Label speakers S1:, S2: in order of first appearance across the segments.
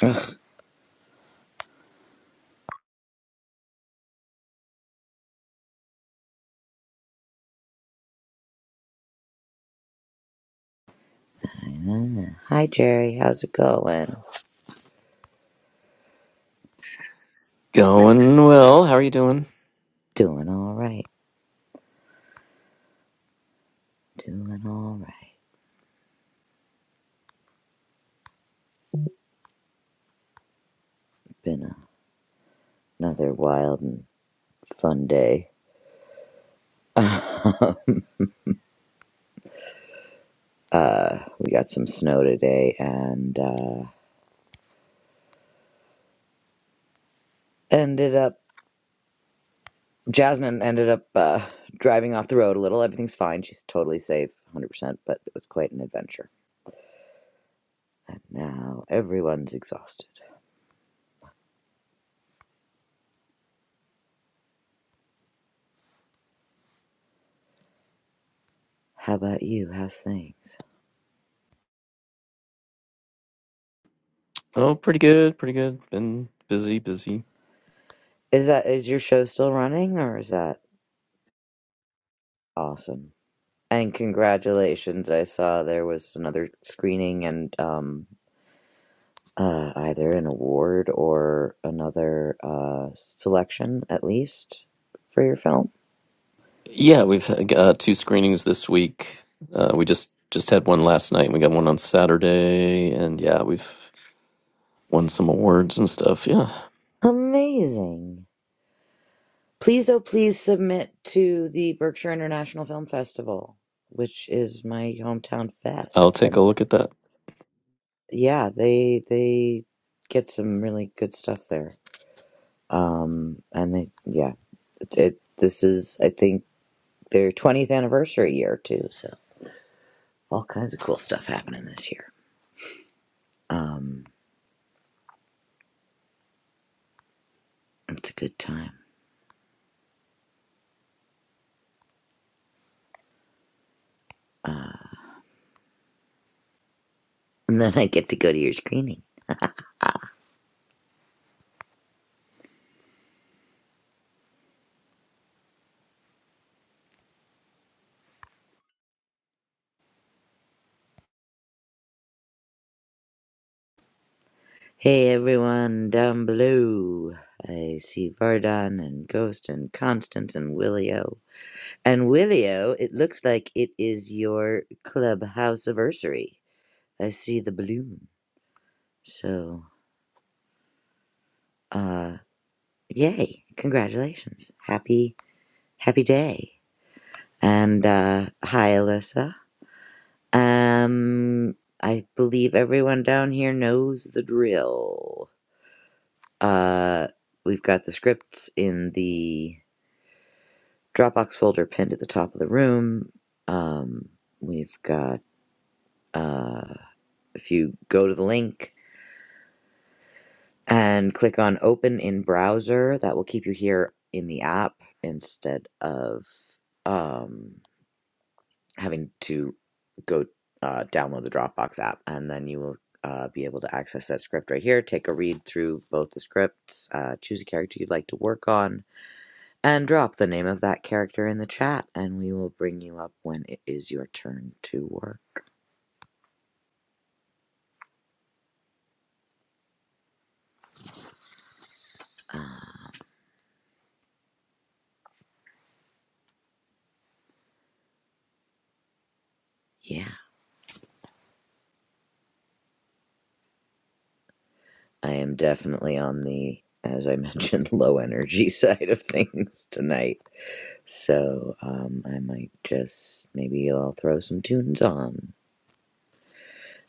S1: Ugh. Yeah. Hi Jerry, how's it going?
S2: Going well. How are you doing?
S1: Doing all right. Doing all right. Been a, another wild and fun day. Uh, we got some snow today, and uh, ended up Jasmine ended up uh, driving off the road a little. Everything's fine. She's totally safe, hundred percent. But it was quite an adventure. And now everyone's exhausted. How about you? How's things?
S2: Oh, pretty good. Pretty good. Been busy, busy.
S1: Is that is your show still running, or is that awesome? And congratulations. I saw there was another screening and um uh either an award or another uh selection at least for your film.
S2: Yeah, we've had, uh, two screenings this week. Uh, we just just had one last night. and We got one on Saturday, and yeah, we've won some awards and stuff. Yeah,
S1: Amazing. Please oh please submit to the Berkshire International Film Festival, which is my hometown
S2: I'll
S1: fest.
S2: take a
S1: And
S2: look at that.
S1: yeah, they they get some really good stuff there. Um and they yeah, it, it this is I think their 20th anniversary year too. So all kinds of cool stuff happening this year. Um, it's a good time. Uh, and then I get to go to your screening. Hey everyone down below. I see Vardan and Ghost and Constance and Willio. And Willio, it looks like it is your clubhouse anniversary. I see the balloon. So, uh, yay. Congratulations. Happy, happy day. And, uh, hi Alyssa. Um, I believe everyone down here knows the drill. Uh, we've got the scripts in the Dropbox folder pinned at the top of the room. Um, we've got, uh, if you go to the link and click on open in browser, that will keep you here in the app instead of, um, having to go uh, download the Dropbox app, and then you will uh, be able to access that script right here. Take a read through both the scripts, uh, choose a character you'd like to work on, and drop the name of that character in the chat, and we will bring you up when it is your turn to work. Uh, yeah, I am definitely on the, as I mentioned, low energy side of things tonight. So um, I might just, maybe I'll throw some tunes on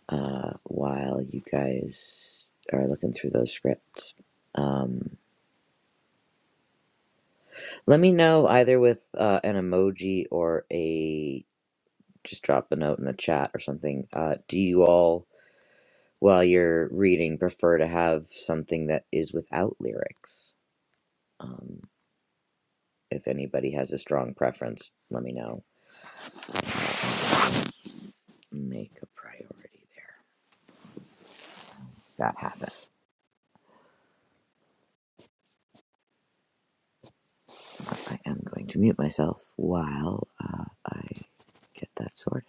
S1: uh, while you guys are looking through those scripts. Um, let me know either with uh, an emoji or a just drop a note in the chat or something. Uh, do you all, while you're reading, prefer to have something that is without lyrics? Um, if anybody has a strong preference, let me know. Make a priority there. That happened. I am going to mute myself while uh, I get that sorted.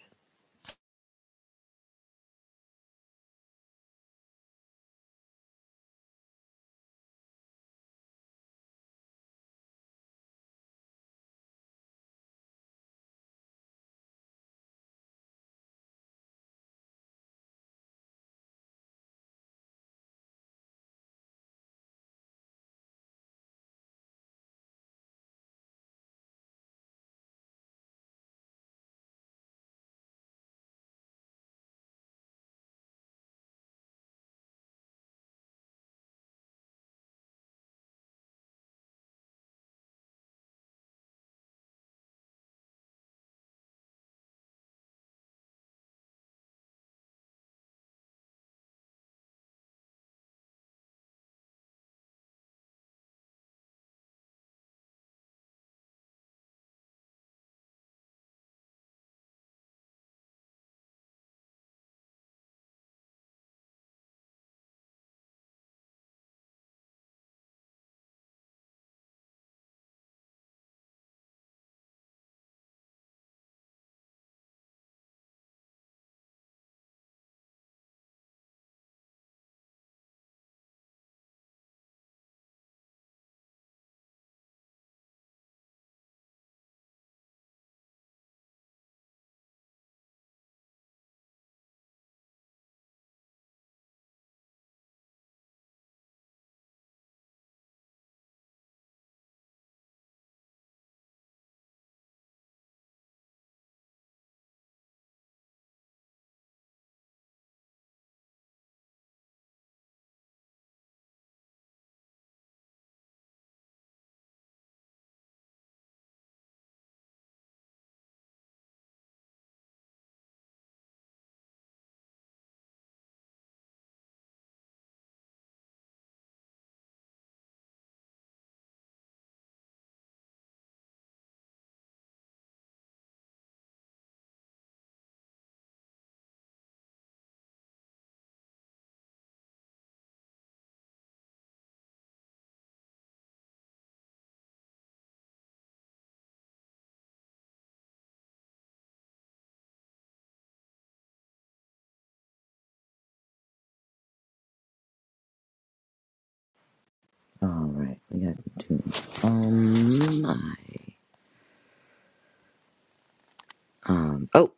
S1: All right, we got two. Um, um. Oh,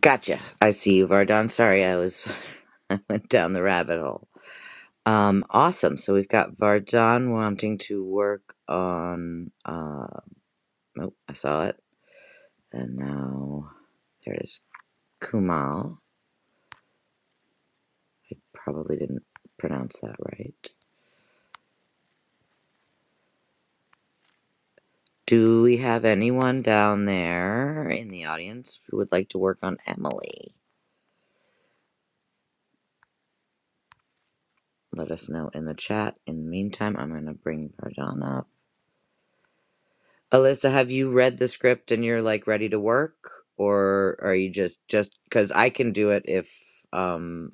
S1: gotcha. I see you, Vardon. Sorry, I was, I went down the rabbit hole. Um, awesome. So we've got Vardon wanting to work on. Uh, oh, I saw it, and now there it is. Kumal. I probably didn't pronounce that right. Do we have anyone down there in the audience who would like to work on Emily? Let us know in the chat. In the meantime, I'm going to bring Vardon up. Alyssa, have you read the script and you're like ready to work? Or are you just, just because I can do it if um,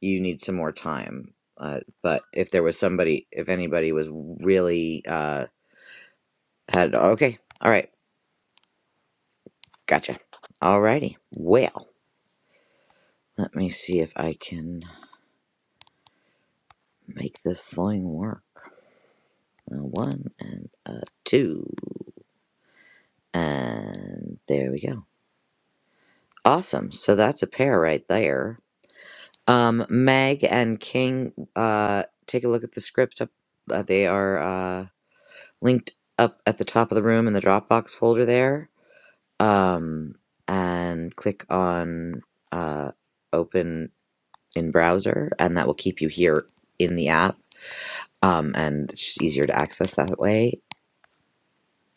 S1: you need some more time? Uh, but if there was somebody, if anybody was really uh, had, okay, all right, gotcha. Alrighty. Well, let me see if I can make this thing work. A one and a two. And there we go. Awesome. So that's a pair right there. Um, Meg and King, uh, take a look at the scripts up. Uh, they are uh, linked up at the top of the room in the Dropbox folder there. Um, and click on uh, open in browser, and that will keep you here in the app. Um, and it's just easier to access that way.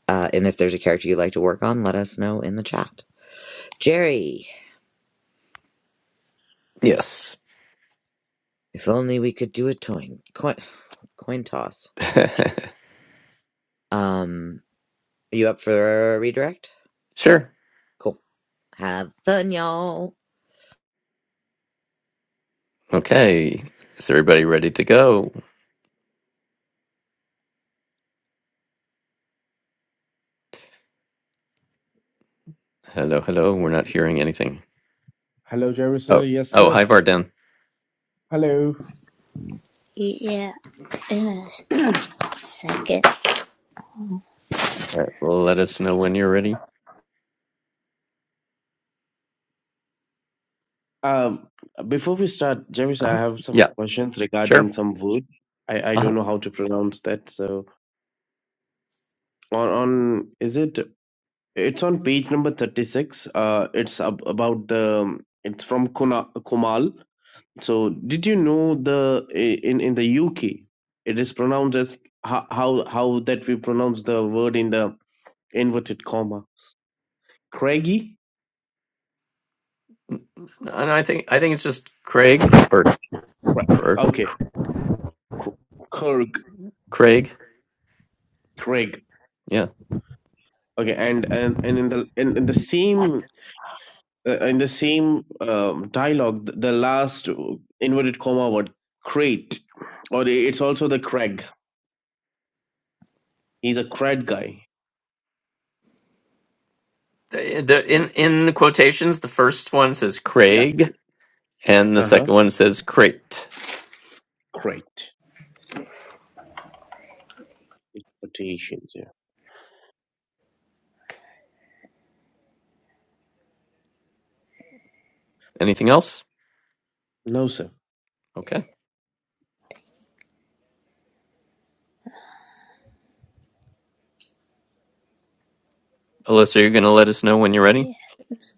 S1: Uh, and if there's a character you'd like to work on, let us know in the chat. Jerry,
S2: Yes,
S1: if only we could do a toin coin coin toss. Um, are you up for a redirect?
S2: sure.
S1: Cool. Have fun, y'all.
S2: Okay, is everybody ready to go? Hello, hello. We're
S3: Yes.
S2: not hearing anything.
S3: Hello, Jerry sir.
S2: Oh,
S3: Yes,
S2: oh,
S3: sir.
S2: hi, Vardan.
S3: Hello.
S4: Yeah, in a second.
S2: All right, well, let us know when you're ready.
S3: Um, before we start, Jerry, sir,
S2: Uh-huh.
S3: I have some
S2: Yeah,
S3: questions
S2: sure.
S3: regarding some word. I, I
S2: Uh-huh.
S3: don't know how to pronounce that. So on on is it? It's on page number thirty six. Uh, it's ab- about the. It's from Kuna, Kumal. So did you know the i- in in the UK it is pronounced as how how, how that we pronounce the word in the inverted comma Craigie?
S2: And I think I think it's just Craig or,
S3: Right.
S2: or
S3: Okay.
S2: Craig.
S3: Craig.
S2: Yeah.
S3: Okay, and and and in the in, in the same uh, in the same um, dialogue, th- the last uh, inverted comma word crate, or i- it's also the Craig. He's a Craig guy.
S2: The, the in in the quotations, the first one says
S3: Yeah.
S2: Craig, and the
S3: Uh huh.
S2: second one says crate.
S3: Crate. It's quotations. Yeah.
S2: Anything else?
S3: No sir.
S2: Okay. Alyssa, you're gonna let us know when you're ready.
S4: Yeah, it's-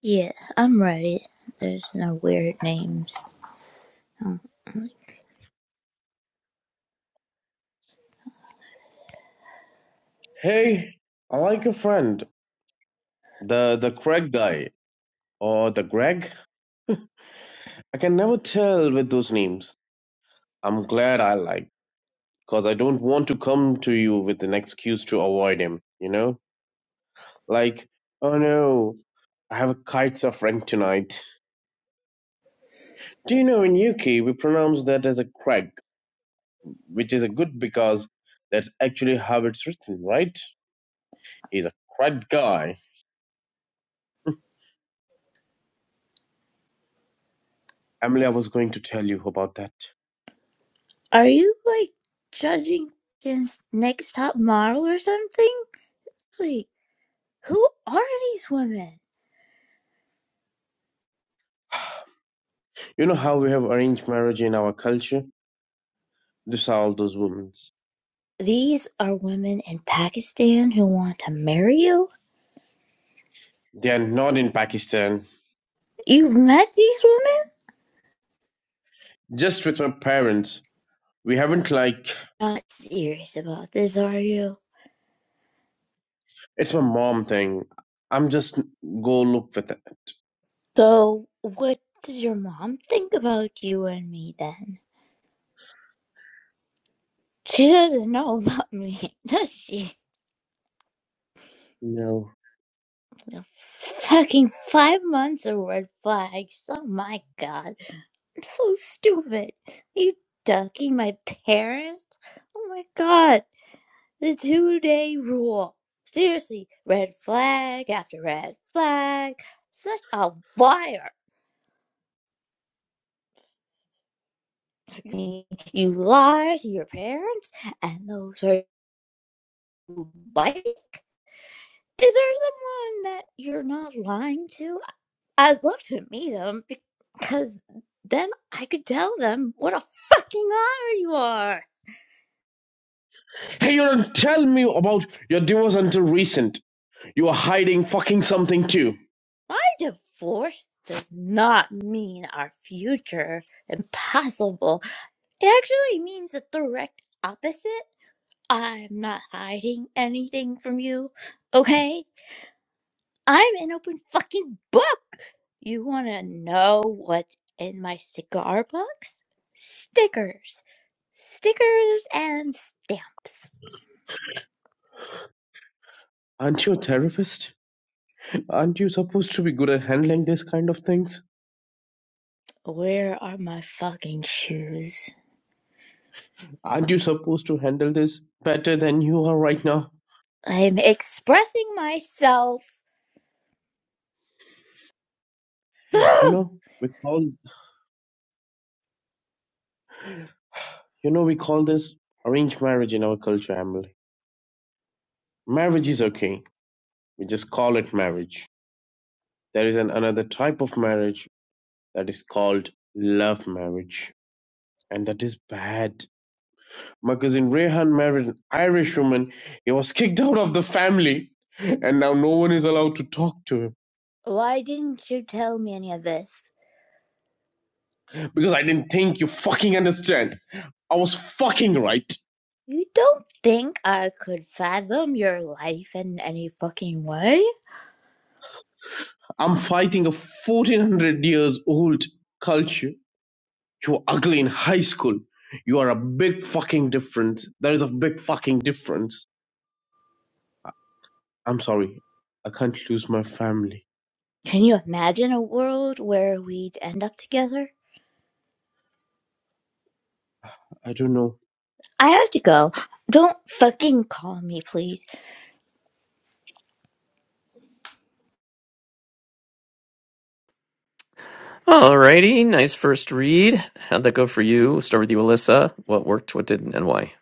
S4: yeah, I'm ready. There's no weird names. Um,
S3: Hey, I like your friend, the the Craig guy or the Greg. I can never tell with those names. I'm glad I like, cause I don't want to come to you with an excuse to avoid him. You know. Like, oh no, I have a kite suffering tonight. Do you know in UK we pronounce that as a crag, which is a good because that's actually how it's written, right? He's a crag guy. Emily, I was going to tell you about that.
S4: Are you like judging against next top model or something? It's Like, who are these women?
S3: You know how we have arranged marriage in our culture? These are all those women.
S4: These are women in Pakistan who want to marry you?
S3: They are not in Pakistan.
S4: You've met these women?
S3: Just with my parents. We haven't like
S4: Not serious about this, are you?
S3: it's my mom thing. I'm just go look with it.
S4: So, what does your mom think about you and me then? She doesn't know about me, does she?
S3: No.
S4: The fucking five months of red flags. Oh my god. I'm so stupid. Are you ducking my parents? Oh my god. The two day rule. Seriously, red flag after red flag. Such a liar. You lie to your parents, and those are you like. Is there someone that you're not lying to I'd love to meet them because then I could tell them what a fucking liar you are.
S3: Hey, you don't tell me about your divorce until recent. You are hiding fucking something too.
S4: My divorce does not mean our future impossible. It actually means the direct opposite. I'm not hiding anything from you, okay? I'm an open fucking book. You wanna know what's in my cigar box? Stickers. Stickers and stamps.
S3: Aren't you a therapist? Aren't you supposed to be good at handling this kind of things?
S4: Where are my fucking shoes?
S3: Aren't you supposed to handle this better than you are right now?
S4: I'm expressing myself.
S3: You
S4: Ugh!
S3: know, we call you know we call this arranged marriage in our culture, Emily. Marriage is okay. We just call it marriage. There is an, another type of marriage that is called love marriage, and that is bad. Because when Rehan married an Irish woman, he was kicked out of the family. And now no one is allowed to talk to him.
S4: Why didn't you tell me any of this?
S3: Because I didn't think you fucking understand. I was fucking right.
S4: You don't think I could fathom your life in any fucking way?
S3: I'm fighting a 1400 years old culture. You were ugly in high school. You are a big fucking difference. There is a big fucking difference. I'm sorry. I can't lose my family.
S4: Can you imagine a world where we'd end up together?
S3: I don't know
S4: I have to go. Don't fucking call me, please.
S2: Alrighty, nice first read. How'd that go for you? We'll start with you, Alyssa. What worked, what didn't, and why?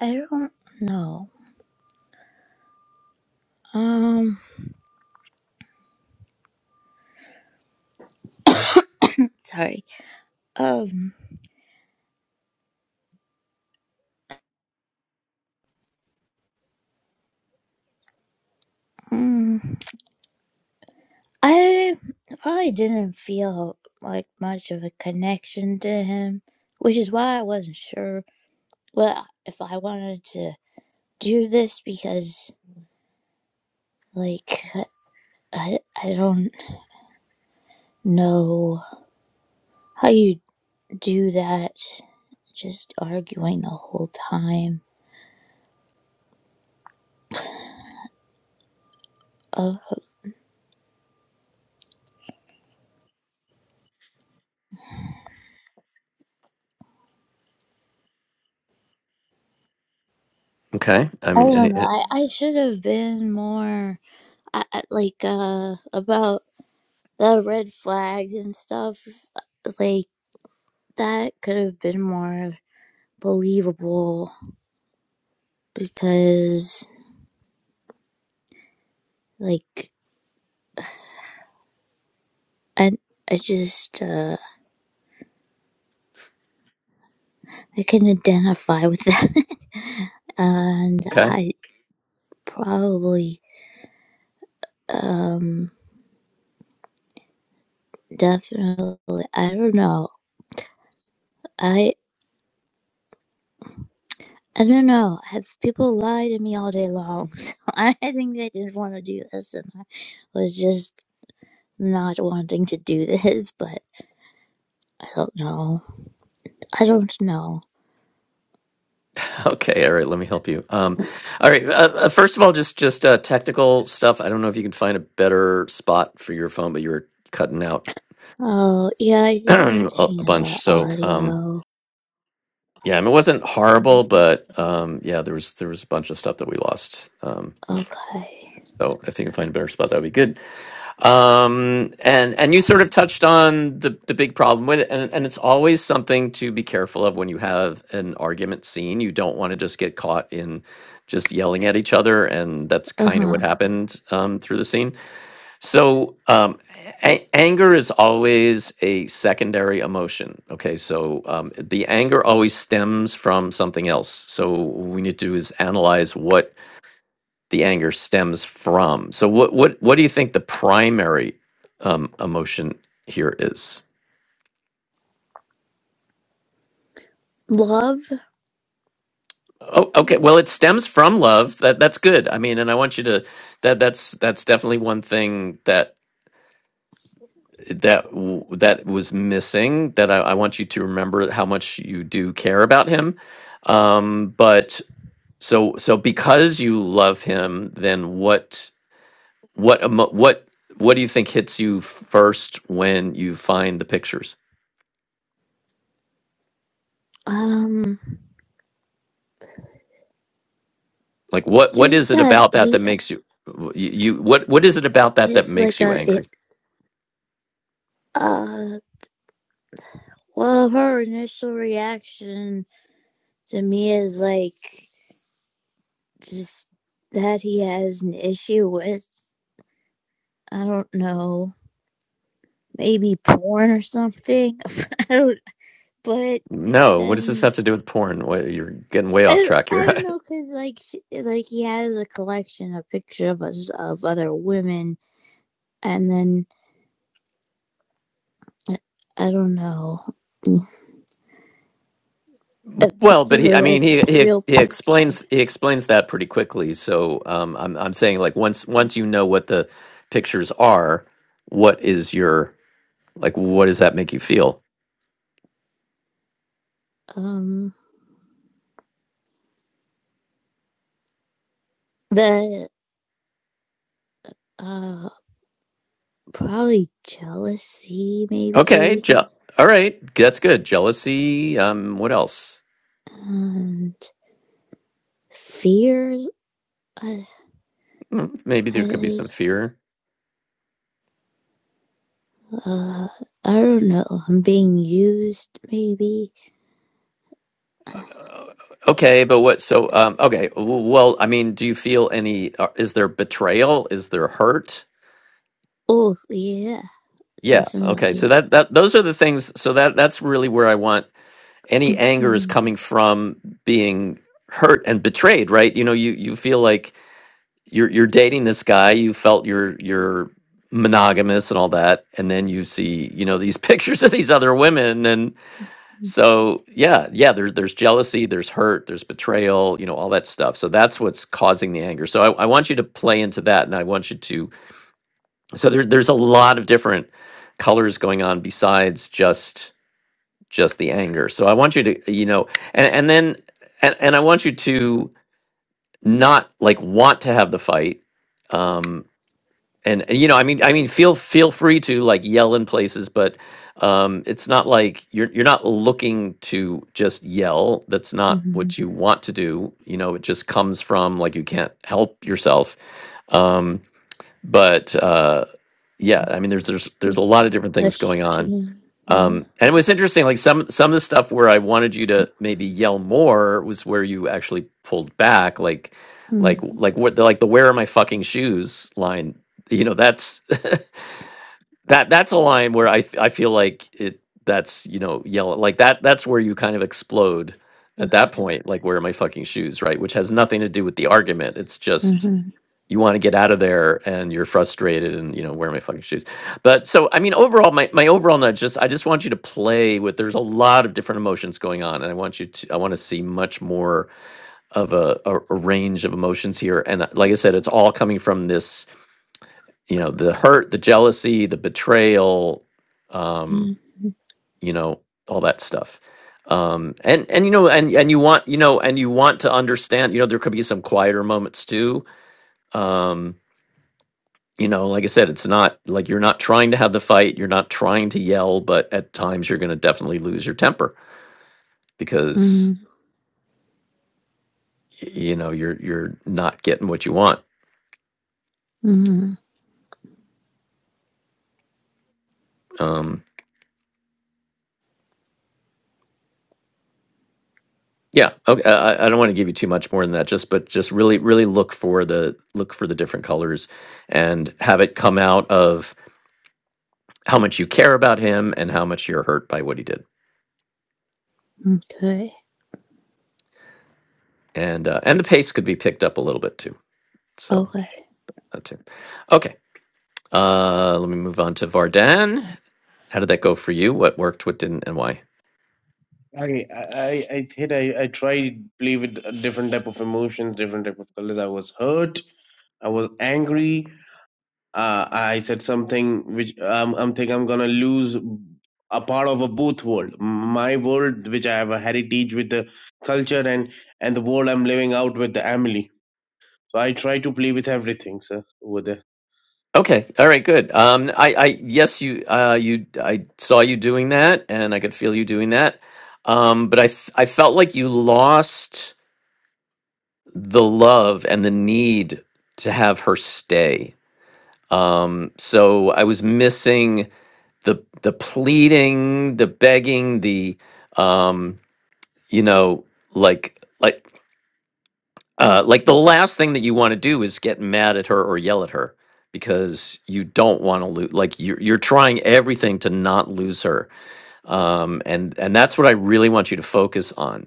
S4: I don't know. Um, sorry. Um, mm. I I didn't feel like much of a connection to him, which is why I wasn't sure well if I wanted to do this because like I I don't know how you do that just arguing the whole time. Uh,
S2: Okay. I
S4: I
S2: mean,
S4: don't
S2: any,
S4: know.
S2: eh,
S4: I, I should have been more I, I- like uh about the red flags and stuff like that could have been more believable because like I I just uh I can identify with that and
S2: okay.
S4: I probably um definitely I don't know. I I don't know. Have people lied to me all day long? So I think they didn't want to do this and I was just not wanting to do this, but I don't know. I don't know.
S2: Okay, all right. Let me help you. Um, all right. Uh, uh, first of all, just just uh, technical stuff. I don't know if you can find a better spot for your phone, but you were cutting out
S4: Oh, yeah, I didn't
S2: a a
S4: change the
S2: bunch. So um,
S4: audio.
S2: yeah, I mean, it wasn't horrible, but um, yeah, there was there was a bunch of stuff that we lost. Um,
S4: Okay.
S2: so if you can find a better spot, that would be good. Um, and and you sort of touched on the the big problem with it, and and it's always something to be careful of when you have an argument scene. You don't want to just get caught in just yelling at each other, and that's
S4: Uh
S2: kind of
S4: huh.
S2: what happened um, through the scene. So um, a- anger is always a secondary emotion. Okay, so um, the anger always stems from something else. So what we need to do is analyze what the anger stems from. So what what what do you think the primary um, emotion here is?
S4: Love.
S2: Oh, okay. Well, it stems from love. That that's good. I mean, and I want you to that that's that's definitely one thing that that w- that was missing. That I, I want you to remember how much you do care about him. Um, but so so because you love him, then what what emo- what what do you think hits you first when you find the pictures?
S4: Um.
S2: Like what what is
S4: Just
S2: it
S4: that
S2: about that that
S4: he
S2: makes you you, you what what is it about that that
S4: is
S2: makes
S4: like
S2: you
S4: a. It,
S2: angry?
S4: uh. Well, her initial reaction to me is like just that he has an issue with. I don't know. Maybe porn or something. I don't. But
S2: No, what does this
S4: then.
S2: have to do with porn? Wait, You're getting way
S4: I
S2: off
S4: don't,
S2: track
S4: I don't
S2: here.
S4: know because like like he has a collection of pictures of us of other women and then I don't know If uh,
S2: well, but he
S4: through
S2: I mean
S4: like
S2: he he
S4: real
S2: he
S4: pictures.
S2: explains he explains that pretty quickly. So um I'm I'm saying like once once you know what the pictures are, what is your like what does that make you feel?
S4: Um, that uh probably jealousy,
S2: Okay,
S4: maybe,
S2: je- all right, that's good. Jealousy, um what else?
S4: and fear. I
S2: Hmm, Maybe there could be
S4: I
S2: some fear.
S4: uh I don't know. I'm being used, maybe.
S2: Uh, Okay, but what? So, um, okay. w- Well, I mean, do you feel any? uh, Is there betrayal? Is there hurt?
S4: Oh yeah,
S2: Yeah. Okay. So
S4: definitely.
S2: that that those are the things. So that that's really where I want any anger is
S4: hmm
S2: coming from being hurt and betrayed, right? You know, you you feel like you're you're dating this guy. You felt you're you're monogamous and all that, and then you see you know these pictures of these other women, So yeah, yeah, there, there's jealousy, there's hurt, there's betrayal, you know, all that stuff. So that's what's causing the anger. So I, I want you to play into that and I want you to so there, there's a lot of different colors going on besides just just the anger. So I want you to, you know, and, and then and, and I want you to not like want to have the fight. Um, and and, you know i mean i mean feel feel free to like yell in places but um it's not like you're you're not looking to just yell that's not
S4: hmm
S2: what you want to do you know it just comes from like you can't help yourself um but uh yeah i mean there's there's there's a
S4: It's
S2: lot of different things going on
S4: questioning. and-
S2: um, and it was interesting, like some some of the stuff where I wanted you to maybe yell more was where you actually pulled back, like like
S4: mm
S2: like what like the "Where are my fucking shoes?" line. You know, that's that that's a line where I f- I feel like it that's you know yell like that that's where you kind of explode at that
S4: Okay.
S2: point, like "Where are my fucking shoes?" Right, which has nothing to do with the argument. It's just
S4: hmm
S2: you want to get out of there and you're frustrated and you know wear my fucking shoes but so i mean overall my, my overall nudge just i just want you to play with there's a lot of different emotions going on and i want you to i want to see much more of a, a, a range of emotions here and uh, like i said it's all coming from this you know the hurt the jealousy the betrayal um you know all that stuff um and and you know and and you want you know and you want to understand you know there could be some quieter moments too um you know, like I said, it's not like you're not trying to have the fight, you're not trying to yell, but at times you're going to definitely lose your temper because
S4: hmm
S2: y- you know you're you're not getting what you want.
S4: hmm
S2: Um, yeah, okay. I, I I don't want to give you too much more than that. Just but just really really look for the look for the different colors and have it come out of how much you care about him and how much you're hurt by what he did.
S4: Okay.
S2: And uh, and the pace could be picked up a little bit too. So
S4: Okay.
S2: that's it. Okay. Uh, let me move on to Vardan. How did that go for you? What worked, what didn't, and why?
S3: I, I, I did. I, I tried play with different type of emotions, different type of colors. I was hurt. I was angry. Uh, I said something which um, I'm think I'm gonna lose a part of a both world, my world which I have a heritage with the culture and and the world I'm living out with the family. So I try to play with everything, sir, over there.
S2: Okay, all right, good. Um, I, I, yes, you, uh, you, I saw you doing that, and I could feel you doing that. Um, but I, th- I felt like you lost the love and the need to have her stay. Um, so I was missing the, the pleading, the begging, the, um, you know, like, like Uh, like the last thing that you want to do is get mad at her or yell at her because you don't want to lose. Like you're you're trying everything to not lose her, um, and and that's what I really want you to focus on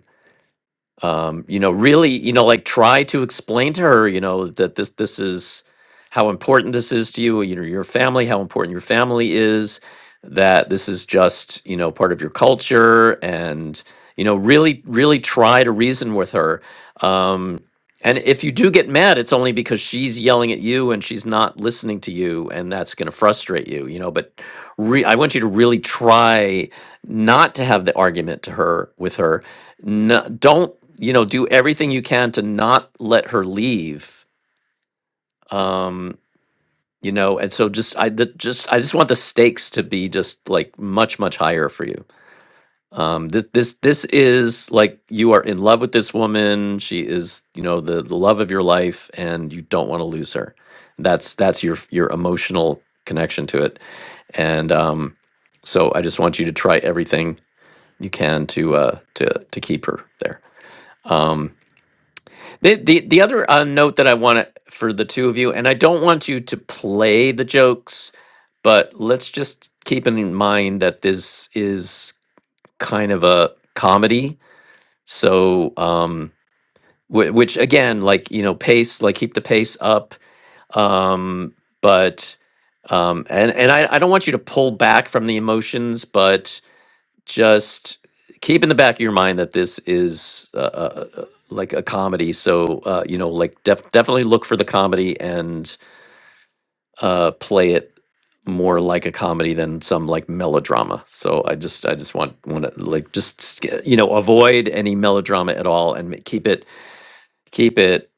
S2: um, you know, really, you know, like try to explain to her, you know, that this this is how important this is to you, you know, your family, how important your family is, that this is just, you know, part of your culture and you know, really really try to reason with her. Um and if you do get mad, it's only because she's yelling at you and she's not listening to you, and that's going to frustrate you, you know. But re- I want you to really try not to have the argument to her with her, no, don't you know do everything you can to not let her leave um you know and so just i the, just i just want the stakes to be just like much much higher for you um this this this is like you are in love with this woman she is you know the the love of your life and you don't want to lose her that's that's your your emotional connection to it and um so i just want you to try everything you can to uh to to keep her there The the, the other uh, note that I want to, for the two of you, and I don't want you to play the jokes, but let's just keep in mind that this is kind of a comedy. So, um, whi- which again, like you know, pace, like keep the pace up. Um, but um, and and I, I don't want you to pull back from the emotions, but just keep in the back of your mind that this is uh, uh, uh, like a comedy. So, uh, you know, like def- definitely look for the comedy and uh, play it more like a comedy than some like melodrama. So I just, I just want, want to like, just, sca- you know, avoid any melodrama at all and ma- keep it, keep it,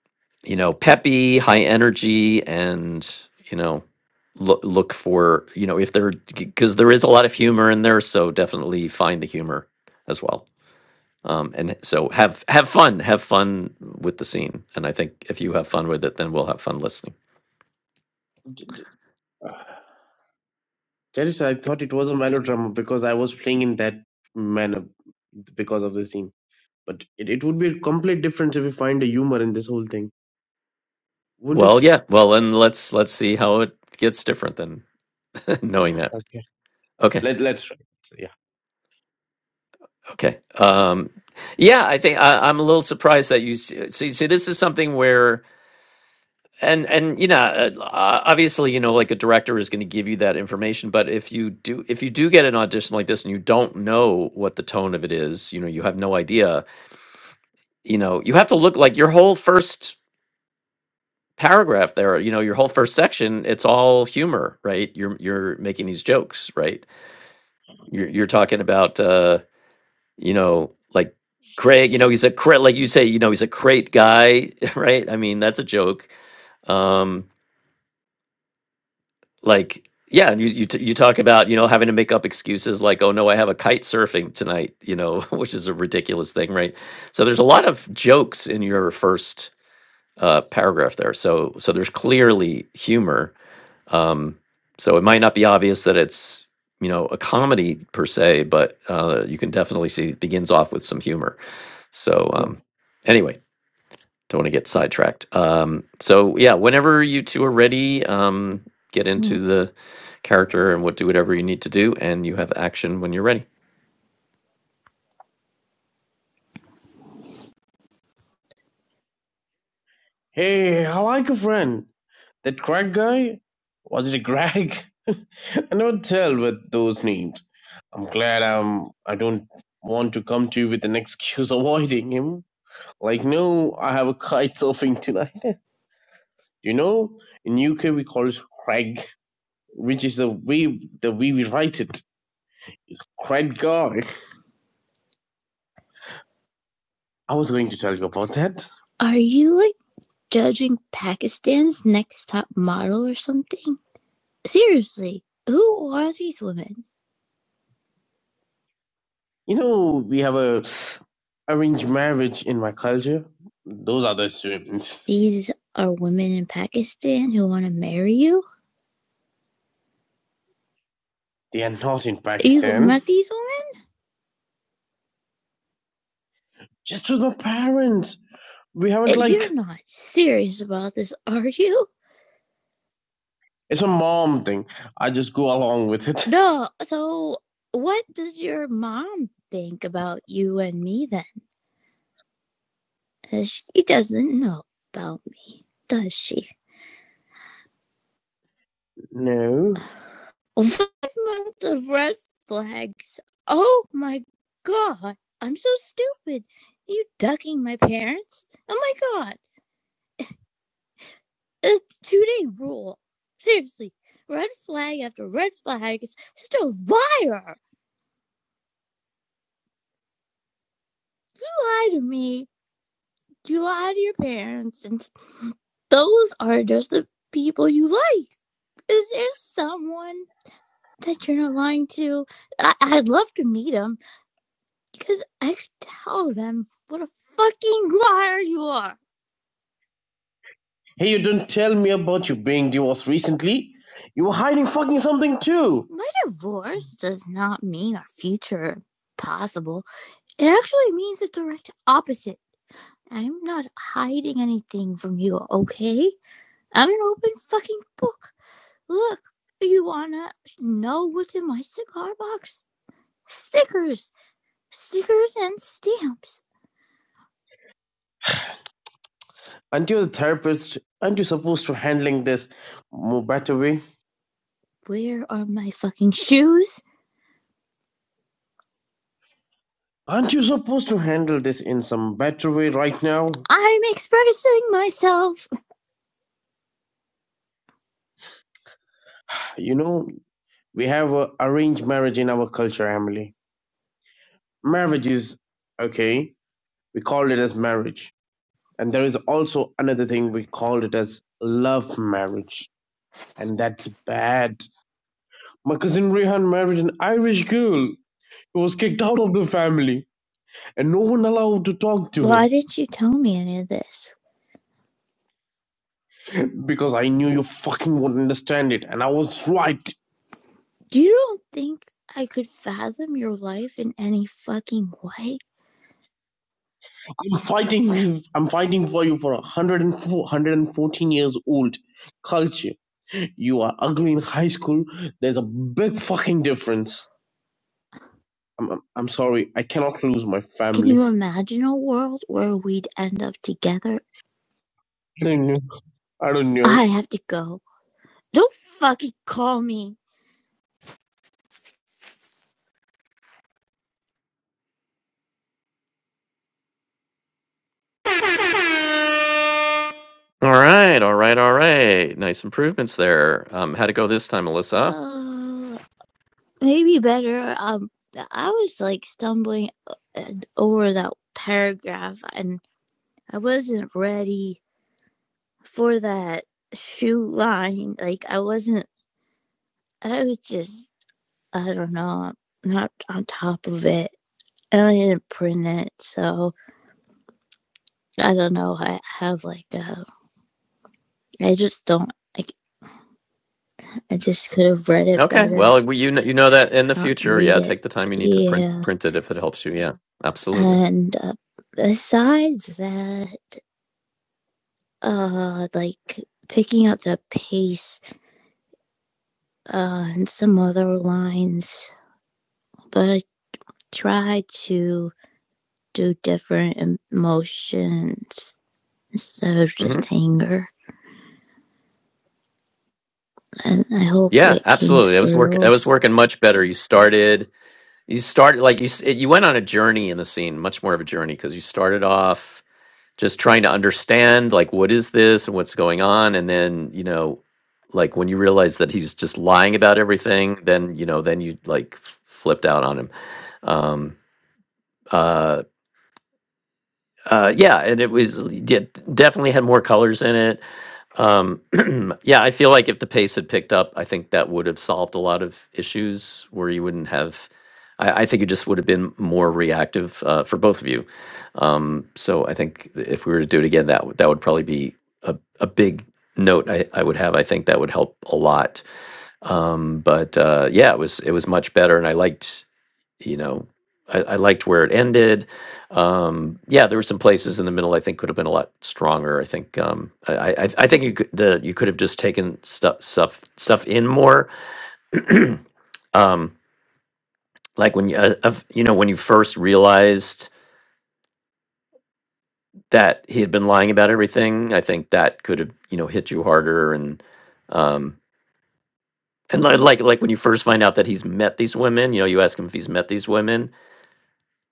S2: you know, peppy, high energy and, you know, look, look for, you know, if there, because there is a lot of humor in there. So definitely find the humor as well um, and so have have fun have fun with the scene and i think if you have fun with it then we'll have fun listening
S3: D- d- Teresa, I thought it was a melodrama because I was playing in that manner because of the scene. But it, it would be a complete difference if we find a humor in this whole thing, wouldn't it?
S2: well yeah well then let's let's see how it gets different than knowing that
S3: Okay.
S2: okay
S3: Let let's try. So, yeah.
S2: okay um yeah i think I, i'm a little surprised that you s- see see this is something where and and you know uh, uh, obviously you know like a director is going to give you that information but if you do if you do get an audition like this and you don't know what the tone of it is you know you have no idea you know you have to look like your whole first paragraph there you know your whole first section it's all humor right you're you're making these jokes right you're you're talking about uh you know like Craig you know he's a cra like you say you know he's a crate guy right I mean that's a joke um like yeah and you you, t- you talk about you know having to make up excuses like oh no I have a kite surfing tonight you know which is a ridiculous thing right so there's a lot of jokes in your first uh paragraph there so so there's clearly humor Um, so it might not be obvious that it's you know a comedy per se, but uh, you can definitely see it begins off with some humor. So
S3: Yeah.
S2: um, anyway, don't want to get sidetracked. Um, so yeah, whenever you two are ready, um, get
S4: Mm-hmm.
S2: into the character and what do whatever you need to do, and you have action when you're ready.
S3: Hey, how are you, friend? That crack guy? Was it a Greg? I never tell with those names. I'm glad I'm I don't want to come to you with an excuse avoiding him. Like no, I have a kite surfing tonight. you know, in UK we call it Craig, which is the way the way we write it. Craig guy. I was going to tell you about that.
S4: Are you like judging Pakistan's next top model or something? Seriously, who are these women?
S3: You know, we have a arranged marriage in my culture. Those are the students.
S4: These are women in Pakistan who want to marry you?
S3: They are not in
S4: You
S3: Pakistan.
S4: met these women?
S3: Just with my parents. We haven't like
S4: You're not serious about this, are you?
S3: it's a mom thing. I just go along with it.
S4: No, so what does your mom think about you and me then? Uh, She doesn't know about me, does she?
S3: No.
S4: Uh, Five months of red flags. Oh my god, I'm so stupid. Are you ducking my parents? Oh my god, it's two day rule. Seriously, red flag after red flag is such a liar. You lie to me, you lie to your parents, and those are just the people you like. Is there someone that you're not lying to? I- I'd love to meet him. Because I could tell them what a fucking liar you are.
S3: Hey, you don't tell me about you being divorced recently. You were hiding fucking something too.
S4: My divorce does not mean our future possible. It actually means the direct opposite. I'm not hiding anything from you, okay? I'm an open fucking book. Look, you wanna know what's in my cigar box? Stickers, stickers, and stamps.
S3: Aren't you the therapist? Aren't you supposed to handling this more better way?
S4: Where are my fucking shoes?
S3: Aren't you supposed to handle this in some better way right now?
S4: I'm expressing myself.
S3: You know, We have uh, arranged marriage in our culture, Emily. Marriage is okay. We call it as marriage, and there is also another thing we called it as love marriage, and that's bad. My cousin Rehan married an Irish girl. He was kicked out of the family, and no one allowed to talk to
S4: Why didn't you tell me any of this?
S3: him because I knew you fucking wouldn't understand it, and I was right.
S4: You don't think I could fathom your life in any fucking way?
S3: I'm fighting. you. I'm fighting for you for a hundred and four, one hundred and fourteen years old culture you are ugly in high school, there's a big fucking difference. I'm, I'm, I'm sorry, I cannot lose my
S4: Can you
S3: family.
S4: imagine a world where we'd end up together?
S3: I don't know. I don't know.
S4: I have to go. Don't fucking call me.
S2: All right, all right, all right. Nice improvements there. Um, how'd it go this time, Alyssa?
S4: Uh, maybe better. Um, I was like stumbling uh, over that paragraph and I wasn't ready for that shoe line. Like, I wasn't, I was just, I don't know, not on top of it. And I didn't print it, so I don't know. I have like a. I just don't. I, I just could have read it
S2: Okay.
S4: better,
S2: Well, you know, you know that in the
S4: not
S2: future,
S4: read
S2: yeah,
S4: it.
S2: take the time you need to print
S4: Yeah,
S2: print it if it helps you. Yeah, absolutely.
S4: and uh, besides that, uh, like picking up the pace uh, and some other lines, but I try to do different emotions instead of
S2: hmm
S4: just anger, and I hope
S2: Yeah,
S4: it came
S2: absolutely. It was working. It
S4: through.
S2: was working much better. You started. You started like you. s- You went on a journey in the scene, much more of a journey because you started off just trying to understand like what is this and what's going on, and then you know, like when you realize that he's just lying about everything, then you know, then you like f- flipped out on him. Um. Uh. Uh. Yeah, and it was yeah, definitely had more colors in it Um, yeah, I feel like if the pace had picked up, I think that would have solved a lot of issues where you wouldn't have. I, I think it just would have been more reactive uh, for both of you. Um, so I think if we were to do it again, that would- that would probably be a, a big note I, I would have. I think that would help a lot. Um, but uh, yeah, it was it was much better, and I liked you know, I, I liked where it ended. Um, yeah, there were some places in the middle I think could have been a lot stronger. I think um, I, I, I think you could the you could have just taken stuff stuff stuff in more. Um, like when you uh, of, you know when you first realized that he had been lying about everything, I think that could have you know hit you harder and. Um, and li- like like when you first find out that he's met these women, you know, you ask him if he's met these women,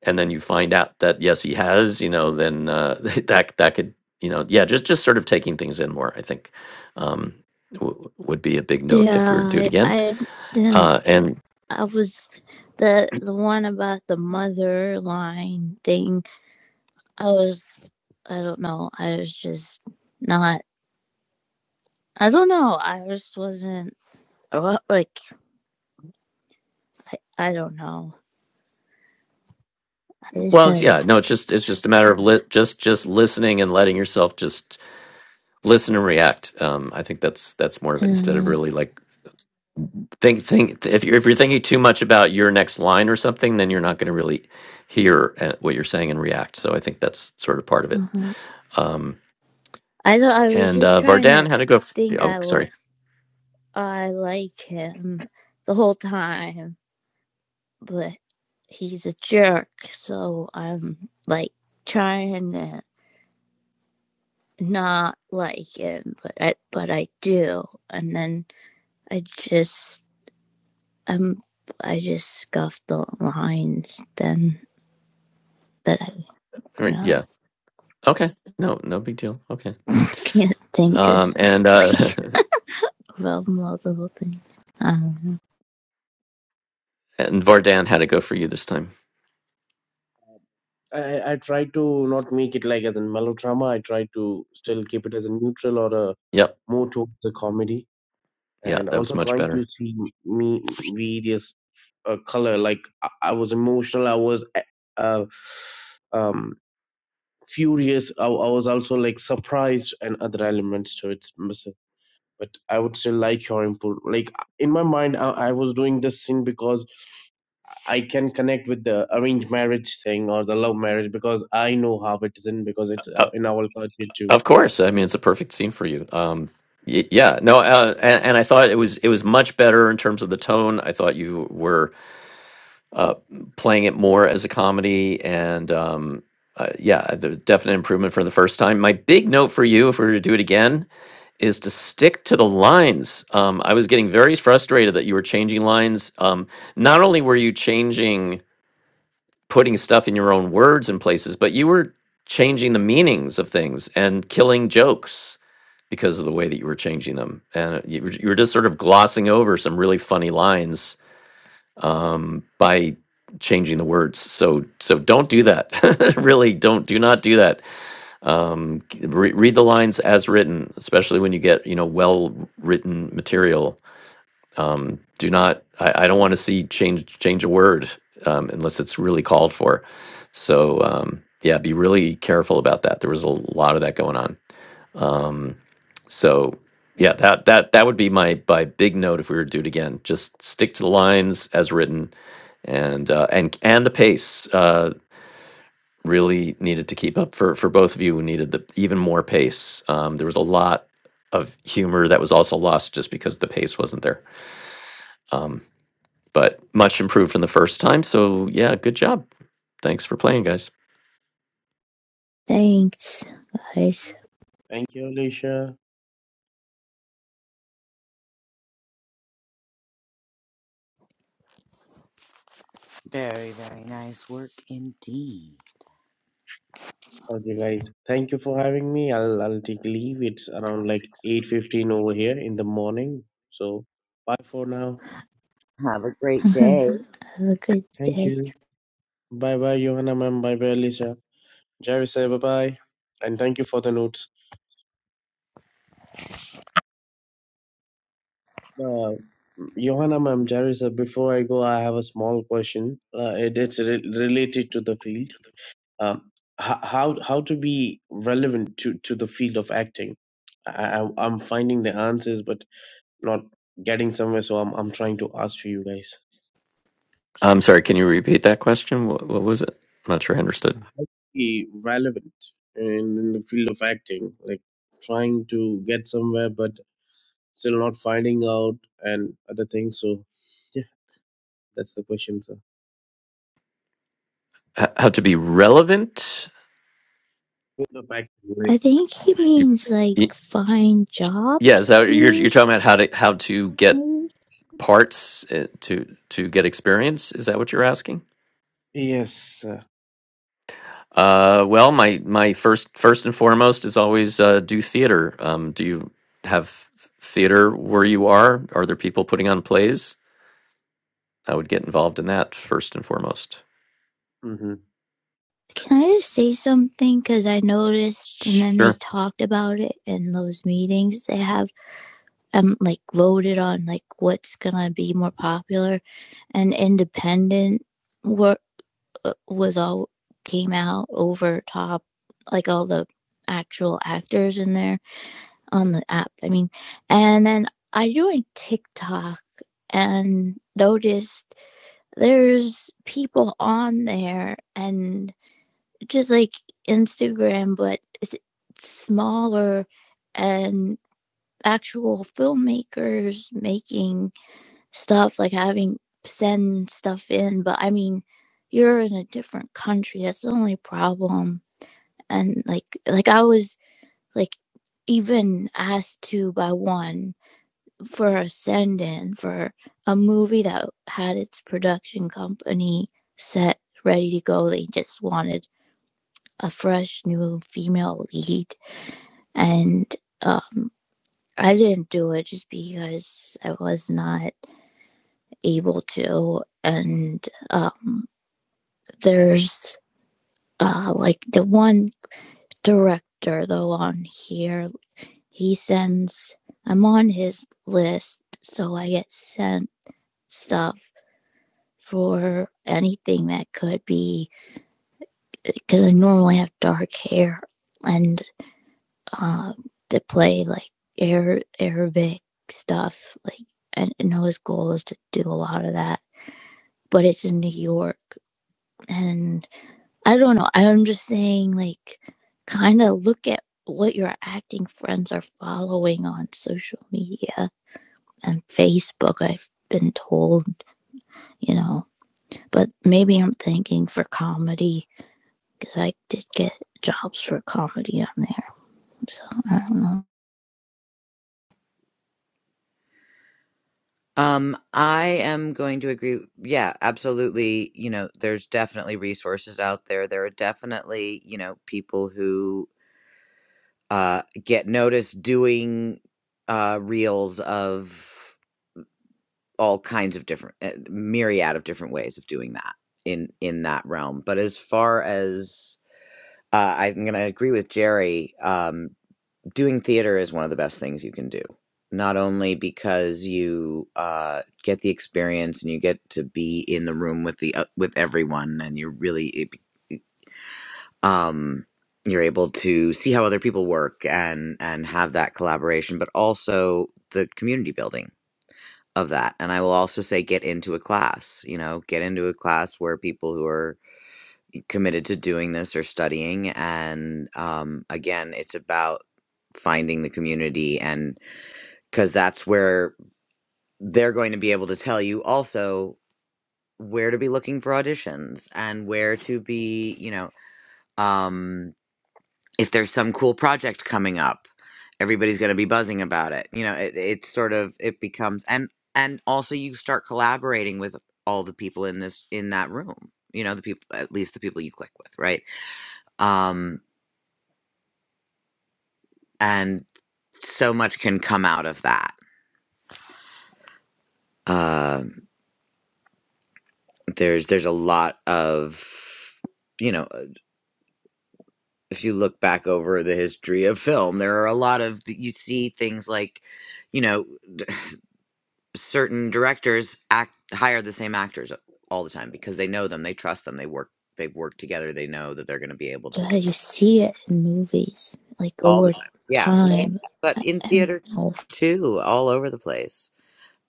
S2: and then you find out that yes he has you know then uh, that that could you know yeah just just sort of taking things in more i think um w- would be a big note if
S4: Yeah,
S2: we were to do it
S4: I,
S2: again
S4: I didn't
S2: uh and
S4: I was the the one about the mother line thing. I was I don't know. I was just not. I don't know. I just wasn't well, like I, I don't know. I just
S2: well it's,
S4: had.
S2: yeah no it's just it's just a matter of li- just just listening and letting yourself just listen and react um i think that's that's more of
S4: Uh,
S2: it instead of
S4: uh
S2: really like think think if you're if you're thinking too much about your next line or something then you're not going to really hear uh, what you're saying and react so i think that's sort of part of it
S4: uh-huh.
S2: um
S4: I don't. I was
S2: And
S4: just
S2: uh,
S4: trying to
S2: Vardan had to go. F- yeah,
S4: think. I I
S2: oh, sorry.
S4: like him the whole time, but he's a jerk. So I'm like trying to. not like him, but I but I do. And then I just um I just scuffed the lines then that I
S2: All
S4: you
S2: right,
S4: know
S2: Yeah. Okay. No, no big deal. Okay.
S4: can't think of
S2: Um, and
S4: something
S2: uh,
S4: about multiple things. Um.
S2: and Vardan had to go for you this time.
S3: I, I try to not make it like as a melodrama. I try to still keep it as a neutral or a
S2: Yep.
S3: more towards the comedy,
S2: Yeah,
S3: and
S2: that was
S3: also
S2: much
S3: trying to
S2: better.
S3: see me various uh, color. Like I, I was emotional. I was eh, uh, um, furious. I, I was also like surprised and other elements to it. but I would still like your input. Like in my mind, I, I was doing this thing because I can connect with the arranged marriage thing or the love marriage because I know how it is in because it's uh,
S2: Uh,
S3: in our culture too.
S2: of course. I mean, it's a perfect scene for you. Um, y- yeah. No. Uh, and, and I thought it was it was much better in terms of the tone. I thought you were uh, playing it more as a comedy, and um, uh, yeah, the definite improvement from the first time. My big note for you, if we were to do it again, is to stick to the lines. Um, I was getting very frustrated that you were changing lines. Um, not only were you changing, putting stuff in your own words in places, but you were changing the meanings of things and killing jokes because of the way that you were changing them. And uh, you were, you were just sort of glossing over some really funny lines um, by changing the words. So so don't do that. really, don't do not do that um, re- read the lines as written, especially when you get you know well written material. Um, do not. I, I don't want to see change change a word um, unless it's really called for. So um, yeah, be really careful about that. There was a lot of that going on. So yeah, that that that would be my my big note if we were to do it again. Just stick to the lines as written, and uh, and and the pace. Uh, really needed to keep up for for both of you who needed the even more pace. Um, there was a lot of humor that was also lost just because the pace wasn't there. Um, but much improved from the first time. So yeah, good job. Thanks for playing, guys.
S4: Thanks, guys.
S3: Thank you, Alicia.
S1: Very, very nice work indeed.
S3: Okay, guys, thank you for having me. I'll I'll take leave. It's around like eight fifteen over here in the morning. So bye for now.
S1: Have a great
S4: Have
S1: day.
S4: a good
S3: Thank
S4: day.
S3: you. Bye bye, Johanna ma'am. Bye bye, Alicia. Jerry say bye bye, and thank you for the notes. Uh, Johanna, ma'am, Jarissa, before I go, I have a small question. Uh, it, it's re- related to the field. Um, ho- how how to be relevant to, to the field of acting? I, I, I'm finding the answers, but not getting somewhere. So I'm I'm trying to ask for you guys.
S2: I'm sorry. Can you repeat that question? What, what was it? I'm not sure I understood.
S3: Be relevant in, in the field of acting, like trying to get somewhere, but still not finding out and other things. So yeah, that's the question, sir.
S2: H- how to be relevant?
S3: Field of acting, right?
S4: I think he
S2: You,
S4: means like
S2: y
S4: find
S2: yes. How,
S4: jobs, you
S2: you're you're
S4: mean?
S2: talking about how to how to get parts uh, to to get experience. Is that what you're asking?
S3: Yes,
S2: Uh, well, my my first first and foremost is always uh, do theater. Um, do you have theater where you are? Are there people putting on plays? I would get involved in that first and foremost.
S3: hmm
S4: Can I just say something? Because I noticed, and then they
S2: Sure.
S4: talked about it in those meetings they have, um, like voted on like what's gonna be more popular, and independent work was all came out over top, like all the actual actors in there on the app. I mean, and then I joined TikTok and noticed there's people on there and just like Instagram, but it's smaller and actual filmmakers making stuff, like having send stuff in. But I mean, you're in a different country. That's the only problem. And like, like I was like even asked to by one for a send in for a movie that had its production company set ready to go. They just wanted a fresh new female lead and um I didn't do it just because I was not able to and um there's uh like the one director though on here he sends I'm on his list so I get sent stuff for anything that could be because I normally have dark hair and um to play like air Arabic stuff. Like and, and his goal was to do a lot of that. But it's in New York and I don't know. I'm just saying like kinda look at what your acting friends are following on social media and Facebook, I've been told, you know. But maybe I'm thinking for comedy because I did get jobs for comedy on there. So I don't know.
S1: Um, I am going to agree. Yeah, absolutely. You know, there's definitely resources out there. There are definitely, you know, people who uh, get noticed doing uh, reels of all kinds of different, uh, myriad of different ways of doing that in in that realm. But as far as uh, I'm going to agree with Jerry. Um, doing theater is one of the best things you can do. Not only because you uh, get the experience and you get to be in the room with the uh, with everyone, and you're really um, you're able to see how other people work and and have that collaboration, but also the community building of that. And I will also say, get into a class. You know, get into a class where people who are committed to doing this or studying and um again it's about finding the community and cuz that's where they're going to be able to tell you also where to be looking for auditions and where to be you know um if there's some cool project coming up everybody's going to be buzzing about it you know it, it's sort of it becomes and and also you start collaborating with all the people in this in that room you know the people at least the people you click with right um and. so much can come out of that. Uh, there's there's a lot of you know uh, if you look back over the history of film, there are a lot of you see things like you know d- certain directors act hire the same actors all the time because they know them, they trust them, they work they've worked together, they know that they're going to be able to
S4: Yeah,
S1: do it
S4: you see it in movies, like
S1: all the
S4: over
S1: time. Yeah, yeah, yeah. yeah.
S4: time.
S1: But
S4: I
S1: in
S4: I don't
S1: theater
S4: know.
S1: too, all over the place.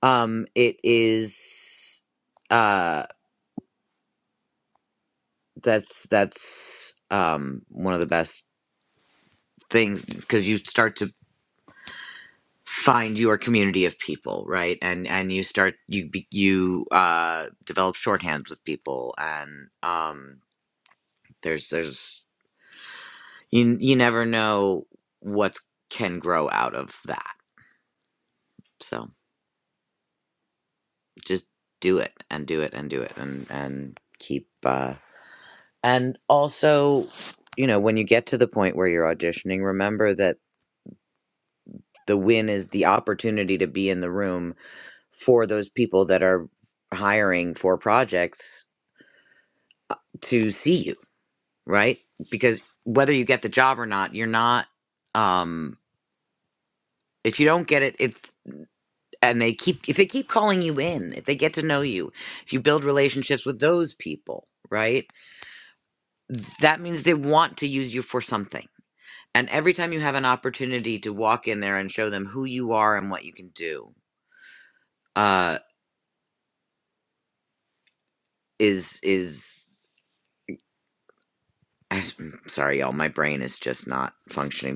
S1: Um, it is. Uh, that's that's um one of the best things because you start to find your community of people right and and you start you be- you uh develop shorthands with people and um there's there's you you never know what can grow out of that so just do it and do it and do it and and keep uh and also you know when you get to the point where you're auditioning remember that the win is the opportunity to be in the room for those people that are hiring for projects to see you right because whether you get the job or not you're not um if you don't get it if and they keep if they keep calling you in if they get to know you if you build relationships with those people right that means they want to use you for something and every time you have an opportunity to walk in there and show them who you are and what you can do uh is is I'm sorry, y'all. My brain is just not functioning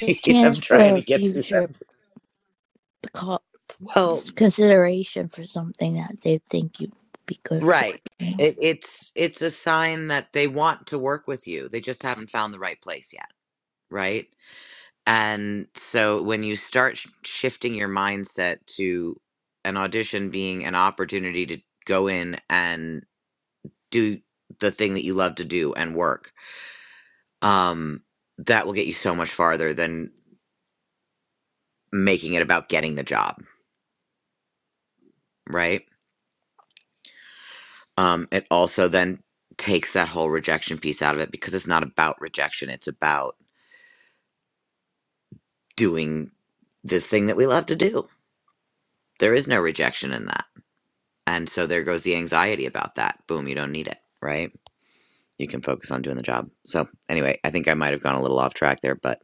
S4: It's a chance
S1: I'm
S4: for
S1: trying
S4: a
S1: to get through
S4: future
S1: something. Well,
S4: consideration for something that they think you'd be good for.
S1: right.
S4: you
S1: It, it's it's a sign that they want to work with you. They just haven't found the right place yet, right? And so when you start sh- shifting your mindset to an audition being an opportunity to go in and do the thing that you love to do and work, um, that will get you so much farther than making it about getting the job, right? um, it also then takes that whole rejection piece out of it because it's not about rejection. It's about doing this thing that we love to do. There is no rejection in that. And so there goes the anxiety about that. Boom, you don't need it, right? You can focus on doing the job. So anyway, I think I might have gone a little off track there, but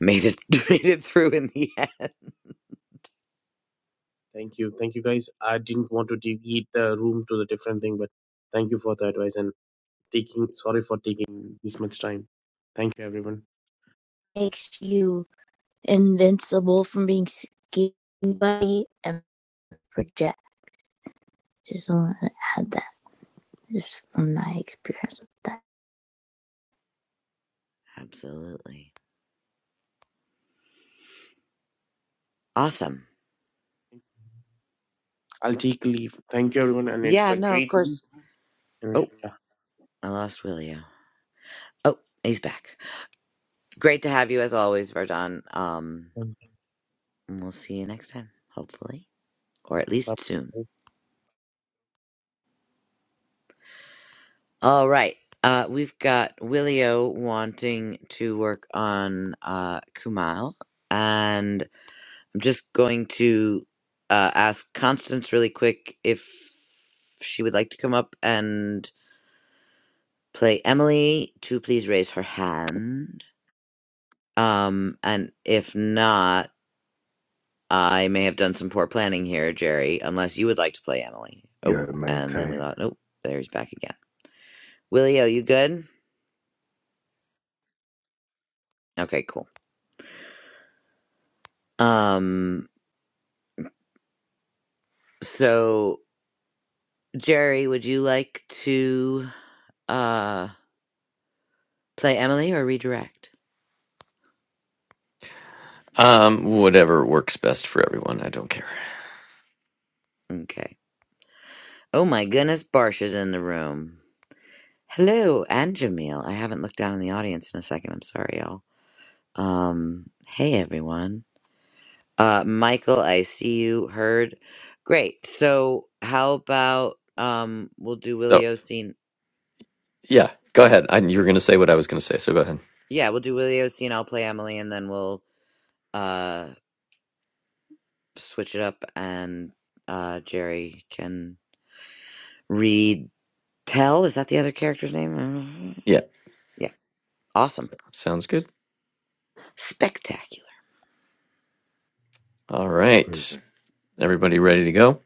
S1: made it made it through in the end.
S3: Thank you. Thank you, guys. I didn't want to de- eat the room to the different thing, but thank you for the advice and taking, sorry for taking this much time. Thank you, everyone.
S4: Makes you invincible from being scared by and project. Just want to add that, just from my experience with that.
S1: Absolutely. Awesome.
S3: I'll take leave. Thank you, everyone. And it's
S1: Yeah,
S3: a
S1: no, of
S3: great, week.
S1: course.
S3: and
S1: Oh, I lost Willio. Oh, he's back. Great to have you as always, Verdon. Um
S3: yeah,
S1: And we'll see you next time, hopefully, or at least soon.
S3: bye.
S1: All right. Uh, we've got Willio wanting to work on uh, Kumail, and I'm just going to uh, ask Constance really quick if she would like to come up and play Emily to please raise her hand. Um, and if not, I may have done some poor planning here, Jerry, unless you would like to play Emily.
S5: You
S1: Oh,
S5: gotta
S1: and then we
S5: maintain
S1: thought, nope, there he's back again. Willio, you good? Okay, cool. Um, so Jerry, would you like to uh play Emily or redirect?
S2: Um, whatever works best for everyone. I don't care.
S1: Okay. Oh my goodness, Barsha's in the room. Hello, and Jamil. I haven't looked down in the audience in a second. I'm sorry, y'all. Um, hey everyone. Uh, Michael, I see you heard. Great. So how about um, we'll do
S2: So
S1: Willio scene.
S2: yeah, go ahead. I, you were going to say what I was going to say, so go ahead.
S1: Yeah, we'll do Willio scene. I'll play Emily, and then we'll uh switch it up and uh, Jerry can read Tell. Is that the other character's name? Mhm.
S2: Yeah,
S1: Yeah. Awesome.
S2: sounds good.
S1: Spectacular.
S2: All right,
S5: prison.
S2: everybody ready to go?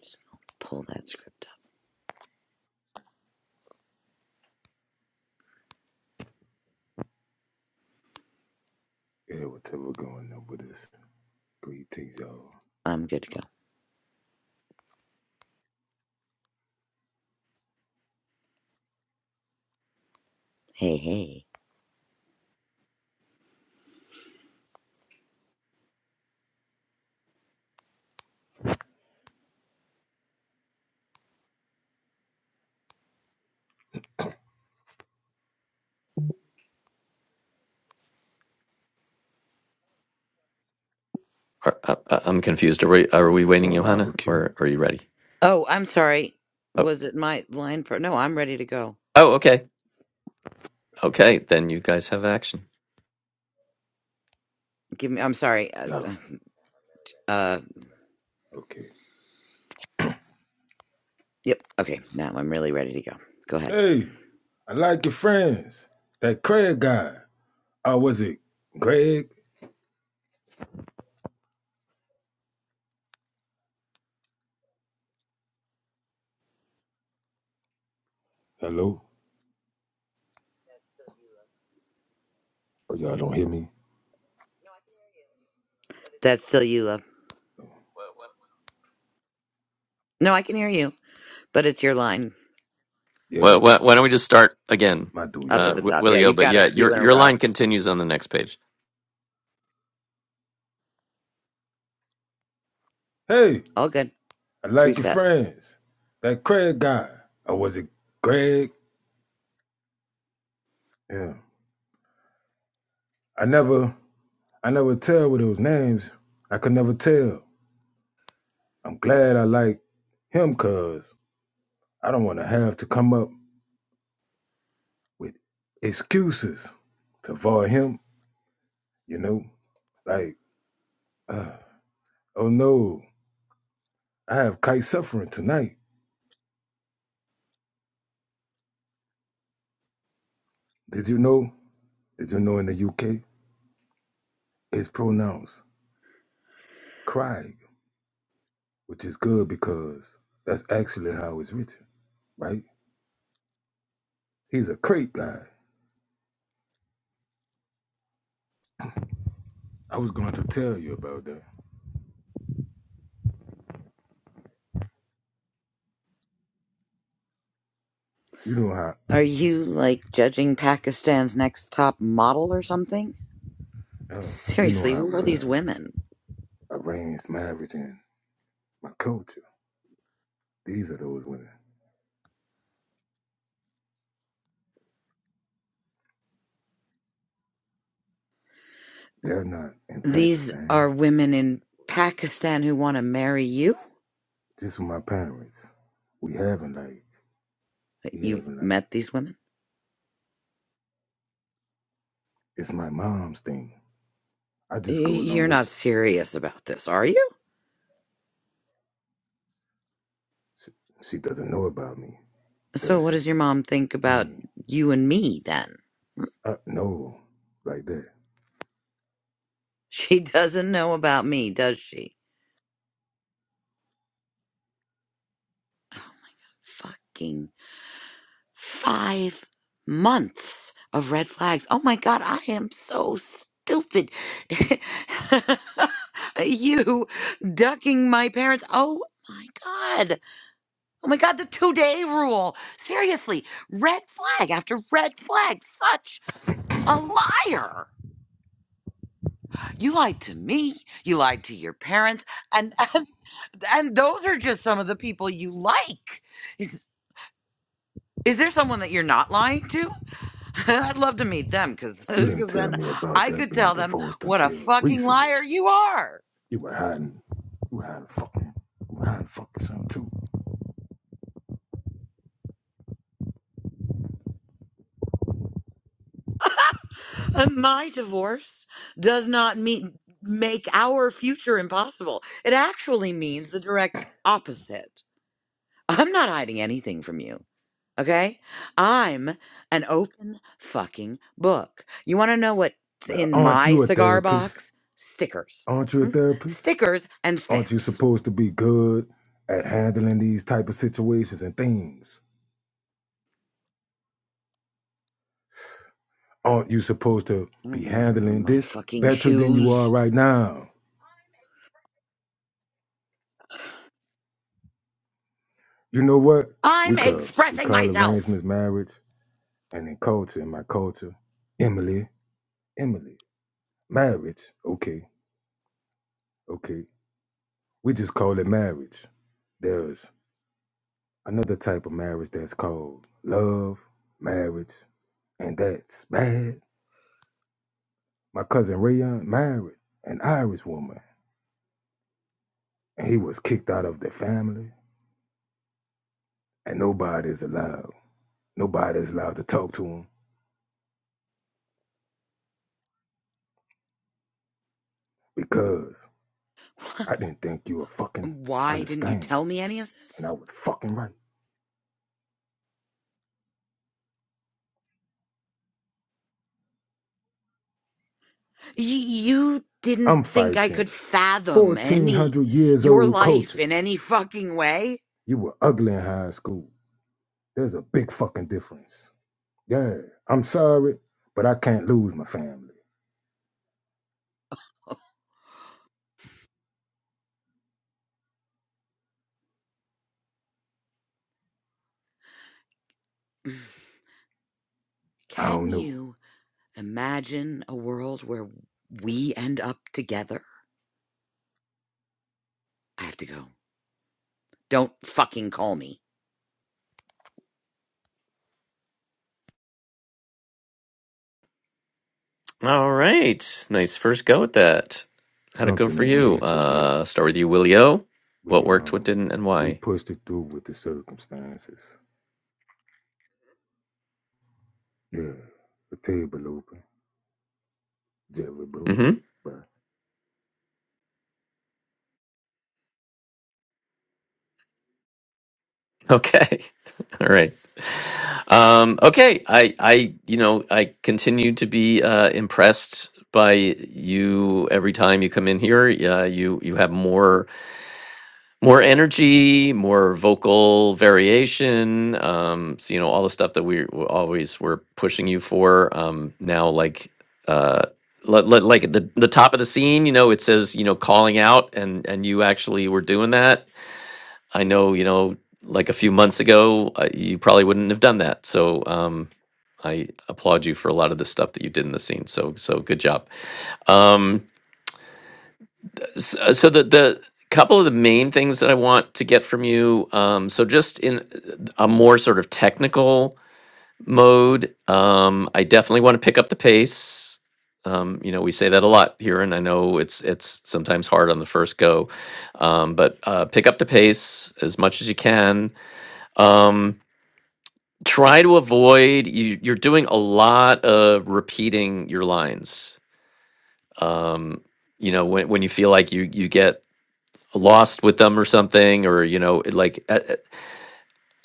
S1: Just pull that script up.
S5: Yeah, whatever going on with this. Greetings, y'all.
S1: I'm good to go. Hey, hey.
S2: Are, uh, uh, I'm confused. Are we are we
S5: It's
S2: waiting,
S5: on
S2: Johanna,
S5: our cue?
S2: or are you ready?
S1: Oh, I'm sorry.
S2: Oh,
S1: Was it my line for? No, I'm ready to go.
S2: oh, okay, okay. Then you guys have action.
S1: Give me. I'm sorry. Uh,
S5: No.
S1: uh
S5: Okay.
S1: yep. Okay. Now I'm really ready to go. Go ahead.
S5: Hey, I like your friends. That Craig guy. Oh, was it Greg? Hello? Oh, y'all don't hear me?
S1: That's still you, love. No, I can hear you, but it's your line
S2: Well,
S5: Yeah,
S2: why, why don't we just start again,
S5: my dude,
S1: up
S2: uh,
S1: at the
S5: y'all.
S2: Wi-
S1: top. Yeah,
S2: Willie O?
S1: you've
S2: But
S1: got a
S2: yeah,
S1: few
S2: your
S1: in a
S2: your
S1: row.
S2: line continues on the next page.
S5: Hey,
S1: All good.
S5: I
S1: Let's
S5: like your
S1: reset.
S5: friends. That Craig guy. Or was it Greg? Yeah. I never, I never tell with those names. I could never tell. I'm glad I like him, cuz. I don't want to have to come up with excuses to avoid him, you know? Like, uh, oh no, I have kite suffering tonight. Did you know? Did you know in the UK it's pronounced Craig, which is good because that's actually how it's written, right? He's a crate guy. I was going to tell you about that. You know how
S1: Are you like judging Pakistan's next top model or something?
S5: uh, you know
S1: Seriously,
S5: how
S1: who
S5: we
S1: are these
S5: have
S1: women?
S5: arranged marriage in my culture. These are those women. They're not in
S1: These
S5: Pakistan.
S1: are women in Pakistan who want to marry you?
S5: just with my parents. We having like we
S1: You've
S5: having like
S1: met these women?
S5: it's my mom's thing. I
S1: Y-
S5: just go along
S1: You're
S5: with
S1: not
S5: it.
S1: serious about this, are you?
S5: She, she doesn't know about me,
S1: So,
S5: does
S1: what
S5: she?
S1: does your mom think
S5: I
S1: about
S5: mean,
S1: you and me then?
S5: uh, no, like that.
S1: She doesn't know about me, does she? Fucking five months of red flags. Oh my God, I am so stupid. you ducking my parents. Oh my God. Oh my God, the two day rule. Seriously, red flag after red flag. Such a liar. You lied to me. You lied to your parents. And, and, and those are just some of the people you like. Is, is there someone that you're not lying to? I'd love to meet them because
S5: You didn't tell
S1: then
S5: me about
S1: I
S5: that
S1: could
S5: being
S1: tell them
S5: divorced
S1: what a
S5: until
S1: fucking
S5: recently.
S1: liar you are.
S5: You were hiding. You were hiding fucking. You were hiding fucking something too.
S1: And my divorce does not mean make our future impossible. It actually means the direct opposite. I'm not hiding anything from you. Okay? I'm an open fucking book. You want to know what's
S5: Well,
S1: in
S5: aren't
S1: my
S5: you a
S1: cigar
S5: therapist?
S1: box? Stickers.
S5: Aren't you a
S1: Hmm?
S5: therapist?
S1: Stickers and
S5: Aren't you
S1: stamps.
S5: supposed to be good at handling these type of situations and things? Aren't you supposed to be
S1: Mm,
S5: handling
S1: My
S5: this
S1: fucking
S5: better than you
S1: shoes.
S5: are right now? You know what? We
S1: I'm
S5: call we
S1: expressing
S5: call
S1: myself.
S5: arrangements marriage, and in culture, in my culture, Emily, Emily, marriage. Okay, okay. We just call it marriage. There's another type of marriage that's called love marriage, and that's bad. My cousin Rayon married an Irish woman, and he was kicked out of the family, and nobody's allowed. Nobody's allowed to talk to him. because I didn't think you would fucking
S1: Why didn't you
S5: understand.
S1: tell me any of
S5: And I
S1: this?
S5: was fucking right.
S1: Y- you didn't
S5: I'm
S1: think I could
S5: fighting
S1: fathom any
S5: 1400 years
S1: your
S5: old
S1: life
S5: culture.
S1: in any fucking way?
S5: You were ugly in high school. There's a big fucking difference. Yeah, I'm sorry, but I can't lose my family. I
S1: Can
S5: don't know.
S1: you imagine a world where we end up together? I have to go. Don't fucking call me.
S2: All right, nice first go at that. How'd it go
S5: Something
S2: for
S5: in
S2: you?
S5: nature yet.
S2: Uh, start with you, Willie O. What
S5: We
S2: worked, what
S5: um
S2: didn't, and
S5: we
S2: why?
S5: pushed it through with the circumstances. Yeah, the table open, Jerry bro.
S2: Mm-hmm.
S5: Bye.
S2: Okay. All right. Um, okay. I I you know I continue to be uh, impressed by you every time you come in here. Uh, you you have more. more energy, more vocal variation. Um, so you know all the stuff that we w- always were pushing you for. Um, now like uh, li- li- like at the the top of the scene, you know, it says you know calling out, and and you actually were doing that. I know you know like a few months ago, uh, you probably wouldn't have done that. So um, I applaud you for a lot of the stuff that you did in the scene. So so good job. Um, S- uh, so the the couple of the main things that I want to get from you, um, so just in a more sort of technical mode, um, I definitely want to pick up the pace. Um, you know, we say that a lot here, and I know it's it's sometimes hard on the first go, um, but uh, pick up the pace as much as you can. Um, try to avoid you, you're doing a lot of repeating your lines. Um, you know, when when you feel like you you get lost with them or something or you know it, like uh, uh,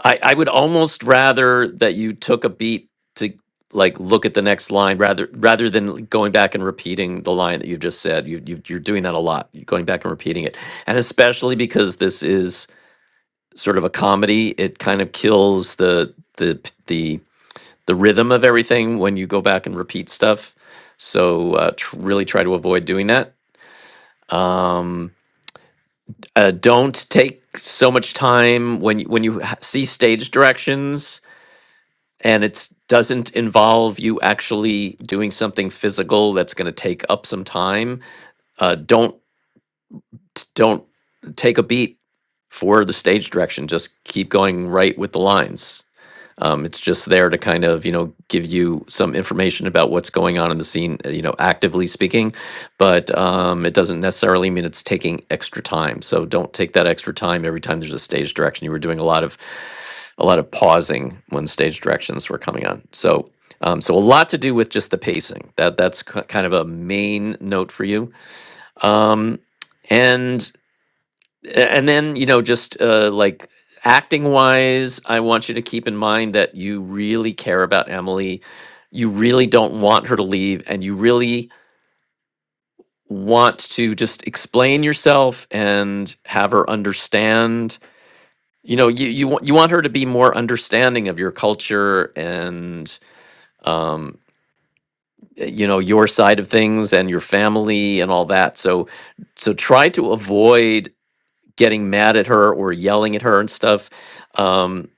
S2: i i would almost rather that you took a beat to like look at the next line rather rather than going back and repeating the line that you just said you, you you're doing that a lot you're going back and repeating it and especially because this is sort of a comedy it kind of kills the the p- the the rhythm of everything when you go back and repeat stuff so uh, tr- really try to avoid doing that um uh, don't take so much time when you, when you ha- see stage directions and it doesn't involve you actually doing something physical that's going to take up some time uh, don't don't take a beat for the stage direction just keep going right with the lines um, it's just there to kind of, you know, give you some information about what's going on in the scene, uh, you know, actively speaking, but um, it doesn't necessarily mean it's taking extra time. So don't take that extra time every time there's a stage direction. You were doing a lot of a lot of pausing when stage directions were coming on. So um, so a lot to do with just the pacing. That that's ki- kind of a main note for you. Um, and a- and then you know just uh, like acting wise i want you to keep in mind that you really care about emily you really don't want her to leave and you really want to just explain yourself and have her understand you know you you, want you want her to be more understanding of your culture and um y- you know your side of things and your family and all that so so try to avoid getting mad at her or yelling at her and stuff. Um,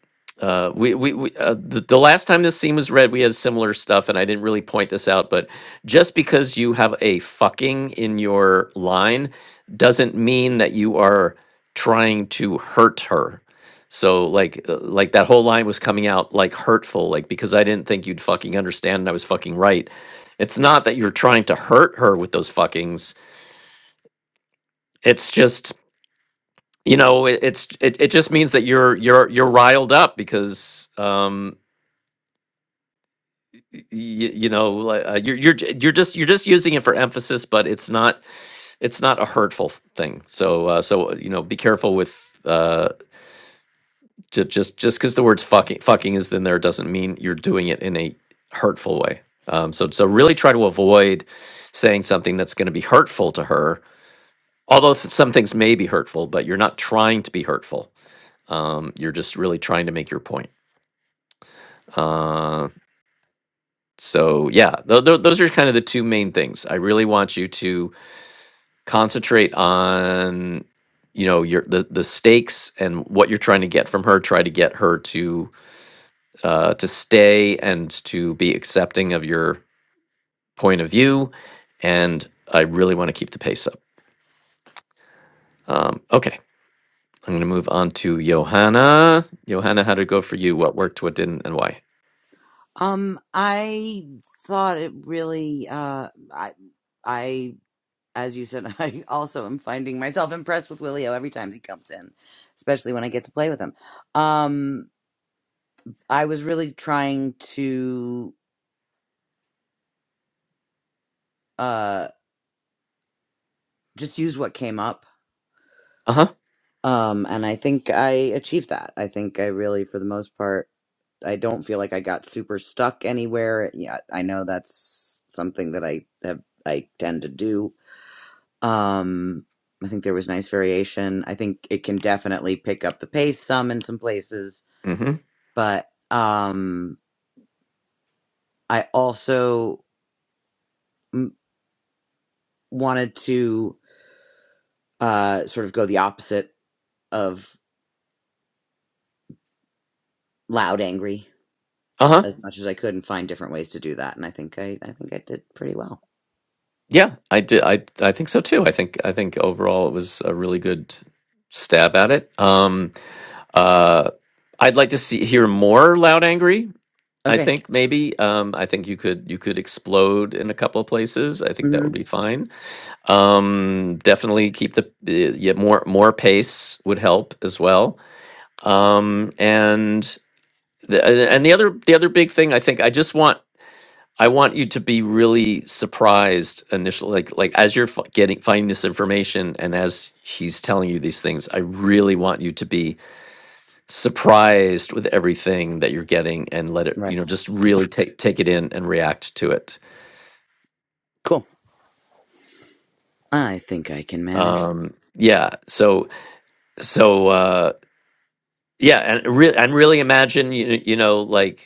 S2: uh, we we, we uh, the, the last time this scene was read, we had similar stuff, and I didn't really point this out, but just because you have a fucking in your line doesn't mean that you are trying to hurt her. So like uh, like that whole line was coming out like hurtful, like because I didn't think you'd fucking understand, and I was fucking right. It's not that you're trying to hurt her with those fuckings. It's just you know it, it's it, it just means that you're you're you're riled up because um y- y- you know like, uh, you're you're j- you're just you're just using it for emphasis but it's not it's not a hurtful f- thing so uh so uh, you know be careful with uh just just just because the words fucking fucking is in there doesn't mean you're doing it in a hurtful way um so so really try to avoid saying something that's going to be hurtful to her although th- some things may be hurtful but you're not trying to be hurtful um you're just really trying to make your point Uh, so yeah, th- th- those are kind of the two main things. I really want you to concentrate on you know your the the stakes and what you're trying to get from her. Try to get her to uh, to stay and to be accepting of your point of view. And I really want to keep the pace up. Um, okay, I'm going to move on to Johanna. Johanna, how did it go for you? What worked? What didn't? And why?
S1: Um, I thought it really. Uh, I I as you said, I also am finding myself impressed with Willio every time he comes in, especially when I get to play with him. Um, I was really trying to uh, just use what came up,
S2: Uh huh.
S1: um, and I think I achieved that. I think I really, for the most part, I don't feel like I got super stuck anywhere. Yeah, I know that's something that I have, I tend to do. Um, I think there was nice variation. I think it can definitely pick up the pace some in some places
S2: Mm hmm.
S1: but um, I also m- wanted to uh, sort of go the opposite of loud angry
S2: Uh huh.
S1: as much as I could and find different ways to do that. And I think I, I think I did pretty well.
S2: Yeah, I did. I I think so too. I think I think overall it was a really good stab at it. Um, uh, I'd like to see hear more loud angry. I
S1: Okay.
S2: think maybe um, I think you could you could explode in a couple of places. I think that
S1: hmm
S2: would be fine. Um, definitely keep the uh, yeah more more pace would help as well. Um, and the, and the other the other big thing I think I just want I want you to be really surprised initially, like like as you're f- getting finding this information and as he's telling you these things. I really want you to be surprised with everything that you're getting and let it,
S1: Right.
S2: you know, just really take take it in and react to it.
S1: Cool. I think I can manage.
S2: Um, yeah. So so uh, yeah, and really and really imagine you you know like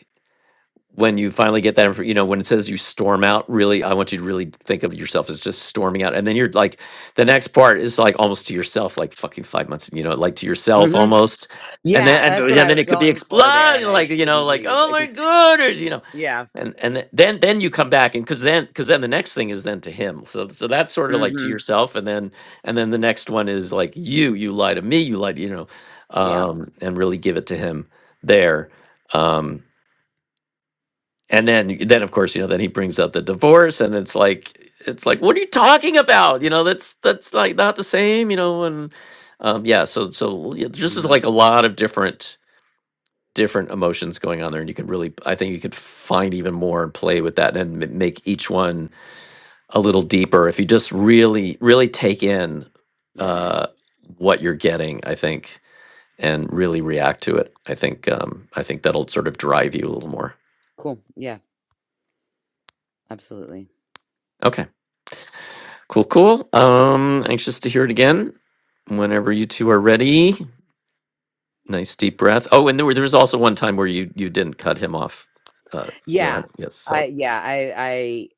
S2: when you finally get that, infor- you know, when it says you storm out, really, I want you to really think of yourself as just storming out. And then you're like, the next part is like almost to yourself, like fucking five months, you know, like to yourself
S1: hmm
S2: almost. And
S1: Yeah,
S2: then, and,
S1: that's what
S2: and
S1: I
S2: then
S1: was
S2: it could be
S1: going for there,
S2: explode,
S1: and I
S2: like, you know,
S1: didn't
S2: like,
S1: read.
S2: oh
S1: I
S2: my
S1: guess.
S2: God, or, you know,
S1: Yeah.
S2: and, and th- then, then you come back and cause then, cause then the next thing is then to him. So, so that's sort of like to
S1: hmm
S2: yourself. And then, and then the next one is like you, you lie to me, you lie to, you know,
S1: Yeah.
S2: um, and really give it to him there. Um, and then then of course you know then he brings up the divorce and it's like it's like what are you talking about you know that's that's like not the same you know and um yeah so so yeah, just is
S1: hmm
S2: like a lot of different different emotions going on there and you can really i think you could find even more and play with that and m- make each one a little deeper if you just really really take in
S1: Right.
S2: uh what you're getting i think and really react to it i think um i think that'll sort of drive you a little more
S1: Cool. Yeah. Absolutely.
S2: okay Cool, cool. Um, anxious to hear it again. Whenever you two are ready, nice deep breath. Oh, and there, were, there was also one time where you you didn't cut him off. Uh, you know,
S1: Yeah.
S2: yes.
S1: I
S2: So
S1: yeah, I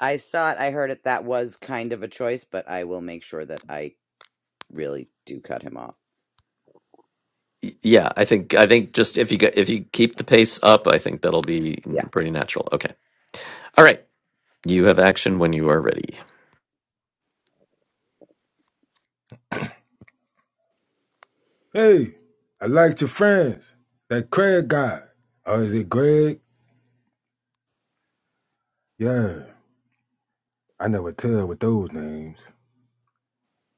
S1: I I saw it, I heard it that was kind of a choice, but I will make sure that I really do cut him off.
S2: y- yeah, I think I think just if you go, if you keep the pace up, I think that'll be
S1: Yeah.
S2: mm, pretty natural. Okay. All right. You have action when you are ready.
S5: Hey, I liked your friends. That Craig guy. Oh, is it Greg? Yeah, I never tell with those names.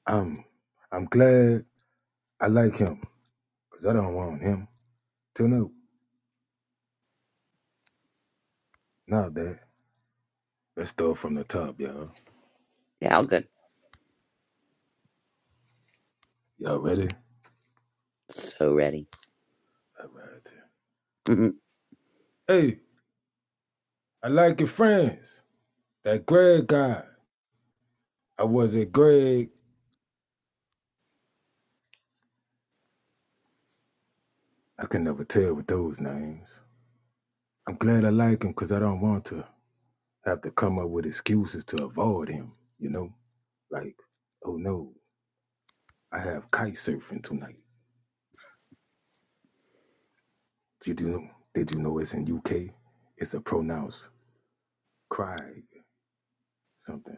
S5: I'm I'm glad I like him, because I don't want him to know. Now that. Let's start from the top, y'all.
S1: Yeah, all good.
S5: Y'all ready?
S1: So ready.
S5: All right.
S1: Mhm.
S5: Hey, I like your friends. That Greg guy. I was it Greg. I can never tell with those names. I'm glad I like him because I don't want to. have to come up with excuses to avoid him, you know? Like, oh no, I have kite surfing tonight. Did you know did you know it's in UK? It's a pronounced cry something,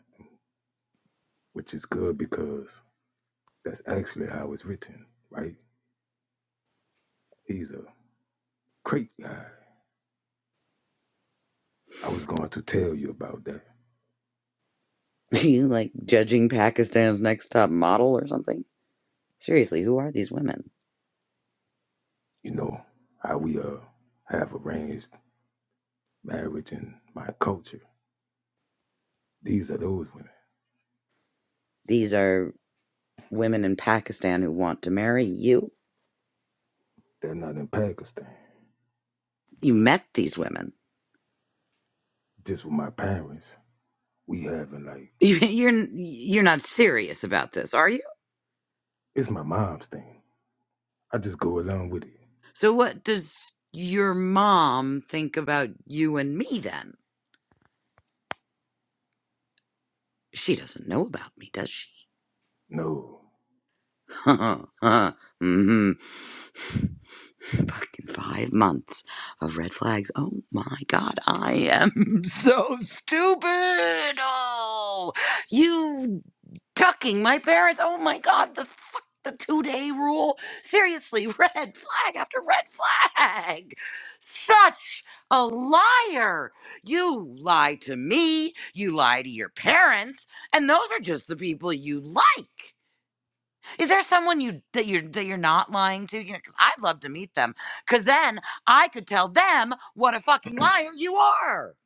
S5: which is good because that's actually how it's written, right? He's a great guy. I was going to tell you about that.
S1: you like judging Pakistan's next top model or something? Seriously, who are these women?
S5: You know, how we uh have arranged marriage in my culture. These are those women.
S1: These are women in Pakistan who want to marry you.
S5: They're not in Pakistan.
S1: You met these women.
S5: Just with my parents, we having like
S1: You're you're not serious about this, are you?
S5: It's my mom's thing. I just go along with it.
S1: So what does your mom think about you and me then? She doesn't know about me, does she?
S5: No,
S1: Ha ha ha. mm-hmm. Fucking five months of red flags. Oh my God, I am so stupid. Oh, you ducking my parents. Oh my God, the fuck, the two day rule. Seriously, red flag after red flag. Such a liar. You lie to me, you lie to your parents, and those are just the people you like. Is there someone you that you're that you're not lying to? You know, 'cause I'd love to meet them, cause then I could tell them what a fucking liar you are.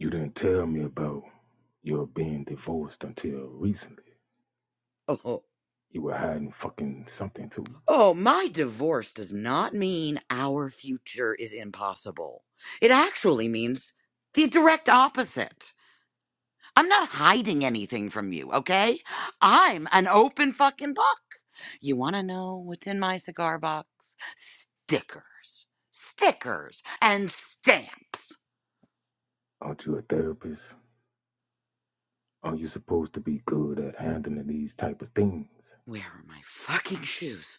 S5: you didn't tell me about your being divorced until recently.
S1: Oh,
S5: You were hiding fucking something too.
S1: oh, my divorce does not mean our future is impossible. It actually means the direct opposite. I'm not hiding anything from you, okay? I'm an open fucking book. You want to know what's in my cigar box? Stickers, stickers, and stamps.
S5: Aren't you a therapist? Aren't you supposed to be good at handling these type of things?
S1: Where are my fucking shoes?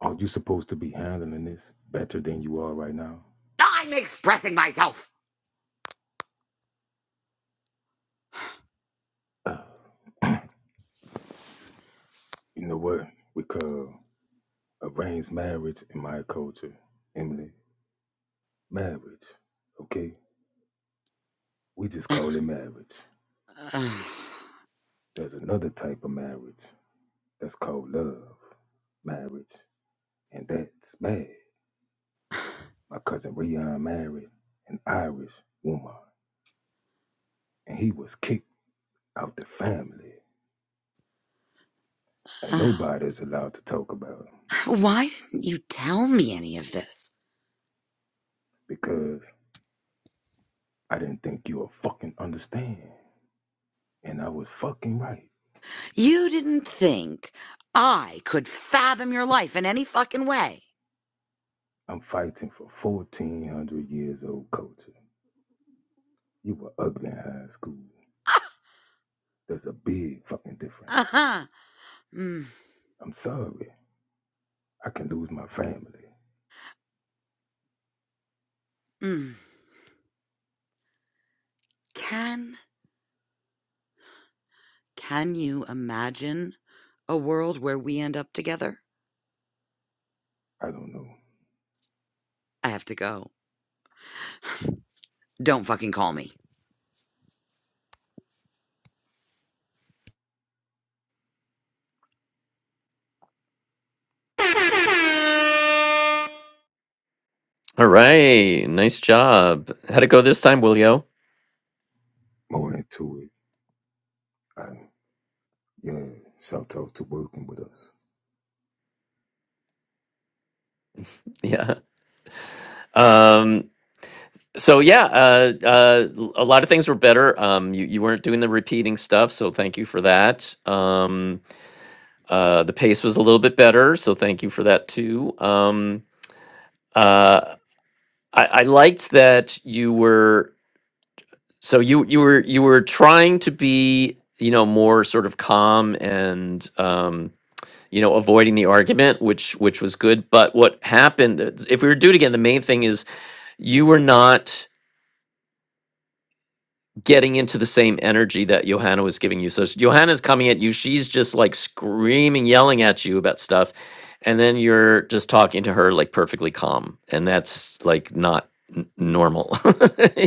S5: Aren't you supposed to be handling this better than you are right now?
S1: I'm expressing myself!
S5: Uh, you know what we call arranged marriage in my culture, Emily? Marriage, okay? We just call it marriage.
S1: Uh,
S5: There's another type of marriage That's called love, marriage, and that's bad. My cousin Rion married an Irish woman, and he was kicked out the family. And
S1: uh, uh,
S5: nobody's allowed to talk about him
S1: why didn't you tell me any of this?
S5: because I didn't think you would fucking understand. And I was fucking right.
S1: You didn't think I could fathom your life in any fucking way.
S5: I'm fighting for 1400 years old culture. You were ugly in high school. There's a big fucking
S1: Uh
S5: difference.
S1: huh. Mm,
S5: I'm sorry. I can lose my family.
S1: mm. Can can you imagine a world where we end up together?
S5: I don't know.
S1: I have to go. Don't fucking call me.
S2: All right. Nice job. How'd it go this time, Willio?
S5: More into it. I Yeah, shout out to working with us.
S2: Yeah. Um, So yeah, uh, uh, l- a lot of things were better. Um, you you weren't doing the repeating stuff, so thank you for that. Um, uh, the pace was a little bit better, so thank you for that too. Um, uh, I, I liked that you were so you you were you were trying to be you know more sort of calm and um, you know avoiding the argument, which which was good. But what happened? If we were to do it again, the main thing is you were not. getting into the same energy that Johanna was giving you. So s- Johanna's coming at you. She's just like screaming, yelling at you about stuff. And then you're just talking to her like perfectly calm. And that's like not n- normal.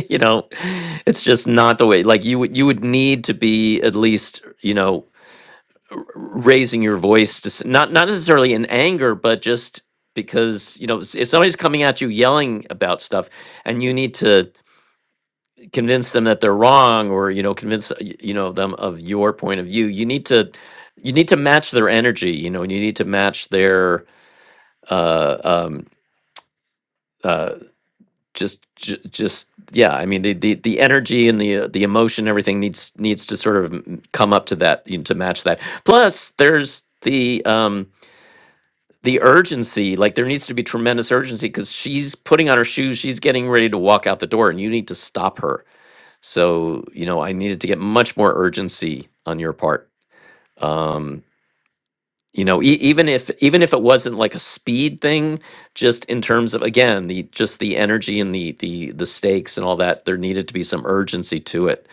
S2: you know, it's just not the way like you would you would need to be at least, you know, r- raising your voice to s- not not necessarily in anger, but just because, you know, s- if somebody's coming at you yelling about stuff and you need to convince them that they're wrong or you know convince uh, y- you know them of your point of view you need to you need to match their energy you know and you need to match their uh um uh just ju- just yeah i mean the the, the energy and the uh, the emotion everything needs needs to sort of m- come up to that you know, to match that plus there's the um the urgency like there needs to be tremendous urgency because she's putting on her shoes she's getting ready to walk out the door and you need to stop her So, you know, I needed to get much more urgency on your part. Um, you know, e- even if even if it wasn't like a speed thing, just in terms of again the just the energy and the the the stakes and all that, there needed to be some urgency to it.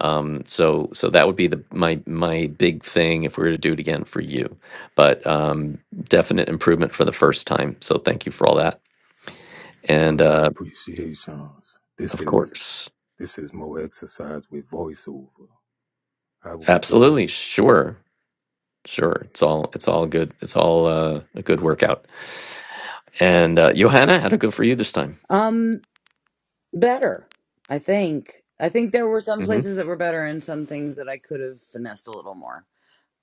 S2: Um, so so that would be the my my big thing if we were to do it again for you. But um, definite improvement for the first time. So thank you for all that.
S5: Oh
S2: And
S5: yeah,
S2: uh,
S5: appreciations. This
S2: of
S5: is
S2: course,
S5: this is more exercise with voiceover. How we drove.
S2: absolutely, sure.
S5: Yeah.
S2: Sure, it's all it's all good. It's all uh, a good workout. And uh, Johanna, how'd it go for you this time?
S1: Um, better. I think. I think there were some
S2: hmm
S1: places that were better and some things that I could have finessed a little more.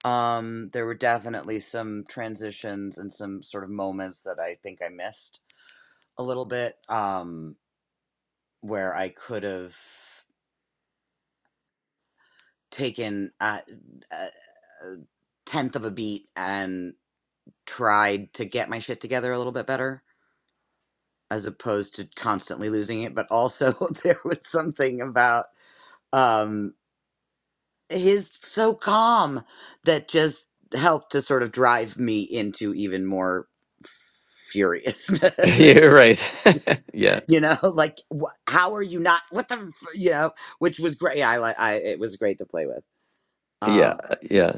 S1: Um, there were definitely some transitions and some sort of moments that I think I missed a little bit, um, where I could have taken a, a, a tenth of a beat and tried to get my shit together a little bit better, as opposed to constantly losing it. But also, there was something about um, his so calm that just helped to sort of drive me into even more furiousness.
S2: Yeah, right. Yeah,
S1: you know like wh- how are you not what the f- you know which was great i like i it was great to play with
S2: yeah,
S1: um
S2: yeah,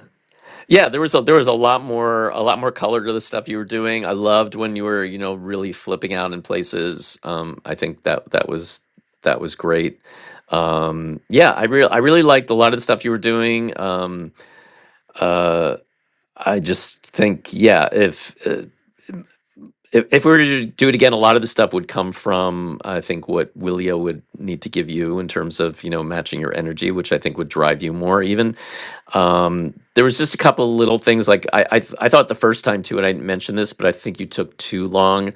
S2: yeah. There was a there was a lot more a lot more color to the stuff you were doing. I loved when you were you know really flipping out in places. Um, I think that that was that was great. Um, yeah, I real I really liked a lot of the stuff you were doing. Um, uh, I just think yeah, if uh, if, if we were to do it again, a lot of the stuff would come from I think what Willio would need to give you in terms of you know matching your energy, which I think would drive you more. Even um, there was just a couple little things like I, I I thought the first time too, and I didn't mention this, but I think you took too long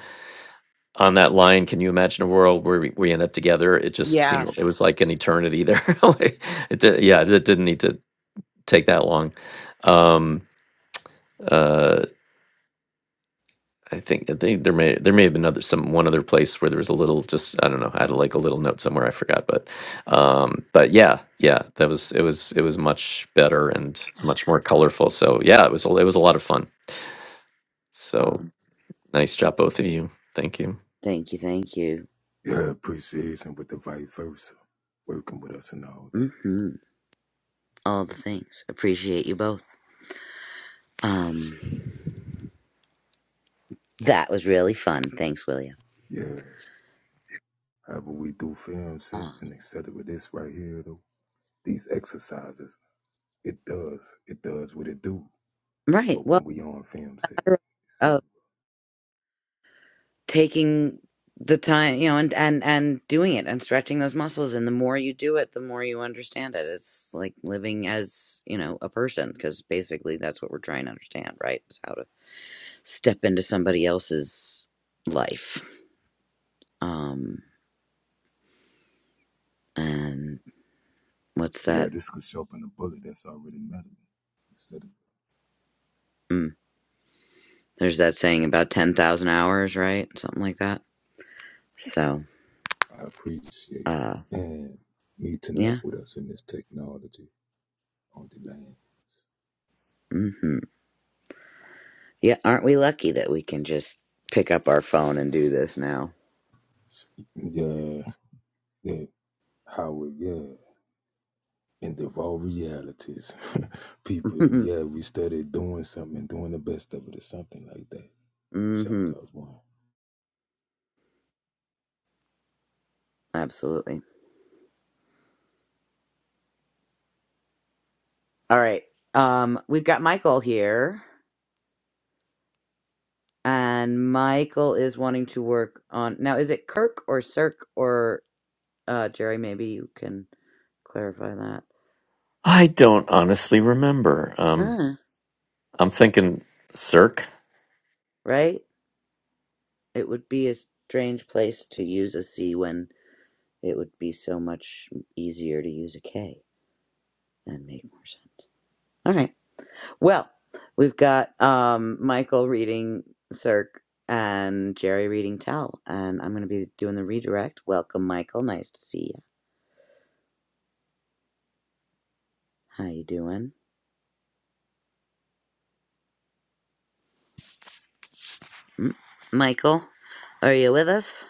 S2: on that line. Can you imagine a world where we, we end up together? It just
S1: yeah
S2: seemed it was like an eternity there. Like, it did, yeah, it didn't need to take that long. Um, uh, I think I think there may there may have been other some one other place where there was a little just I don't know I had like a little note somewhere I forgot but um but yeah yeah that was it was it was much better and much more colorful so yeah it was a- it was a lot of fun so
S1: awesome.
S2: nice job both of you thank you
S1: thank you thank you
S5: Yeah, appreciation with the vice versa. Working with us and all that.
S1: hmm all the things appreciate you both um that was really fun thanks william
S5: Yeah. How we do film set
S1: uh,
S5: and etc. With this right here though. These exercises. It does. It does what it do
S1: right
S5: for
S1: well
S5: when we on film set,
S1: I re- uh,
S5: etc.
S1: taking the time you know and and and doing it and stretching those muscles and the more you do it the more you understand it it's like living as you know a person because basically that's what we're trying to understand right is how to step into somebody else's life. Um, and what's
S5: Yeah,
S1: that?
S5: this could sharpen the bullet that's already metal, etc.
S1: Mm, there's that saying about 10,000 hours, right? Something like that. So,
S5: I appreciate
S1: uh,
S5: and meeting up
S1: yeah.
S5: with us in this technology on the lands.
S1: hmm Yeah. Aren't we lucky that we can just pick up our phone and do this now?
S5: Yeah, yeah, Howard, yeah. And of all realities, people, yeah, we started doing something and doing the best of it or something like that. Shout
S1: hmm
S5: out one.
S1: Absolutely. All right. Um, we've got Michael here and Michael is wanting to work on now. Is it Kirk or Cirque or, uh, Jerry, maybe you can clarify that.
S2: I don't honestly remember. Um,
S1: Huh.
S2: I'm thinking Cirque.
S1: right? It would be a strange place to use a C when it would be so much easier to use a K and make more sense. All right. Well, we've got um, Michael reading Cirque and Jerry reading Tell, and I'm going to be doing the redirect. Welcome, Michael. Nice to see you. How you doing, mm? Michael? Are you with us?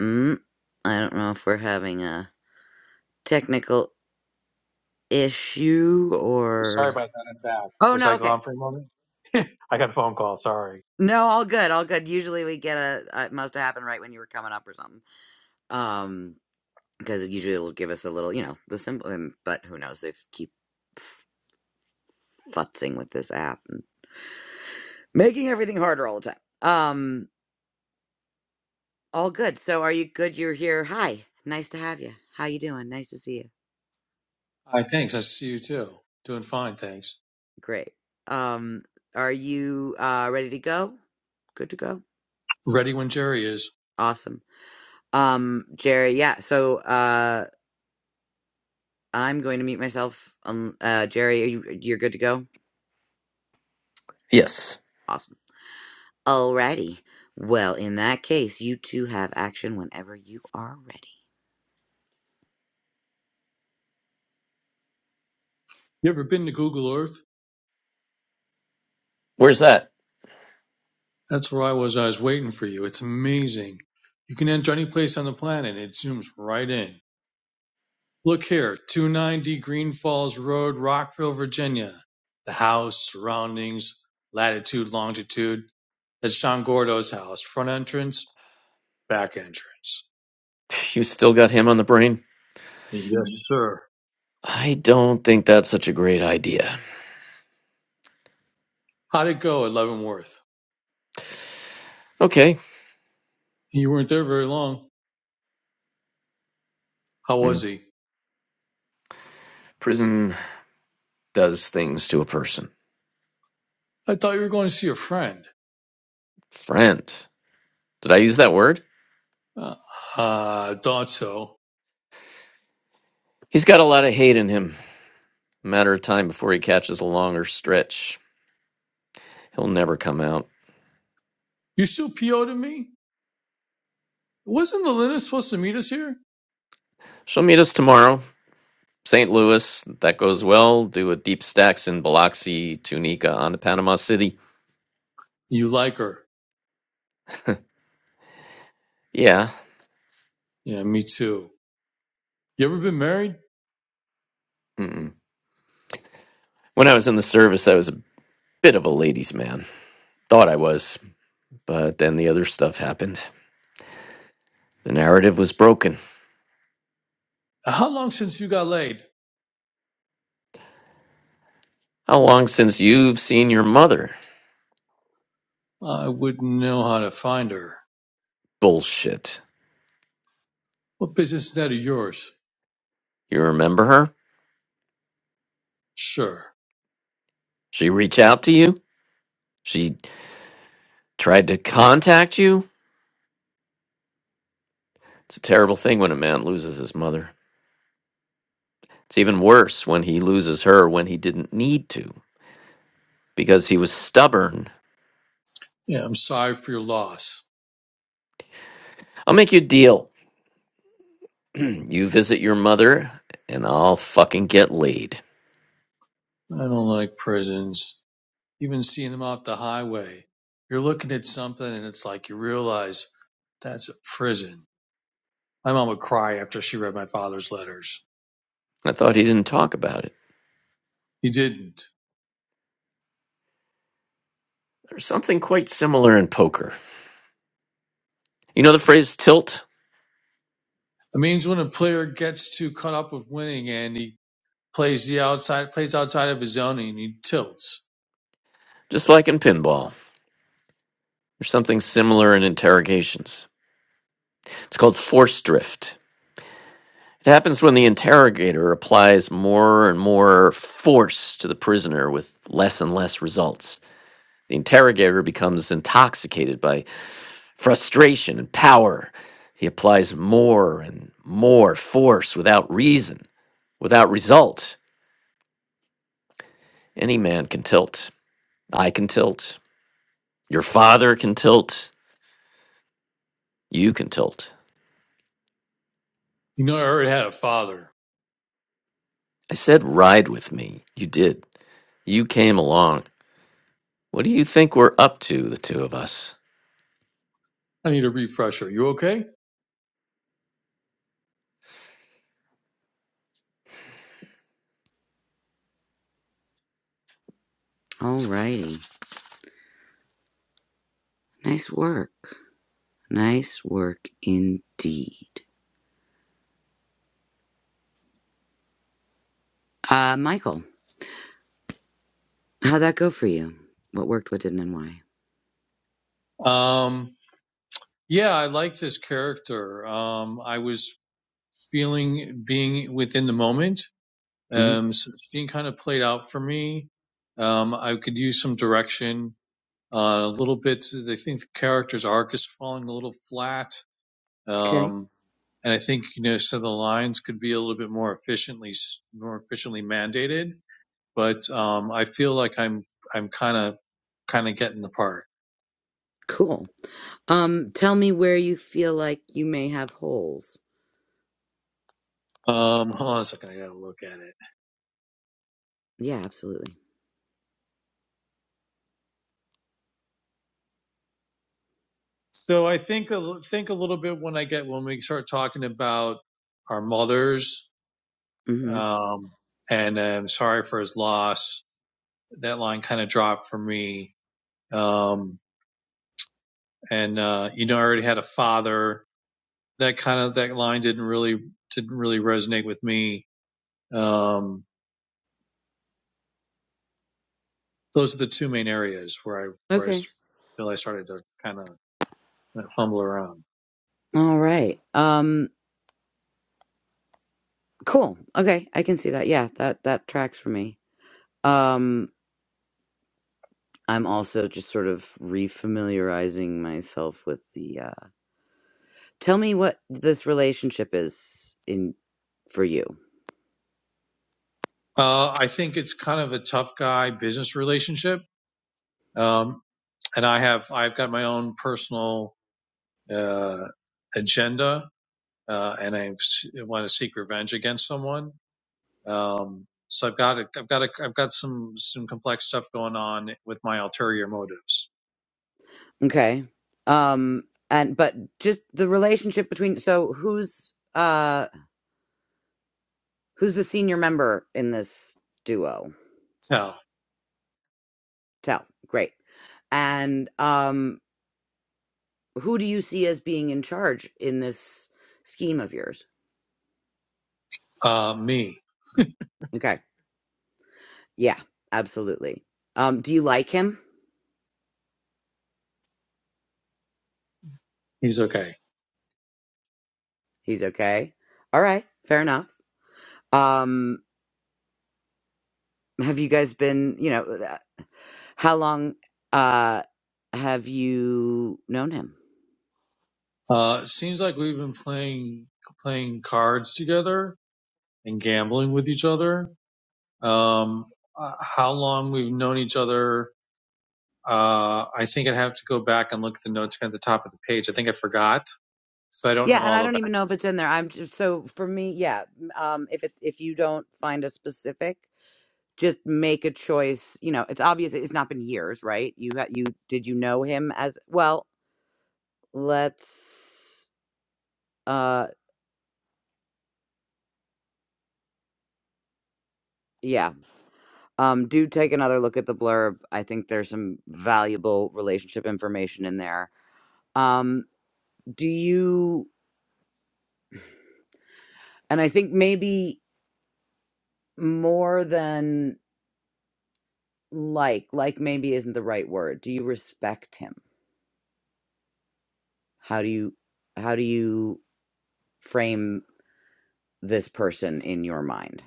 S1: Mm? I don't know if we're having a technical issue or.
S6: Sorry about that. I'm back.
S1: Oh
S6: Was
S1: no.
S6: I
S1: okay.
S6: gone for a moment? I got a phone call. Sorry.
S1: No, all good, all good. Usually we get a, uh it must have happened right when you were coming up or something. Um, because usually it'll give us a little, you know, the symbol. um, But who knows? They keep futzing with this app and making everything harder all the time. Um, all good. So are you good? You're here. Hi, nice to have you. How you doing? Nice to see you.
S6: Hi, thanks. Nice to see you too. Doing fine, thanks.
S1: Great. Um, are you uh ready to go? Good to go.
S6: Ready when Jerry is.
S1: Awesome. Um, Jerry. Yeah. So uh, I'm going to mute myself. Um, uh, Jerry, are you you're good to go?
S2: Yes.
S1: Awesome. Alrighty. Well, in that case, you two have action whenever you are ready.
S6: You ever been to Google Earth?
S2: Where's that?
S6: That's where I was. I was waiting for you. It's amazing. You can enter any place on the planet. It zooms right in. Look here, 290 Green Falls Road, Rockville, Virginia. The house, surroundings, latitude, longitude. That's Sean Gordo's house. Front entrance, back entrance.
S2: You still got him on the brain?
S6: Yes, sir.
S2: I don't think that's such a great idea.
S6: How'd it go at Leavenworth?
S2: Okay.
S6: You weren't there very long. How was
S2: Mm.
S6: he?
S2: Prison does things to a person.
S6: I thought you were going to see a friend.
S2: Friend. Did I use that word?
S6: Uh, I thought so.
S2: He's got a lot of hate in him. Matter of time before he catches a longer stretch. He'll never come out.
S6: You still PO to me? Wasn't Elena supposed to meet us here?
S2: She'll meet us tomorrow. St. Louis, if that goes well. Do a deep stacks in Biloxi, Tunica, on to Panama City.
S6: You like her.
S2: Yeah.
S6: Yeah, me too. You ever been married?
S2: Mm-mm. When I was in the service, I was a bit of a ladies' man. Thought I was, but then the other stuff happened. The narrative was broken.
S6: How long since you got laid?
S2: How long since you've seen your mother?
S6: I wouldn't know how to find her.
S2: Bullshit.
S6: What business is that of yours?
S2: You remember her?
S6: Sure.
S2: She reach out to you? She Tried to contact you? It's a terrible thing when a man loses his mother. It's even worse when he loses her when he didn't need to, because he was stubborn.
S6: Yeah, I'm sorry for your loss.
S2: I'll make you a deal. you visit your mother, and I'll fucking get laid.
S6: I don't like prisons. Even seeing them off the highway. You're looking at something and it's like you realize that's a prison. My mom would cry after she read my father's letters.
S2: I thought he didn't talk about it.
S6: He didn't.
S2: There's something quite similar in poker. You know the phrase tilt?
S6: It means when a player gets too caught up with winning and he plays the outside plays outside of his zone and he tilts.
S2: Just like in pinball. There's something similar in interrogations. It's called force drift. It happens when the interrogator applies more and more force to the prisoner with less and less results. The interrogator becomes intoxicated by frustration and power. He applies more and more force without reason, without result. Any man can tilt. I can tilt. Your father can tilt. You can tilt.
S6: You know, I already had a father.
S2: I said, ride with me. You did. You came along. What do you think we're up to, the two of us?
S6: I need a refresher. You okay?
S1: Alrighty. Nice work. Nice work indeed. Uh, Michael, how'd that go for you? What worked, what didn't, and why?
S6: Um, yeah, I like this character. Um, I was feeling being within the moment.
S1: hmm
S6: Um, so it's being kind of played out for me. Um, I could use some direction. Uh, a little bit. I think the character's arc is falling a little flat
S1: Okay.
S6: Um, and I think, you know, so the lines could be a little bit more efficiently, more efficiently mandated, but, um, I feel like I'm, I'm kind of, kind of getting the part.
S1: Cool. Um, tell me where you feel like you may have holes.
S6: Um, hold on a second. I gotta look at it.
S1: Yeah, absolutely.
S6: So I think, think a little bit when I get, when we start talking about our mothers,
S1: Mm-hmm.
S6: um, and I'm sorry for his loss. That line kind of dropped for me. Um, and, uh, you know, I already had a father that kind of that line didn't really didn't really resonate with me. Um, those are the two main areas where I where I
S1: Okay.
S6: feel I started to kind of fumble around.
S1: All right. Um, cool. Okay, I can see that. Yeah, that that tracks for me. Um, I'm also just sort of refamiliarizing myself with the uh tell me what this relationship is in for you.
S6: Uh, I think it's kind of a tough guy business relationship, um, and I have I've got my own personal uh, agenda, uh, and I want to seek revenge against someone. Um, so I've got a, I've got a, I've got some some complex stuff going on with my ulterior motives.
S1: Okay. Um and but just the relationship between so who's uh who's the senior member in this duo?
S6: Now,
S1: Tell. Great. And um who do you see as being in charge in this scheme of yours?
S6: uh, me.
S1: Okay. Yeah, absolutely. Um do you like him?
S6: He's okay.
S1: He's okay. All right. Fair enough. Um, have you guys been, you know, uh, how long uh have you known him?
S6: Uh, it seems like we've been playing playing cards together and gambling with each other. Um, uh, how long we've known each other? Uh, I think I'd have to go back and look at the notes at the top of the page. I think I forgot, so I don't know
S1: Yeah, and
S6: all
S1: I
S6: the
S1: don't
S6: back.
S1: even know if it's in there. I'm just so for me, yeah. m- Um if it if you don't find a specific, just make a choice, you know, it's obvious it's not been years, right? You got you did you know him as well, let's uh yeah. Um do take another look at the blurb. I think there's some valuable relationship information in there. Um do you And I think maybe more than like, like maybe isn't the right word. Do you respect him? How do you how do you frame this person in your mind?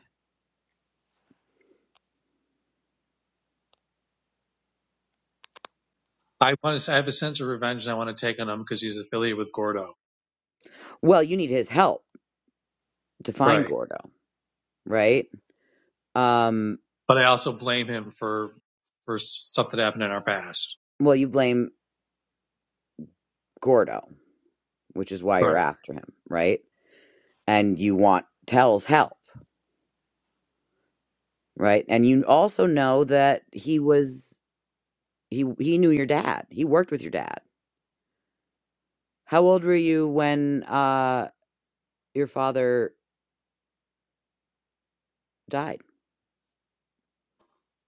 S6: I want to. I have a sense of revenge, and I want to take on him because he's affiliated with Gordo,
S1: Well, you need his help to find
S6: right?
S1: Gordo, right? Um
S6: But I also blame him for for stuff that happened in our past,
S1: well, you blame Gordo, which is why you're
S6: right?
S1: after him, right? And you want Tell's help, right? And you also know that he was he he knew your dad. He worked with your dad. How old were you when uh Your father died.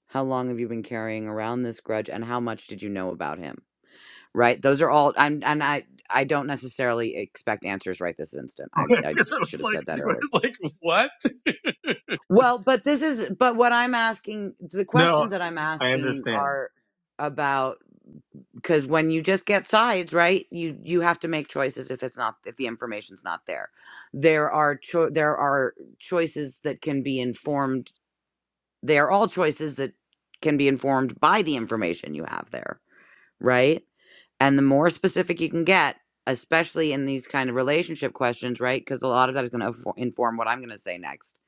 S1: How long have you been carrying around this grudge and how much did you know about him? Right? Those are all I'm and I I don't necessarily expect answers right this instant. I
S6: I
S1: I
S6: I
S1: should have said that earlier.
S6: was like, I was like, what?
S1: Well, but this is but what I'm asking the
S6: No,
S1: questions that I'm
S6: I
S1: asking
S6: understand.
S1: are about because when you just get sides, right? You you have to make choices if it's not if the information's not there. There are cho- there are choices that can be informed They are all choices that can be informed by the information you have there, right? And the more specific you can get, especially in these kind of relationship questions, right? Because a lot of that is going to inform what I'm going to say next.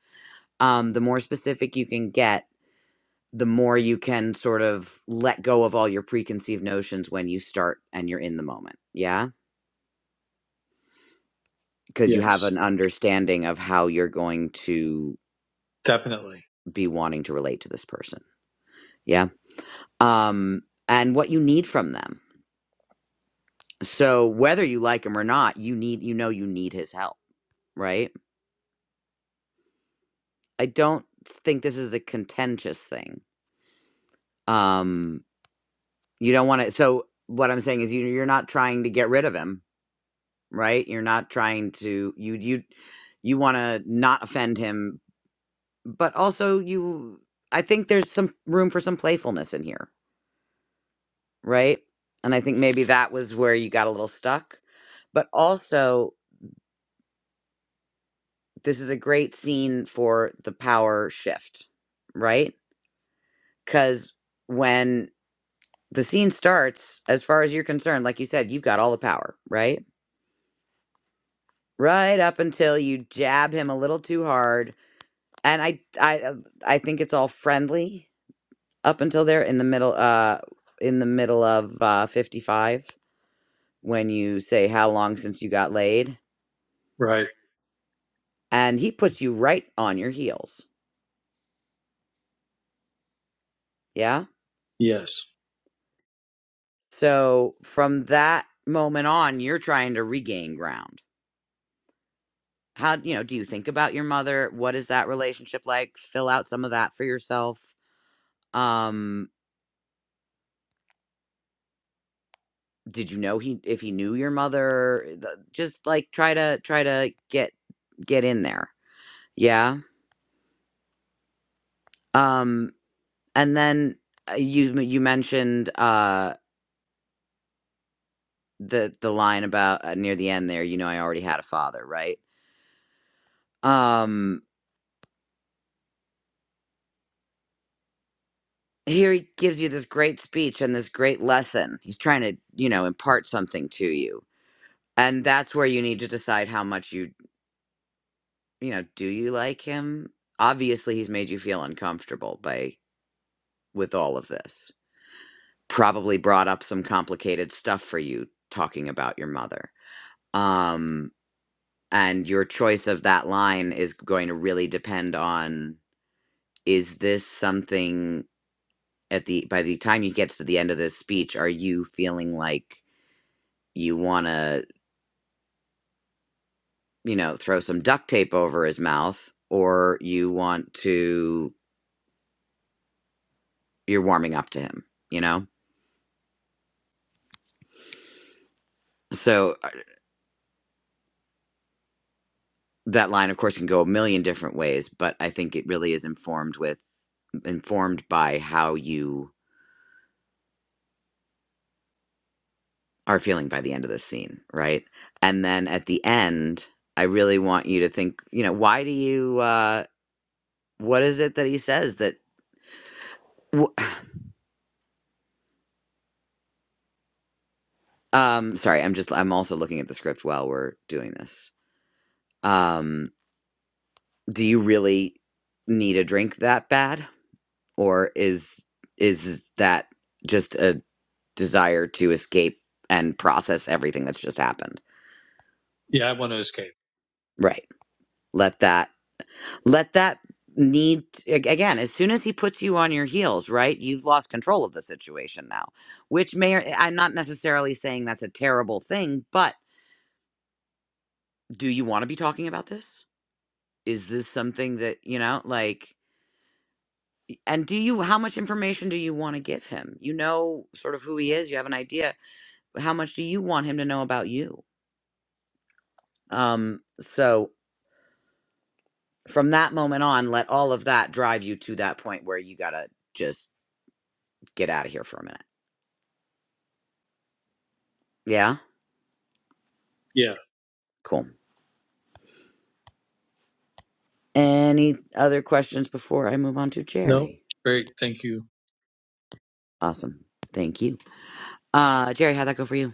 S1: Um, the more specific you can get, the more you can sort of let go of all your preconceived notions when you start and you're in the moment. Yeah. Because you have
S6: Yes,
S1: an understanding of how you're going to
S6: definitely.
S1: be wanting to relate to this person. Yeah. Um, and what you need from them So whether you like him or not, you need you know you need his help, right? I don't think this is a contentious thing. Um you don't want to so what I'm saying is you you're not trying to get rid of him, right? You're not trying to you you you want to not offend him, but also you I think there's some room for some playfulness in here, right? And I think maybe that was where you got a little stuck. But also This is a great scene for the power shift, right? Because when the scene starts, as far as you're concerned, like you said, you've got all the power, right? Right up until you jab him a little too hard, and I, I, uh, I think it's all friendly up until there in the middle, uh, in the middle of uh, 55 when you say how long since you got laid,
S6: Right.
S1: and he puts you right on your heels. Yeah
S6: Yes.
S1: So from that moment on, you're trying to regain ground. How, you know, do you think about your mother? What is that relationship like? Fill out some of that for yourself. Um, did you know he if he knew your mother? The- Just like try to try to get get in there. Yeah. Um and then uh, you you mentioned uh the the line about uh, near the end there, you know I already had a father, right? Um here he gives you this great speech and this great lesson. He's trying to, you know, impart something to you. And that's where you need to decide how much you, you know, do you like him? Obviously, he's made you feel uncomfortable by with all of this. Probably brought up some complicated stuff for you talking about your mother. Um and your choice of that line is going to really depend on is this something at the by the time you get to the end of this speech are you feeling like you want to, you know, throw some duct tape over his mouth or you want to, you're warming up to him, you know? So uh, that line, of course, can go a million different ways, but I think it really is informed with, informed by how you are feeling by the end of the scene, right? And then at the end, I really want you to think, you know, why do you, uh, what is it that he says that, wh- um, sorry, I'm just, I'm also looking at the script while we're doing this. Um, Do you really need a drink that bad, or is is that just a desire to escape and process everything that's just happened?
S6: Yeah, I want to escape.
S1: Right. Let that let that need ag- again as soon as he puts you on your heels right you've lost control of the situation now which may or i'm not necessarily saying that's a terrible thing but do you want to be talking about this is this something that you know like And do you, how much information do you want to give him? You know, sort of who he is, you have an idea. How much do you want him to know about you? Um, so from that moment on, let all of that drive you to that point where you got to just get out of here for a minute. Yeah?
S6: Yeah.
S1: Cool. Any other questions before I move on to
S6: No.
S1: Jerry?
S6: Great. Thank you.
S1: Awesome. Thank you. Uh, Jerry, how'd that go for you?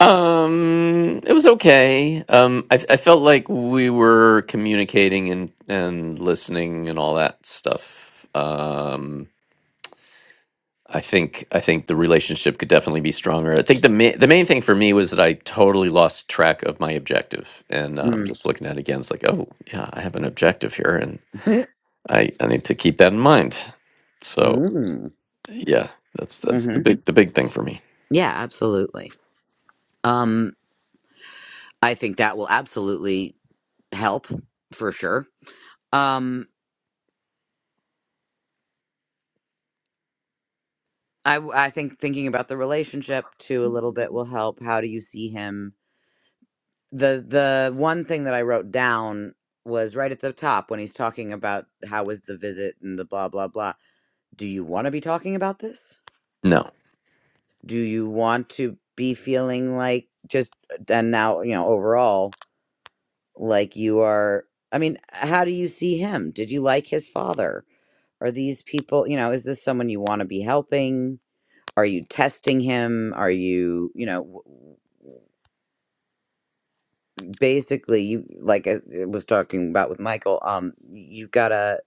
S2: Um, it was okay. Um, I I felt like we were communicating and and listening and all that stuff. Um, I think I think the relationship could definitely be stronger. I think the ma- the main thing for me was that I totally lost track of my objective, and um,
S1: Mm.
S2: just looking at it again, it's like, oh yeah, I have an objective here, and I I need to keep that in mind. So
S1: mm.
S2: yeah, that's that's
S1: hmm
S2: the big the big thing for me.
S1: Yeah, absolutely. Um, I think that will absolutely help for sure Um, I I think thinking about the relationship too a little bit will help. How do you see him? The the one thing that I wrote down was right at the top when he's talking about how was the visit and the blah blah blah. Do you want to be talking about this?
S2: No,
S1: Do you want to be feeling like just uh, and now you know overall like you are? I mean, how do you see him? Did you like his father? Are these people? You know, is this someone you want to be helping? are you testing him are you you know w- w- basically you like uh, i was talking about with michael um you've got to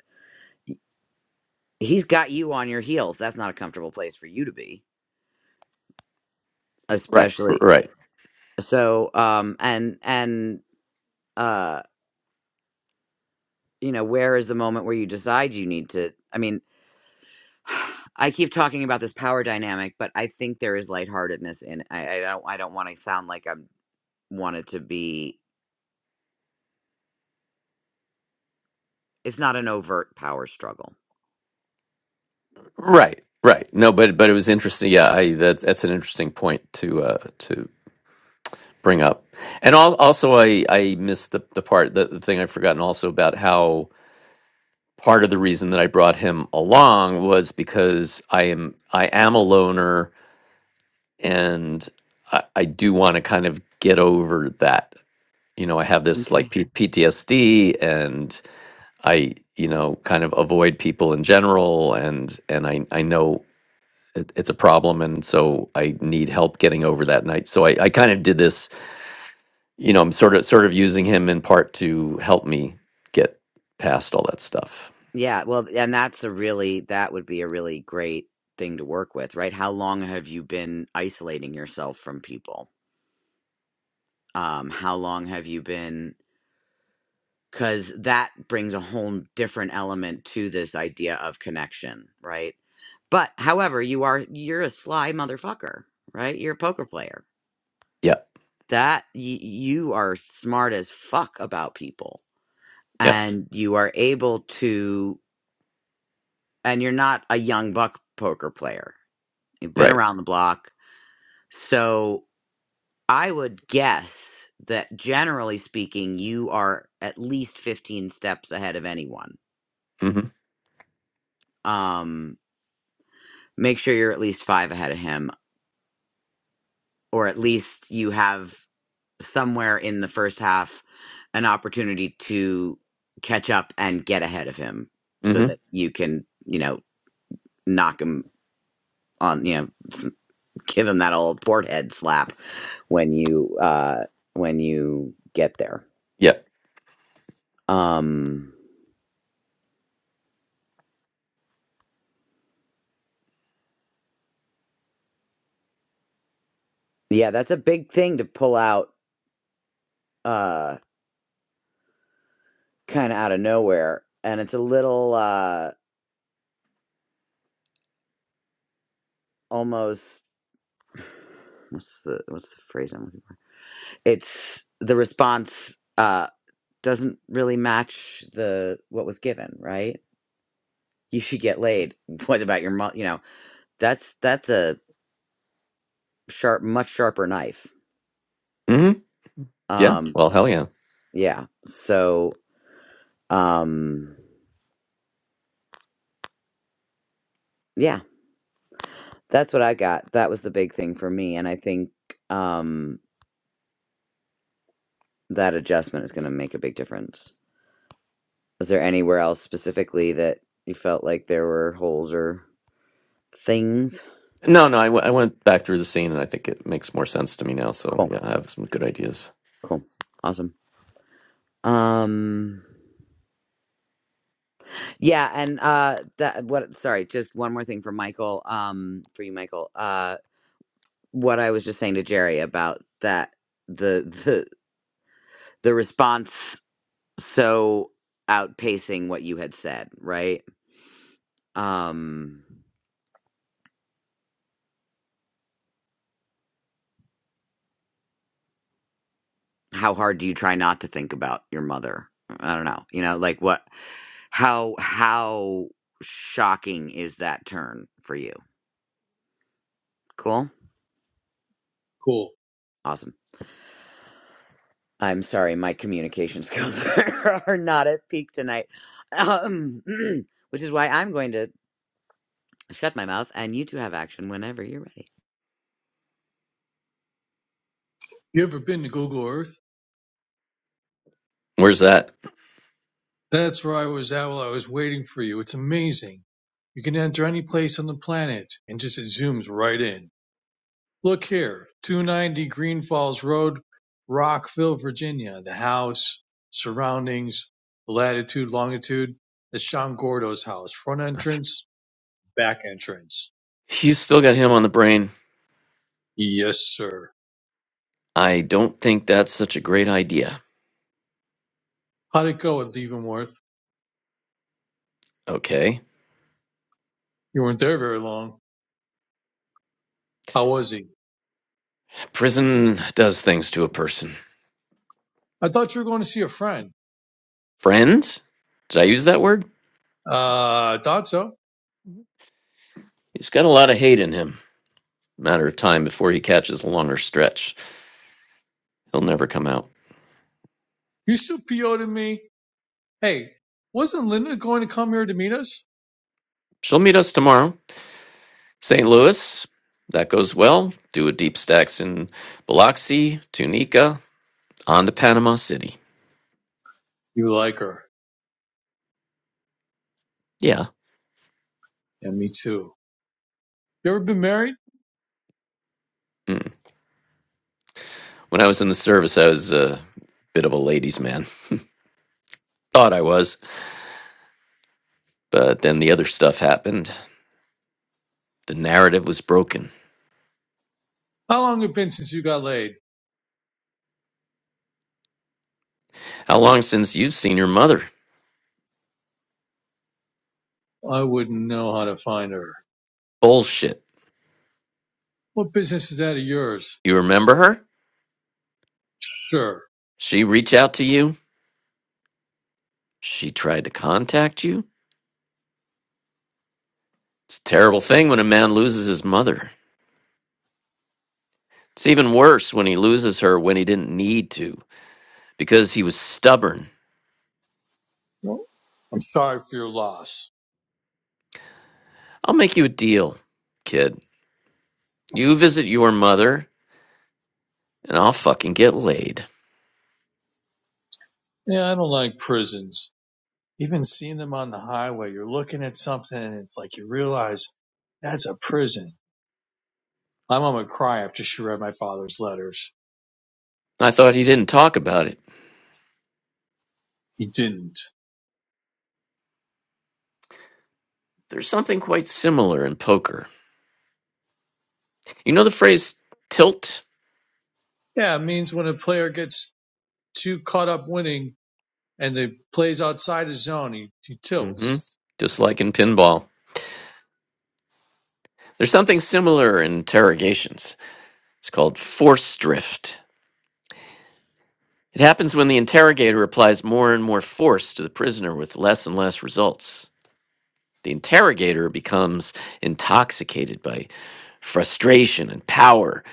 S1: he's got you on your heels that's not a comfortable place for you to be
S2: right,
S1: especially
S2: right.
S1: so um and and uh you know where is the moment where you decide you need to i mean I keep talking about this power dynamic, but I think there is lightheartedness in. it. I, I don't. I don't want to sound like I'm wanted to be. It's not an overt power struggle.
S2: Right, right. No, but but it was interesting. Yeah, I that that's an interesting point to uh to bring up. And al- also I I missed the the part the, the thing I've forgotten also about how part of the reason that I brought him along was because I am I am a loner and I, I do want to kind of get over that. You know, I have this like
S1: Okay.
S2: P- PTSD and I, you know, kind of avoid people in general and and I I know it, it's a problem and so i need help getting over that night so i, I kind of did this you know i'm sort of sort of using him in part to help me get past all that stuff
S1: Yeah. Well, and that's a really, that would be a really great thing to work with, right? How long have you been isolating yourself from people? Um, how long have you been? because that brings a whole different element to this idea of connection, right? But however, you are you're a sly motherfucker, right? You're a poker player.
S2: yeah
S1: That y- you are smart as fuck about people,
S2: yeah
S1: and you are able to, and you're not a young buck poker player. You've been
S2: right
S1: around the block, so I would guess that generally speaking, you are at least fifteen steps ahead of anyone.
S2: mm-hmm
S1: Um, make sure you're at least five ahead of him, or at least you have somewhere in the first half an opportunity to catch up and get ahead of him so
S2: mm-hmm
S1: that you can, you know, knock him on, you know, s- give him that old forehead slap when you, uh, when you get there.
S2: yeah
S1: Um, yeah, that's a big thing to pull out, uh, kind of out of nowhere. And it's a little, uh, almost, what's the, what's the phrase I'm looking it's the response uh doesn't really match the what was given right you should get laid what about your mom you know that's that's a sharp much sharper knife
S2: mm-hmm yeah
S1: um
S2: well hell yeah
S1: yeah so um yeah that's what i got that was the big thing for me and i think um that adjustment is going to make a big difference is there anywhere else specifically that you felt like there were holes or things
S2: no no I w- I went back through the scene and i think it makes more sense to me now so
S1: cool
S2: yeah i have some good ideas
S1: cool awesome um Yeah, and uh that what sorry, just one more thing for Michael, um for you Michael. Uh what I was just saying to Jerry about that the the the response so outpacing what you had said, right? Um how hard do you try not to think about your mother? I don't know. You know, like what how how shocking is that turn for you? Cool.
S6: Cool.
S1: Awesome. I'm sorry, my communication skills are, not at peak tonight, um, which is why I'm going to shut my mouth and you two have action whenever you're ready.
S6: You ever been to Google Earth?
S2: where's that
S6: That's where I was at while I was waiting for you. It's amazing. You can enter any place on the planet and just it zooms right in. Look here, 290 Green Falls Road, Rockville, Virginia. The house, surroundings, latitude, longitude. That's Sean Gordo's house. Front entrance, back entrance.
S2: you still got him on the brain
S6: Yes, sir.
S2: i don't think that's such a great idea
S6: How'd it go with Leavenworth?
S2: okay
S6: You weren't there very long. How was he?
S2: prison does things to a person
S6: I thought you were going to see a friend.
S2: Friends? Did I use that word?
S6: Uh, I thought so.
S2: He's got a lot of hate in him. Matter of time before he catches a longer stretch. He'll never come out.
S6: You still PO'd at me. Hey, wasn't Linda going to come here to meet us?
S2: She'll meet us tomorrow. St. Louis, that goes well. Do a deep stacks in Biloxi, Tunica, on to Panama City.
S6: You like her.
S2: Yeah.
S6: And me too. You ever been married?
S2: Mm. When I was in the service, I was a bit of a ladies' man. Thought I was, but then the other stuff happened. The narrative was broken.
S6: How long have it been since you got laid?
S2: How long since you've seen your mother?
S6: I wouldn't know how to find her.
S2: Bullshit.
S6: What business is that of yours?
S2: You remember her?
S6: Sure.
S2: She reach out to you? She tried to contact you? It's a terrible thing when a man loses his mother. It's even worse when he loses her when he didn't need to, because he was stubborn.
S6: Well, I'm sorry for your loss.
S2: I'll make you a deal, kid. You visit your mother, and I'll fucking get laid.
S6: Yeah, I don't like prisons. Even seeing them on the highway, you're looking at something and it's like you realize that's a prison My mom would cry after she read my father's letters.
S2: I thought he didn't talk about it.
S6: He didn't.
S2: There's something quite similar in poker. You know the phrase tilt?
S6: Yeah, it means when a player gets too caught up winning and they plays outside his zone, he, he
S2: Mm hmm.
S6: tilts.
S2: Just like in pinball. There's something similar in interrogations. It's called force drift. It happens when the interrogator applies more and more force to the prisoner with less and less results. The interrogator becomes intoxicated by frustration and power.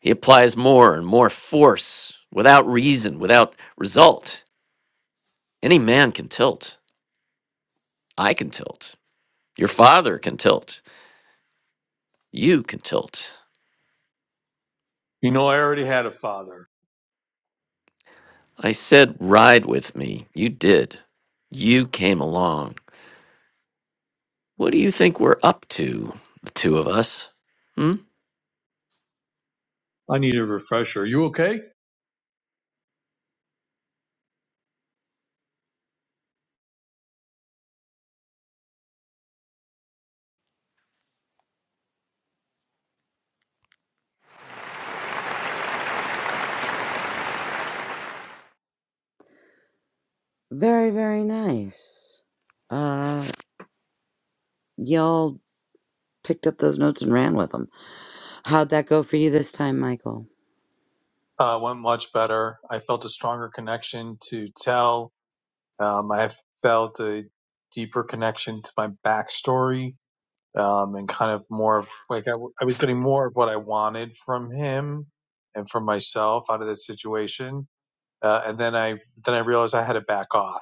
S2: He applies more and more force without reason, without result. Any man can tilt. I can tilt. Your father can tilt. You can tilt.
S6: You know, I already had a father.
S2: I said, ride with me. You did. You came along. What do you think we're up to, the two of us? Hmm?
S6: I need a refresher. Are you okay?
S1: Very, very nice. Uh, y'all picked up those notes and ran with them. How'd that go for you this time, Michael?
S6: Uh, went much better. I felt a stronger connection to tell. Um, I felt a deeper connection to my backstory um, and kind of more of like I I was getting more of what I wanted from him and from myself out of this situation uh, and then I then I realized I had to back off.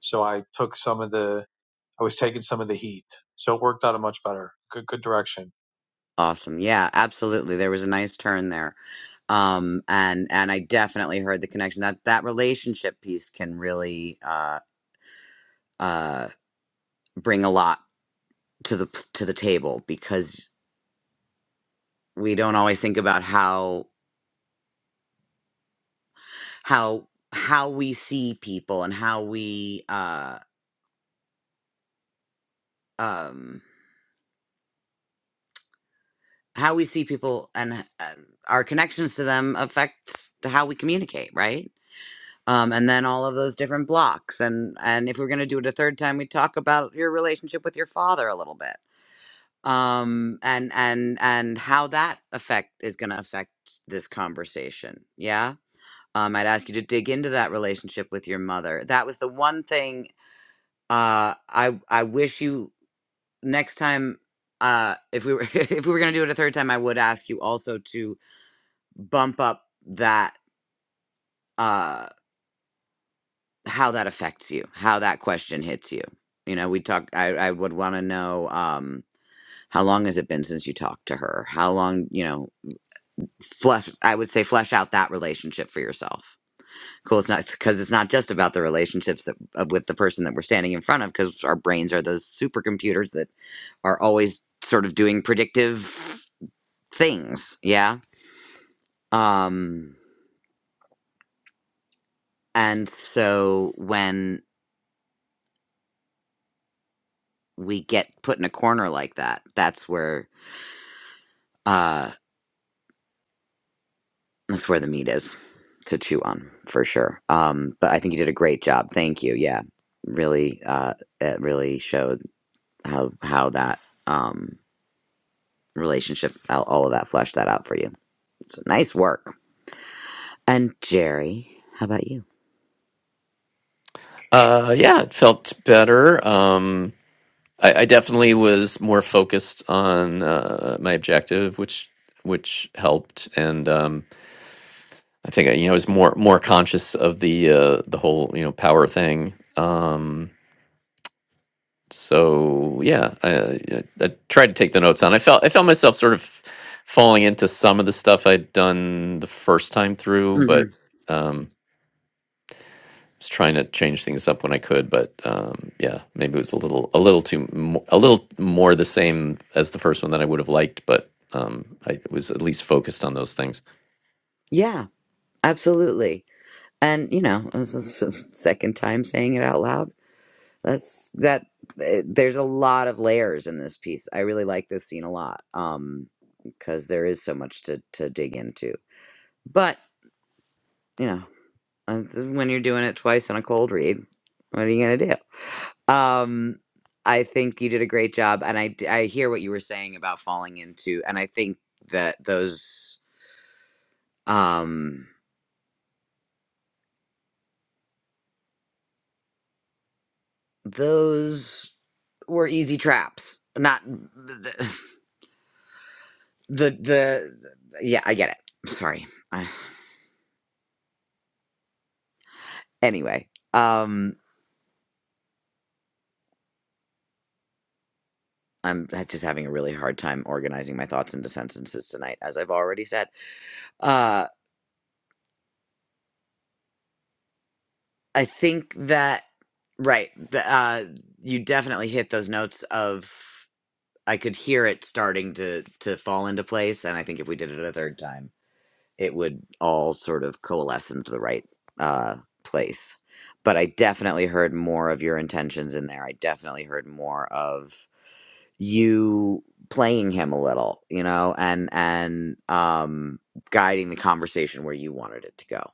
S6: So I took some of the I was taking some of the heat. So it worked out a much better. Good good direction.
S1: Awesome. Yeah, absolutely. There was a nice turn there. Um, and and I definitely heard the connection that that relationship piece can really uh, uh, bring a lot to the to the table because we don't always think about how how how we see people and how we uh um how we see people and uh, our connections to them affect how we communicate right um and then all of those different blocks and and if we're going to do it a third time we talk about your relationship with your father a little bit um and and and how that effect is going to affect this conversation yeah um, I'd ask you to dig into that relationship with your mother. That was the one thing uh i i wish you next time uh if we were if we were gonna do it a third time i would ask you also to bump up that uh how that affects you how that question hits you you know we talk i i would want to know um how long has it been since you talked to her how long you know flesh i would say flesh out that relationship for yourself Cool. It's not because it's not just about the relationships that uh, with the person that we're standing in front of, because our brains are those supercomputers that are always sort of doing predictive things. Yeah. Um, and so when we get put in a corner like that, that's where uh, that's where the meat is to chew on for sure. Um, but I think you did a great job. Thank you. Yeah, really, uh, it really showed how how that. Um, relationship, all of that, flesh that out for you. So nice work. And Jerry, how about you?
S2: Uh, yeah, it felt better. Um, I, I definitely was more focused on uh, my objective, which which helped, and um, I think I, you know was more more conscious of the uh, the whole you know power thing. Um, so yeah, I, I, I tried to take the notes on. I felt I felt myself sort of falling into some of the stuff I'd done the first time through,
S1: hmm
S2: but. Um, was trying to change things up when I could, but um, yeah, maybe it was a little a little too a little more the same as the first one that I would have liked, but um, I was at least focused on those things.
S1: Yeah, absolutely. And you know, this is the second time saying it out loud. That's that. eh, There's a lot of layers in this piece. I really like this scene a lot um, because there is so much to to dig into. But you know, uh, when you're doing it twice on a cold read, what are you gonna do? Um, I think you did a great job, and I d- I hear what you were saying about falling into, and I think that those um those were easy traps. Not the the, the yeah, I get it. Sorry. I, anyway, um, I'm ha- just having a really hard time organizing my thoughts into sentences tonight, as I've already said. Uh, I think that right, the, uh, you definitely hit those notes of. I could hear it starting to to fall into place, and I think if we did it a third time, it would all sort of coalesce into the right uh, place. But I definitely heard more of your intentions in there. I definitely heard more of you playing him a little, you know, and and um, guiding the conversation where you wanted it to go.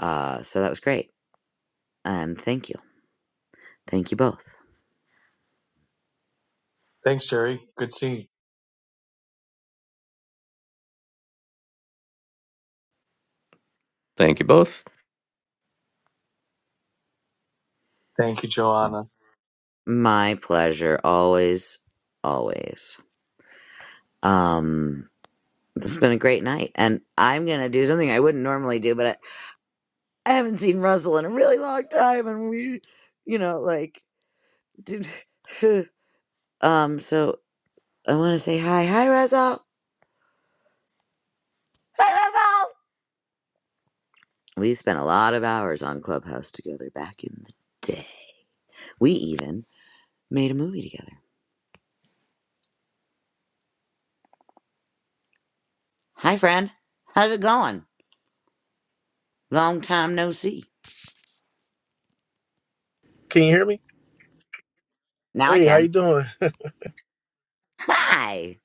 S1: Uh, so that was great, and thank you, thank you both.
S6: Thanks, Jerry. Good seeing you.
S2: Thank you both.
S6: Thank you,
S1: Mm.
S6: Joanna.
S1: My pleasure, always, always. Um, It's been a great night, and I'm gonna do something I wouldn't normally do, but I, I haven't seen Russell in a really long time, and we, you know, like, dude, um, so I want to say hi, hi Russell, hi Russell. We spent a lot of hours on Clubhouse together back in the day. We even made a movie together. Hi, friend, how's it going? Long time no see.
S7: Can you hear me?
S1: Now I
S7: Hey, how you
S1: can.
S7: doing?
S1: Hi,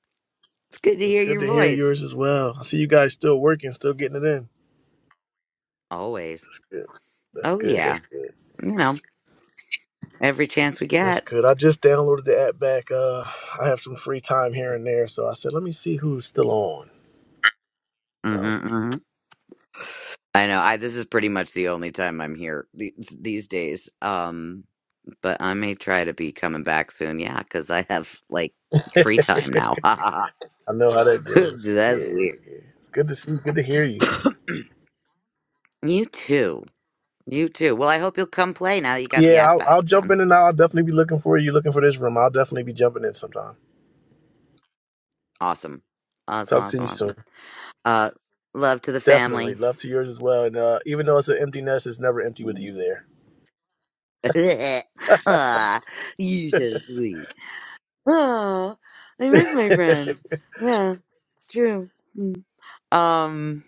S1: it's good to hear
S7: Good
S1: your
S7: to hear
S1: voice.
S7: yours as well. I see you guys still working, still getting it in.
S1: Always.
S7: That's good. That's
S1: Oh
S7: good.
S1: yeah,
S7: That's good.
S1: you know, every chance we get.
S7: That's good. I just downloaded the app back. Uh, I have some free time here and there, so I said, let me see who's still on. So
S1: Mm-hmm, hmm I know. I this is pretty much the only time I'm here th- these days. Um, but I may try to be coming back soon. Yeah, because I have like
S7: I
S1: free time now. Ha ha
S7: know how that
S1: ha.
S7: goes. Yeah,
S1: That's weird.
S7: yeah. It's good to see. you. Good to hear you.
S1: You too. You too. Well, I hope you'll come play now that you got
S7: Yeah,
S1: the app
S7: I'll, I'll
S1: back
S7: jump
S1: again.
S7: in and I'll definitely be looking for you. Looking for this room. I'll definitely be jumping in sometime.
S1: Awesome. Awesome.
S7: Talk to
S1: Awesome.
S7: you soon.
S1: Awesome. Uh, love to the
S7: Definitely.
S1: family.
S7: Love to yours as well. And uh, even though it's an empty nest, it's never empty with you there.
S1: ah, you so sweet. Oh, I miss my friends. Yeah, it's true. Mm. Um.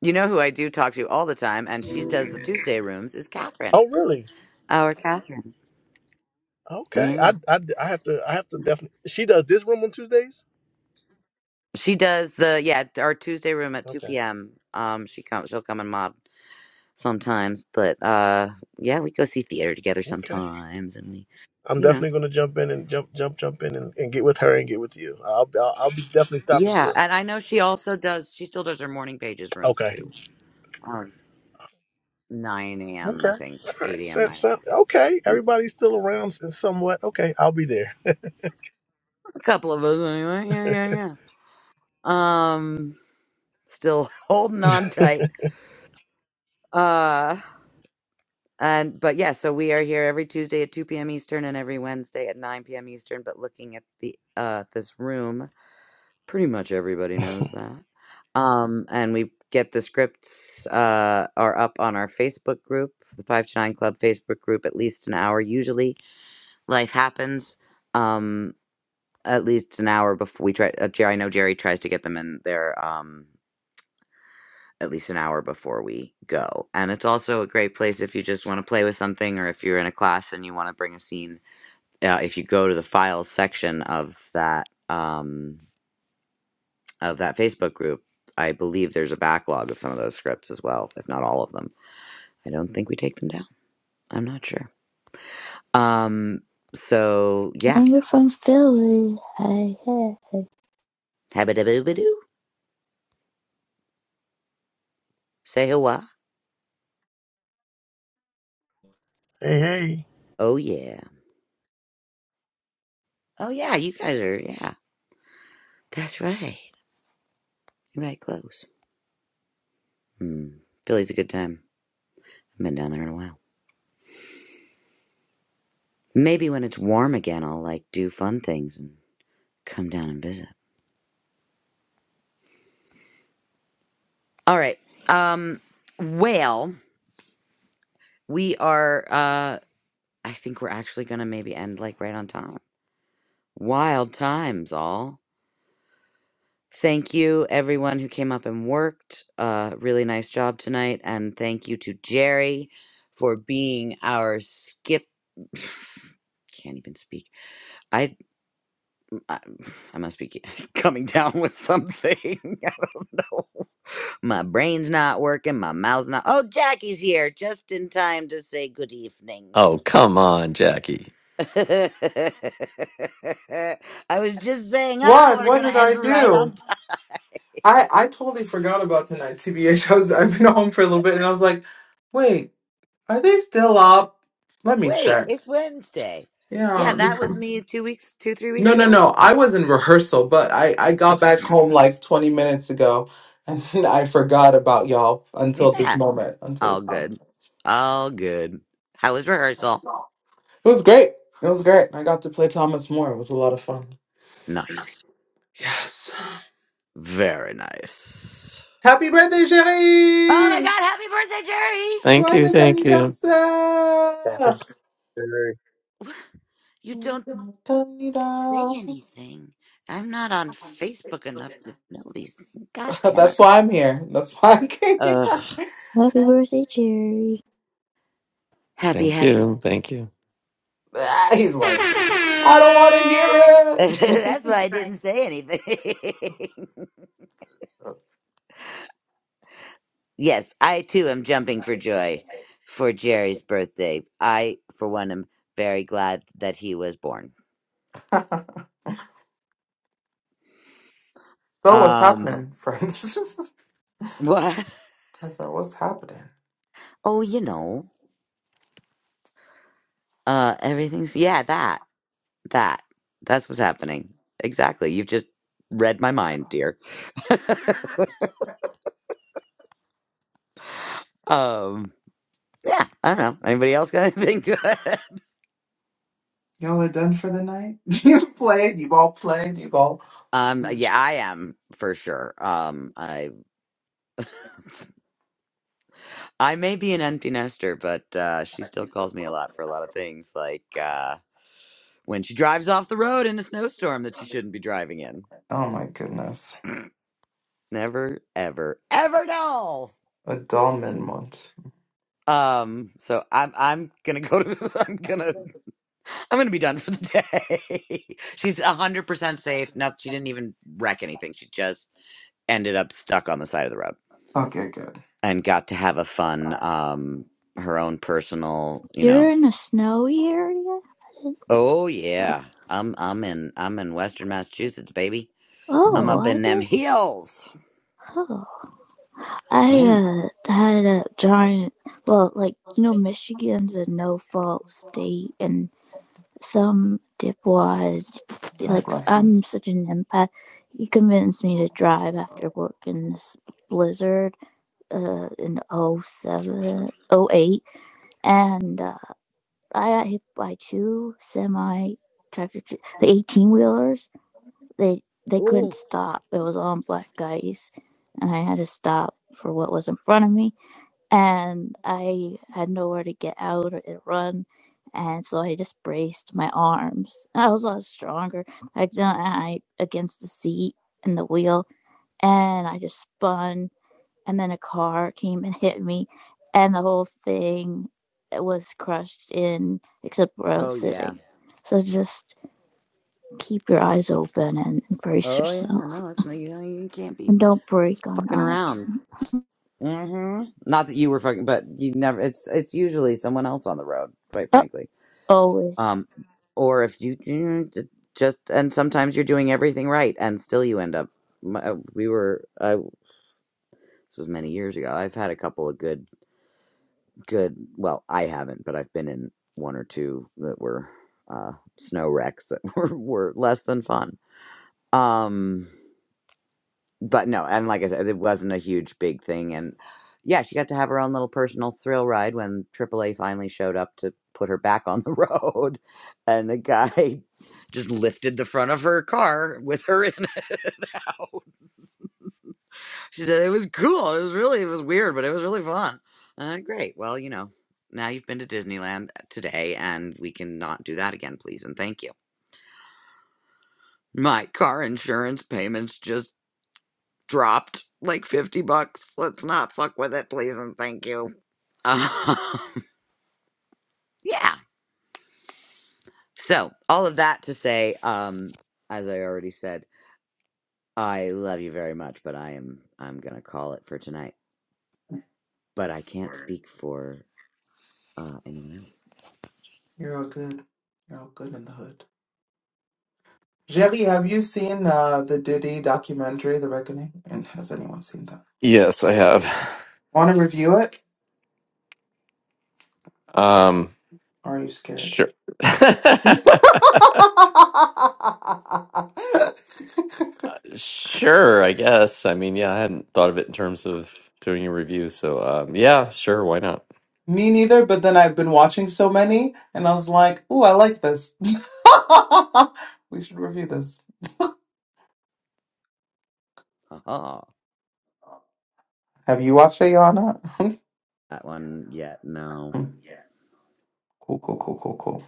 S1: You know who I do talk to all the time, and she does the Tuesday rooms is Catherine.
S7: Oh, really?
S1: Our Catherine.
S7: Okay, I,
S1: Yeah.
S7: I, I have to I have to definitely. She does this room on Tuesdays.
S1: She does the yeah our Tuesday room at two
S7: Okay,
S1: p.m. Um, she comes she'll come and mod sometimes, but uh, yeah, we go see theater together
S7: okay.
S1: sometimes, and we,
S7: I'm
S1: you know,
S7: definitely gonna jump in and jump jump jump in and, and get with her and get with you. I'll I'll, I'll be definitely stopping
S1: yeah.
S7: through.
S1: And I know she also does. She still does her morning pages rooms
S7: Okay.
S1: too. Um, nine a.m. I
S7: Okay.
S1: think
S7: All
S1: eight
S7: right.
S1: a.m.
S7: So,
S1: nine.
S7: so, okay.
S1: A
S7: Everybody's still around somewhat. Okay, I'll be there.
S1: couple of us anyway. Yeah, yeah, yeah. Um, still holding on tight. Uh. And but yeah, so we are here every Tuesday at 2 p.m. Eastern and every Wednesday at 9 p.m. Eastern. But looking at the uh this room, pretty much everybody knows that. Um, and we get the scripts uh are up on our Facebook group, the Five to Nine Club Facebook group, at least an hour. Usually, life happens. Um, at least an hour before we try. Uh, Jerry, I know Jerry tries to get them in there. Um at least an hour before we go. And it's also a great place if you just want to play with something or if you're in a class and you want to bring a scene. Uh, if you go to the files section of that um, of that Facebook group, I believe there's a backlog of some of those scripts as well, if not all of them. I don't think we take them down. I'm not sure. Um, so yeah,
S4: And you're from Philly. Hi, hey.
S1: habba-dabba-doo, say hello.
S7: Hey hey.
S1: Oh yeah, oh yeah, you guys are yeah. That's right. You're right close. Hmm. Philly's a good time. i Haven't been down there in a while. Maybe when it's warm again, I'll like do fun things and come down and visit. All right. Um, well, we are, uh, I think we're actually going to maybe end like right on time. Wild times, all. Thank you, everyone who came up and worked. Uh, really nice job tonight. And thank you to Jerry for being our skip. Can't even speak. I, I, I must be coming down with something. I don't know. My brain's not working. My mouth's not. Oh, Jackie's here just in time to say good evening.
S2: Oh come on, Jackie.
S1: I was just saying, oh,
S8: What?
S1: we're
S8: What
S1: going
S8: did
S1: to end
S8: I
S1: right
S8: do?
S1: on time.
S8: I I totally forgot about tonight. TBH, I was I've been home for a little bit, and I was like, wait, are they still up? Let me
S1: Wait,
S8: check.
S1: it's Wednesday. Yeah,
S8: Yeah.
S1: that was me two weeks, two, three weeks
S8: No, no,
S1: ago.
S8: no. I was in rehearsal, but I I got back home like 20 minutes ago, and I forgot about y'all until this
S1: Yeah,
S8: moment, until
S1: all
S8: this moment.
S1: good. All good. How was
S8: It
S1: rehearsal?
S8: was great. It was great. I got to play Thomas More. It was a lot of fun.
S1: Nice.
S8: Yes.
S1: Very nice.
S8: Happy birthday,
S1: Oh my
S8: chérie!
S1: God, happy
S2: Thank you,
S8: Joyeux
S2: thank you,
S6: Happy
S8: anniversaire!
S6: birthday.
S1: birthday, Jerry! You
S8: That's
S1: don't. say anything. I'm not on Facebook enough to know these things. God damn it.
S8: why I'm here. That's why I came. here.
S1: Ugh.
S4: Happy birthday, Jerry.
S1: Happy,
S2: thank
S1: happy.
S2: you, thank you.
S8: Ah, He's like, I don't want to hear it.
S1: That's why I didn't say anything. yes, I too am jumping for joy for Jerry's birthday. I, for one, am very glad that he was born.
S8: So what's
S1: Um,
S8: happening, friends?
S1: what?
S8: I said, what's happening?
S1: Oh, you know, uh, everything's, yeah, that, that. That's what's happening. Exactly. You've just read my mind, dear. um, Yeah, I don't know. Anybody else got anything good?
S8: Y'all are done for the night. You've played. You've all played. You've all.
S1: um, yeah, I am for sure. Um, I I may be an empty nester, but uh, she still calls me a lot for a lot of things, like uh, when she drives off the road in a snowstorm that she shouldn't be driving in.
S8: Oh my goodness,
S1: Never, ever, ever know.
S8: a dull month.
S1: Um, so I'm I'm gonna go to I'm gonna I'm gonna be done for the day. She's a hundred percent safe. No, she didn't even wreck anything. She just ended up stuck on the side of the road.
S8: Okay, good.
S1: and got to have a fun um her own personal you
S4: You're
S1: know
S4: in a snowy area? I didn't
S1: oh
S4: know.
S1: yeah i'm i'm in i'm in western massachusetts baby i'm
S4: Oh,
S1: up
S4: I
S1: in
S8: Mm.
S1: them
S4: did.
S1: hills
S4: Oh, I
S1: i'm
S4: uh had a giant. Well, like you know, Michigan's a no-fault state, and some dipwad
S8: Hi,
S4: like
S8: Russell.
S4: I'm such an empath. He convinced me to drive after work in this blizzard uh in oh 07, oh 08, and uh, I got hit by two semi tractor, eighteen wheelers they they couldn't
S1: oh
S4: stop. It was all black guys, and I had to stop for what was in front of me, and I had nowhere to get out or to run, and so I just braced my arms. I was a lot stronger. I I against the seat and the wheel, and I just spun, and then a car came and hit me, and the whole thing was crushed in except where I
S1: oh
S4: was
S1: yeah
S4: sitting. So just keep your eyes open and brace
S1: oh yeah
S4: yourself
S1: no it's not you know you can't be
S4: and don't break on
S1: fucking around
S4: ice.
S1: hmm not that you were fucking but you never it's it's usually someone else on the road quite
S4: Oh,
S1: frankly
S4: always.
S1: um or if you you just and sometimes you're doing everything right and still you end up my, we were I This was many years ago. I've had a couple of good, good. Well, I haven't, but I've been in one or two that were uh, snow wrecks that were, were less than fun. Um, but no, and like I said, it wasn't a huge big thing. And yeah, she got to have her own little personal thrill ride when AAA finally showed up to put her back on the road, and the guy just lifted the front of her car with her in it. She said it was cool. It was really it was weird, but it was really fun. Uh, great. Well, you know, now you've been to Disneyland uh, today, and we cannot do that again, please and thank you. My car insurance payments just dropped like fifty bucks. Let's not fuck with it, please and thank you. Um, yeah. So all of that to say, um, as I already said, I love you very much, but I am I'm gonna call it for tonight. But I can't speak for uh, anyone else.
S8: You're all good. You're all good in the hood. Jerry, have you seen uh, the Diddy documentary, The Reckoning? And has anyone seen that? Actually,
S2: Yes, I have.
S8: want to review it?
S2: Um,
S8: Or are you scared?
S2: sure. sure, I guess. I mean, yeah, I hadn't thought of it in terms of doing a review, so um, yeah, sure, why not?
S8: Me neither. But then I've been watching so many, and I was like, "Ooh, I like this. we should review this."
S1: Ha ha.
S8: Have you watched it, Yana?
S1: that one yet. No,
S8: cool, cool, cool, cool, cool.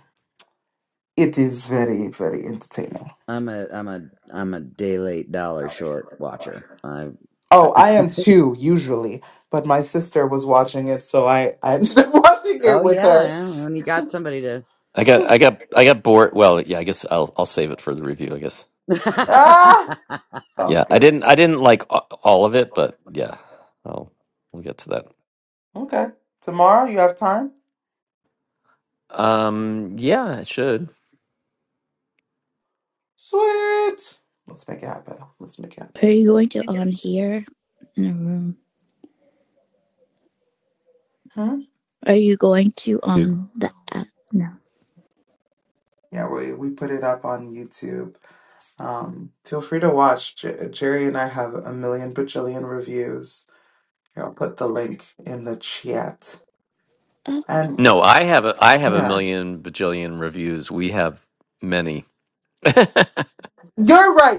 S8: It is very, very entertaining.
S1: I'm a I'm a I'm a day late, dollar short watcher. I
S8: Oh, I am too, usually. But my sister was watching it, so I, I ended up watching
S1: oh
S8: it with
S1: yeah, I
S8: her.
S1: When you got somebody to,
S2: I got I got I got bored. Well, yeah, I guess I'll I'll save it for the review, I guess.
S8: ah!
S1: the
S8: Sounds
S2: Yeah, I
S8: good.
S2: didn't I didn't like a- all of it, but yeah. I'll we'll get to that.
S8: Okay. Tomorrow, you have time?
S2: Um yeah, it should.
S8: Sweet! Let's make it happen. Let's make it happen.
S4: Are you going to on here in the room?
S8: Hmm?
S4: Are you going to
S2: Dude.
S4: on the app? No.
S8: Yeah, we, we put it up on YouTube. Um, feel free to watch. J- Jerry and I have a million bajillion reviews. Here, I'll put the link in the chat.
S4: Oh,
S8: And
S2: No, I have a I have a
S8: yeah.
S2: million bajillion reviews. We have many.
S8: You're right.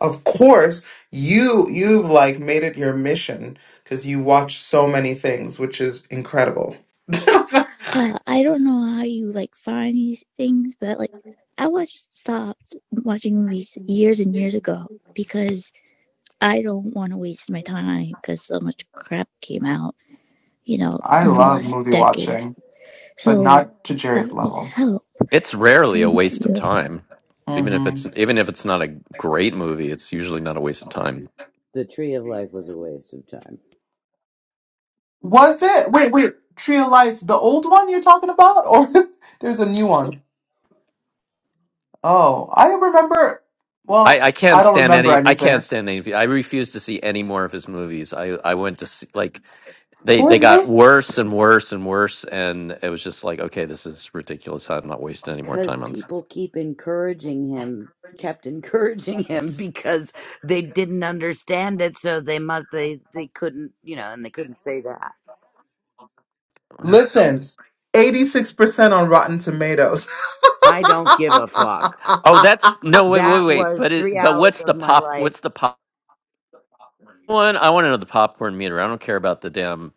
S8: Of course, you you've like made it your mission because you watch so many things, which is incredible. I
S4: yeah. I don't know how you like find these things, but like I watched stopped watching movies years and years ago because I don't want to waste my time because so much crap came out, you know, in the
S8: love
S4: last
S8: movie
S4: decade.
S8: watching, but
S4: So
S8: not to
S4: that
S8: Jerry's
S4: would
S8: level.
S4: help.
S2: it's rarely a
S4: Thank
S2: waste of
S4: you.
S2: time. Even if
S8: hmm
S2: it's even if it's not a great movie, it's usually not a waste of time.
S1: tree of life was a waste of time
S8: Was it? Wait, wait. Tree of Life, the old one you're talking about, or there's a new one? Oh, I remember.
S2: I,
S8: Well,
S2: I can't
S8: I don't
S2: stand
S8: remember
S2: any. I
S8: anything.
S2: can't stand any. I refuse to see any more of his movies. I, I went to see like they
S8: Who
S2: they
S8: is
S2: got
S8: this?
S2: worse and worse and worse and it was just like okay this is ridiculous i'm not wasting any more
S1: because
S2: time on this
S1: people keep encouraging him kept encouraging him because they didn't understand it so they must they they couldn't you know and they couldn't say that
S8: Listen, eighty-six percent on Rotten Tomatoes.
S1: i don't give a fuck
S2: oh that's no wait wait
S1: that
S2: wait
S1: was
S2: but it
S1: three
S2: but
S1: hours
S2: what's
S1: of
S2: the
S1: my
S2: pop
S1: life
S2: what's the pop one i want to know the popcorn meter i don't care about the damn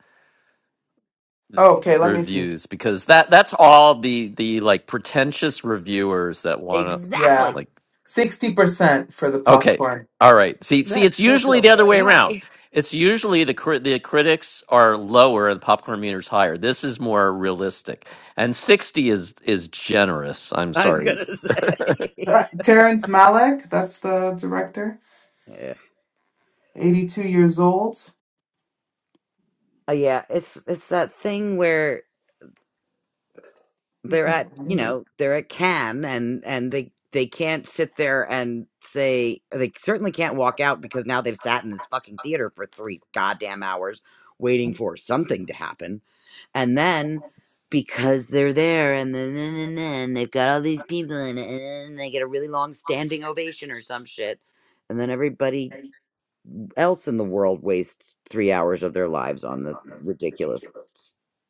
S8: okay, let me see.
S2: reviews because that that's all the the like pretentious reviewers that want to
S1: exactly
S8: Yeah.
S2: like
S8: 60% for the
S2: Okay.
S8: popcorn.
S2: All right. See, see,
S1: that
S2: it's
S1: still
S2: usually the
S1: feels
S2: other
S1: very
S2: way around.
S1: high
S2: It's usually the cri- the critics are lower and popcorn meters higher. This is more realistic, and sixty is is generous. I'm
S1: I was
S2: sorry.
S1: gonna
S8: Uh,
S1: say.
S8: Terrence Malick, that's the director,
S1: yeah.
S8: 82 years old.
S1: Uh, yeah, it's it's that thing where
S8: He's
S1: they're
S8: done
S1: at,
S8: a
S1: you
S8: movie.
S1: know, they're at Cannes and and they they can't sit there and say they certainly can't walk out because now they've sat in this fucking theater for three goddamn hours waiting for something to happen. And then because they're there and then then and then they've got all these people in it and then they get a really long standing ovation or some shit. And then everybody else in the world wastes three hours of their lives on the ridiculous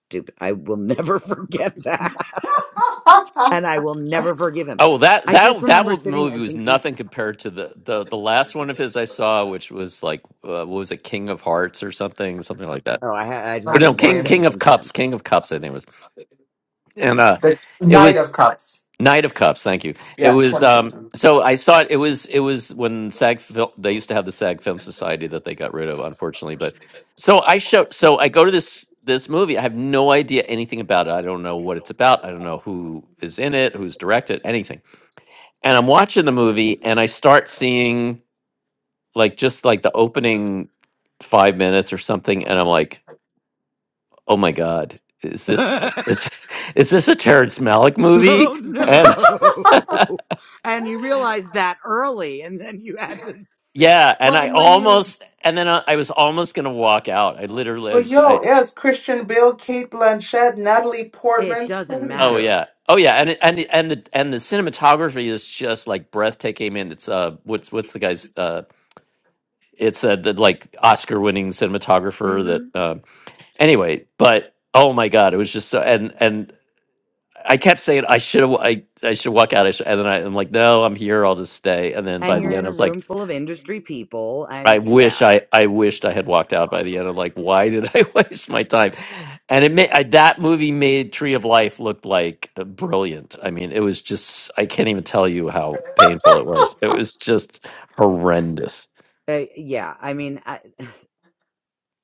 S1: stupid i will never forget that and i will never forgive him
S2: Oh, that
S1: i just
S2: that that
S1: remember
S2: wo-
S1: sitting there
S2: movie was
S1: thinking
S2: nothing compared to the the the last one of his I saw, which was like uh, what was it, King of Hearts or something, something like that.
S1: oh i, ha- I
S8: Let
S2: Or
S8: me
S2: no,
S1: haven't
S8: see.
S2: King
S1: watched
S2: King
S1: anything
S2: of Cups,
S1: since
S2: King of Cups, I think it was, and uh,
S8: The
S2: it
S8: Knight
S2: was
S8: of Cups.
S2: Knight of Cups, thank you. It
S8: Yes,
S2: was um
S8: 2015.
S2: so I saw it it was it was when SAG Fil- they used to have the SAG Film Society that they got rid of unfortunately, but so I show so I go to this this movie. I have no idea anything about it. I don't know what it's about. I don't know who is in it, who's directed, anything. And I'm watching the movie and I start seeing like just like the opening 5 minutes or something and I'm like, "Oh my god, is this
S1: oh
S2: is is this a Terrence Malick movie?" and
S1: no and you realized that early and then you had to sit
S2: Yeah, and
S1: well
S2: I
S1: and when you're
S2: almost and then I, I was almost gonna walk out. I literally
S8: but
S2: as
S8: yo,
S2: I
S8: yes, Christian Bale, Kate Blanchett, Natalie
S1: it
S8: Portman, so
S1: doesn't
S8: many
S2: oh
S8: big.
S1: matter
S2: yeah oh yeah and it- and it- and the and the cinematography is just like breathtaking. And it's uh what's what's the guy's uh it's uh, the like Oscar winning cinematographer
S1: hmm
S2: that um anyway. But oh my god, it was just so and and I kept saying I should have I I should walk out. I should, and then I, I'm like no, I'm here. I'll just stay. And then
S1: and
S2: by
S1: you're
S2: the
S8: Uh-huh.
S1: in
S2: end, I
S1: a
S2: was like.
S1: room full of industry people and
S2: I
S1: you ca-
S2: wish
S1: yeah
S2: I I wished I had walked out by the end. of like, why did I waste my time? And it made I, that movie made Tree of Life look like uh, brilliant. I mean, it was just I can't even tell you how painful it was. It was just horrendous.
S1: uh, yeah i mean I.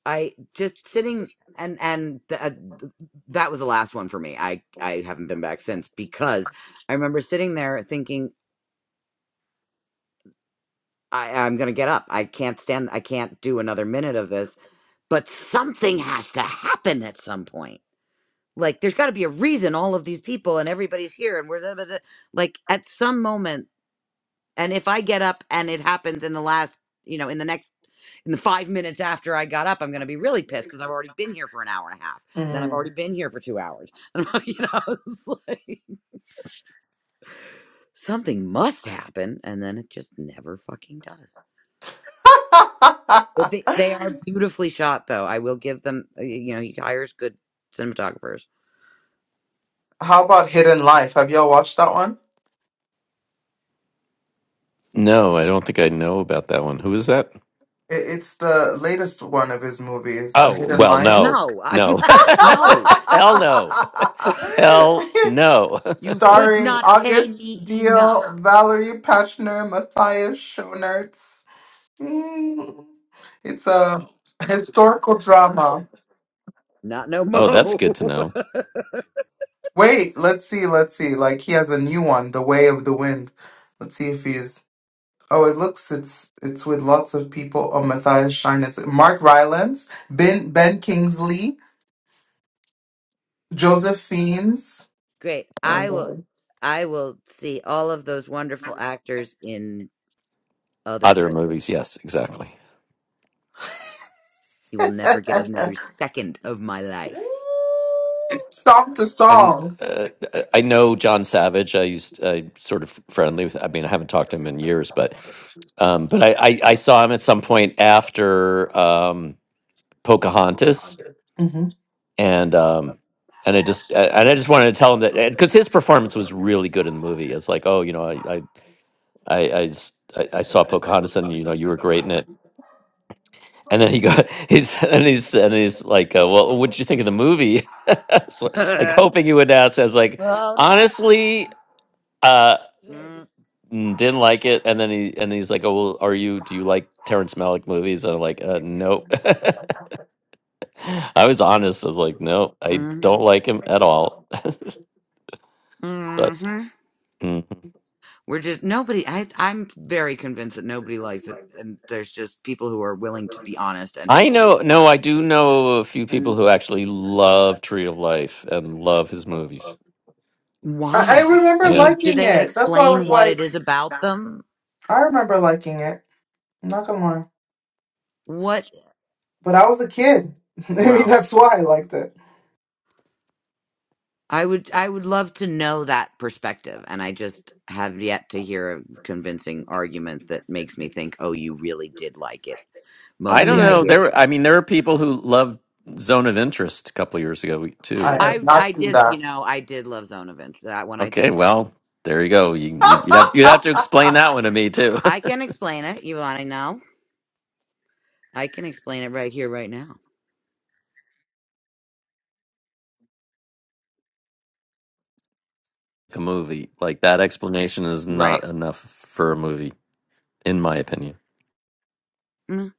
S1: I just sitting and and th- uh, th- that was the last one for me. I I haven't been back since because I remember sitting there thinking I I'm going to get up. I can't stand I can't do another minute of this, but something has to happen at some point. Like there's got to be a reason all of these people and everybody's here and we're da- da- da- like at some moment And if I get up and it happens in the last, you know, in the next, in the five minutes after I got up, I'm going to be really pissed because I've already been here for an hour and a half. Then I've
S8: Mm.
S1: already been here for two hours. And you know, it's like something must happen. And then it just never fucking does. Uh, They, they are beautifully shot, though. I will give them, uh, you know, he hires good cinematographers.
S8: How about Hidden Life? Have y'all watched that one?
S2: No, I don't think I know about that one. Who is that?
S8: It, it's the latest one of his movies, A
S2: Oh
S8: Hidden
S2: well,
S8: Life.
S2: no,
S1: No, I'm
S2: no,
S1: not. No.
S2: hell no. Hell no.
S1: You could
S8: Starring
S1: not pay
S8: August
S1: me
S8: Deal,
S1: enough.
S8: Valerie Pachner, Matthias Schoenertz. Mm, It's a historical drama.
S1: Not no
S2: Oh, that's good to
S1: mo.
S2: know.
S8: Wait, let's see, let's see. Like he has a new one, The Way of the Wind. Let's see if he's. Oh, it looks it's it's with lots of people. Oh, Matthias Schoenertz, Mark Rylance, Ben Ben Kingsley, Joseph Fiennes.
S1: Great. I will
S8: Or-
S1: I will see all of those wonderful actors in other
S2: Other
S1: things.
S2: movies, yes, exactly.
S1: You will never get another second of my life.
S8: Song to
S2: And
S8: song.
S2: uh, uh, I know John Savage. I used I sort of friendly with. I mean, I haven't talked to him in years, but um, but I, I I saw him at some point after um, Pocahontas,
S8: hmm
S2: and um, and I just uh, and I just wanted to tell him that because his performance was really good in the movie. It's like, oh, you know, I I I I, s- I- I saw Pocahontas, and you know, you were great in it And then he got he's and he's and he's like, uh, "Well, what did you think of the movie?" So, like hoping he would ask. I was like,
S1: Oh, no.
S2: "Honestly, uh,
S1: Mm,
S2: n- didn't like it." And then he and he's like, "Oh, well, are you? Do you like Terrence Malick movies?" And I'm like, uh, "Nope." I was honest. I was like, "No, I
S1: mm,
S2: don't like him at all." But
S1: mhm.
S2: mm.
S1: We're just nobody. I, I'm very convinced that nobody likes it, and there's just people who are willing to be honest and
S2: I
S1: people who
S2: know, no, I
S1: aren't.
S2: do know a few people who actually love Tree of Life and love his movies.
S8: I, I
S1: Why? I
S8: remember
S2: Yeah.
S1: mean, do
S8: liking
S1: they
S8: it. That's why I
S1: explain
S8: was
S1: what it
S8: like,
S1: is about them?
S8: I remember liking it. I'm not gonna lie.
S1: What?
S8: But I was a kid. Maybe
S1: Well,
S8: that's why I liked it.
S1: I would I would love to know that perspective and I just have yet to hear a convincing argument that makes me think oh you really did like it.
S2: I don't
S1: Mostly I
S2: know.
S8: mm
S2: There,
S1: hear
S2: were- I mean, there were people who loved Zone of Interest a couple years ago
S8: I
S2: too.
S8: have
S1: I
S8: not
S1: I
S8: seen
S1: did, you
S8: that.
S1: know, I did love Zone of Interest. That one I did
S2: Okay,
S1: love.
S2: well, there you go. You, you'd you'd have you'd have to explain that one to me too.
S1: I can explain it. You want to know? I can explain it right here right now.
S2: a movie like that explanation is
S1: Right.
S2: not enough for a movie, in my opinion.
S1: Mm.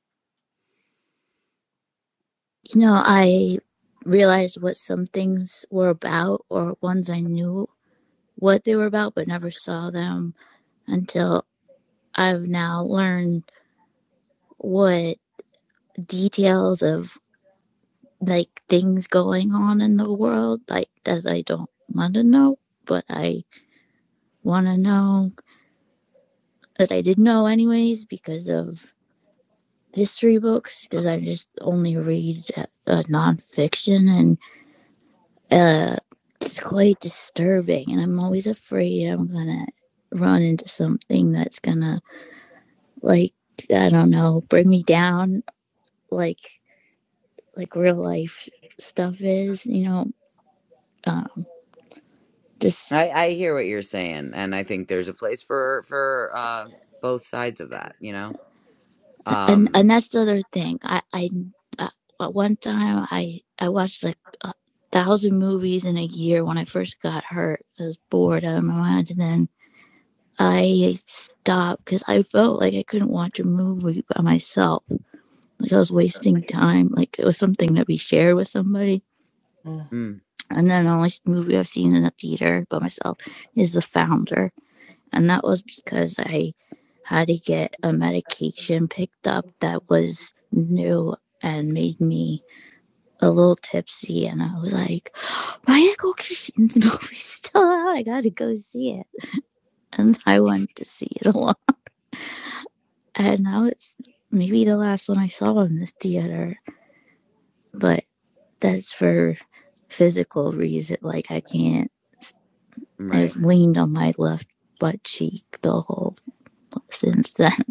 S4: You know, I realized what some things were about, or ones I knew what they were about but never saw them until I've now learned what details of like things going on in the world, like that I don't want to know, but I want to know that I did know anyways because of history books, because I just only read uh, nonfiction and uh, it's quite disturbing, and I'm always afraid I'm gonna run into something that's gonna like I don't know bring me down, like like real life stuff is, you know. Um, just
S1: I I hear what you're saying and I think there's a place for for uh both sides of that, you know.
S4: and
S1: Um
S4: and that's the other thing. I I, I one time I I watched like a thousand movies in a year when I first got hurt. I was bored out of my mind, and then I stopped because I felt like I couldn't watch a movie by myself like I was wasting time. Like it was something that we shared with somebody.
S8: mm
S1: mm,
S4: And then the only movie I've seen in a theater by myself is The Founder. And that was because I had to get a medication picked up that was new and made me a little tipsy. And I was like, my Michael Keaton's movie's still out. I gotta go see it. And I wanted to see it a lot. And now it's maybe the last one I saw in the theater. but. that's for physical reason. Like I can't. I've
S1: right.
S4: leaned on my left butt cheek the whole since then.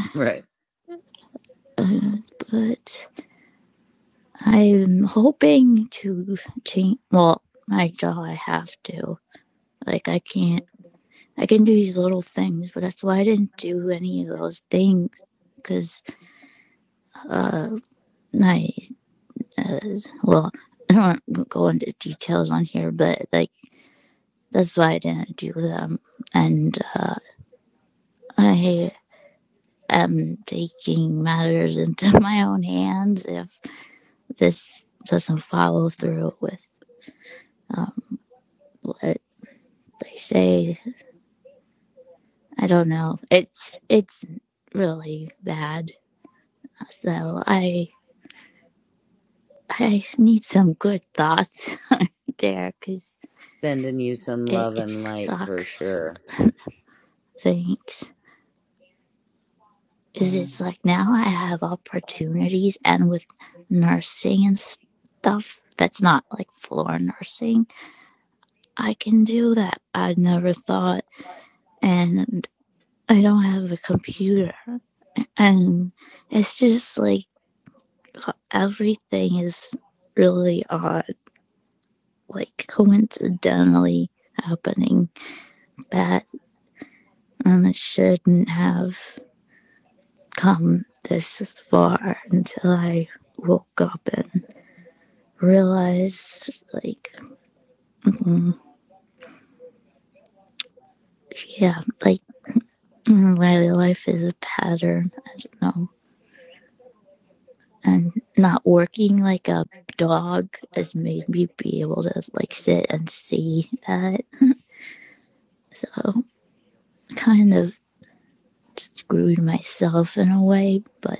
S1: Right.
S4: Uh, but I'm hoping to change. Well, my jaw. I have to. Like I can't. I can do these little things, but that's why I didn't do any of those things. Because uh, my uh, well, I don't want to go into details on here, but like that's why I didn't do them. And uh, I am taking matters into my own hands if this doesn't follow through with um, what they say. I don't know. It's it's really bad. So I I need some good thoughts there because
S1: Sending you some
S4: it,
S1: love
S4: it
S1: and light for
S4: sucks.
S1: sure.
S4: Thanks. is it's
S8: mm.
S4: like now I have opportunities and with nursing and stuff that's not like floor nursing, I can do that. I never thought. and I don't have a computer. And it's just like everything is really odd, like coincidentally happening that and it shouldn't have come this far until I woke up and realized, like, mm, yeah, like mm, my life is a pattern. I don't know. and not working like a dog has made me be able to like sit and see that. So kind of screwed myself in a way, but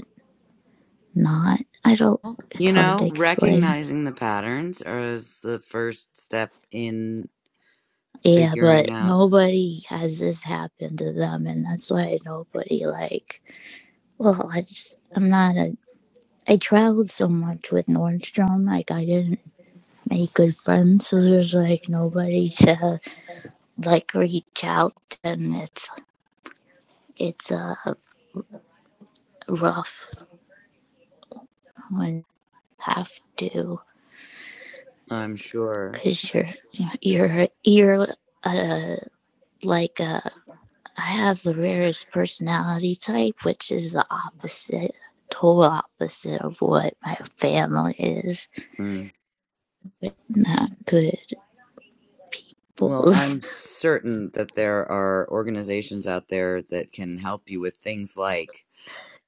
S4: not. I don't
S1: You
S4: it's hard
S1: know,
S4: to explain.
S1: recognizing the patterns is the first step in
S4: Yeah,
S1: figuring
S4: but
S1: out,
S4: nobody has this happen to them and that's why nobody like well, I just I'm not a I traveled so much with Nordstrom, like I didn't make good friends, so there's like nobody to like reach out, and it's it's uh, rough when you have to
S1: I'm sure.
S4: because you're you're you're uh, like uh, I have the rarest personality type, which is the opposite, total opposite of what my family is.
S1: Mm.
S4: But not good.
S1: Well,
S4: Bulls.
S1: I'm certain that there are organizations out there that can help you with things like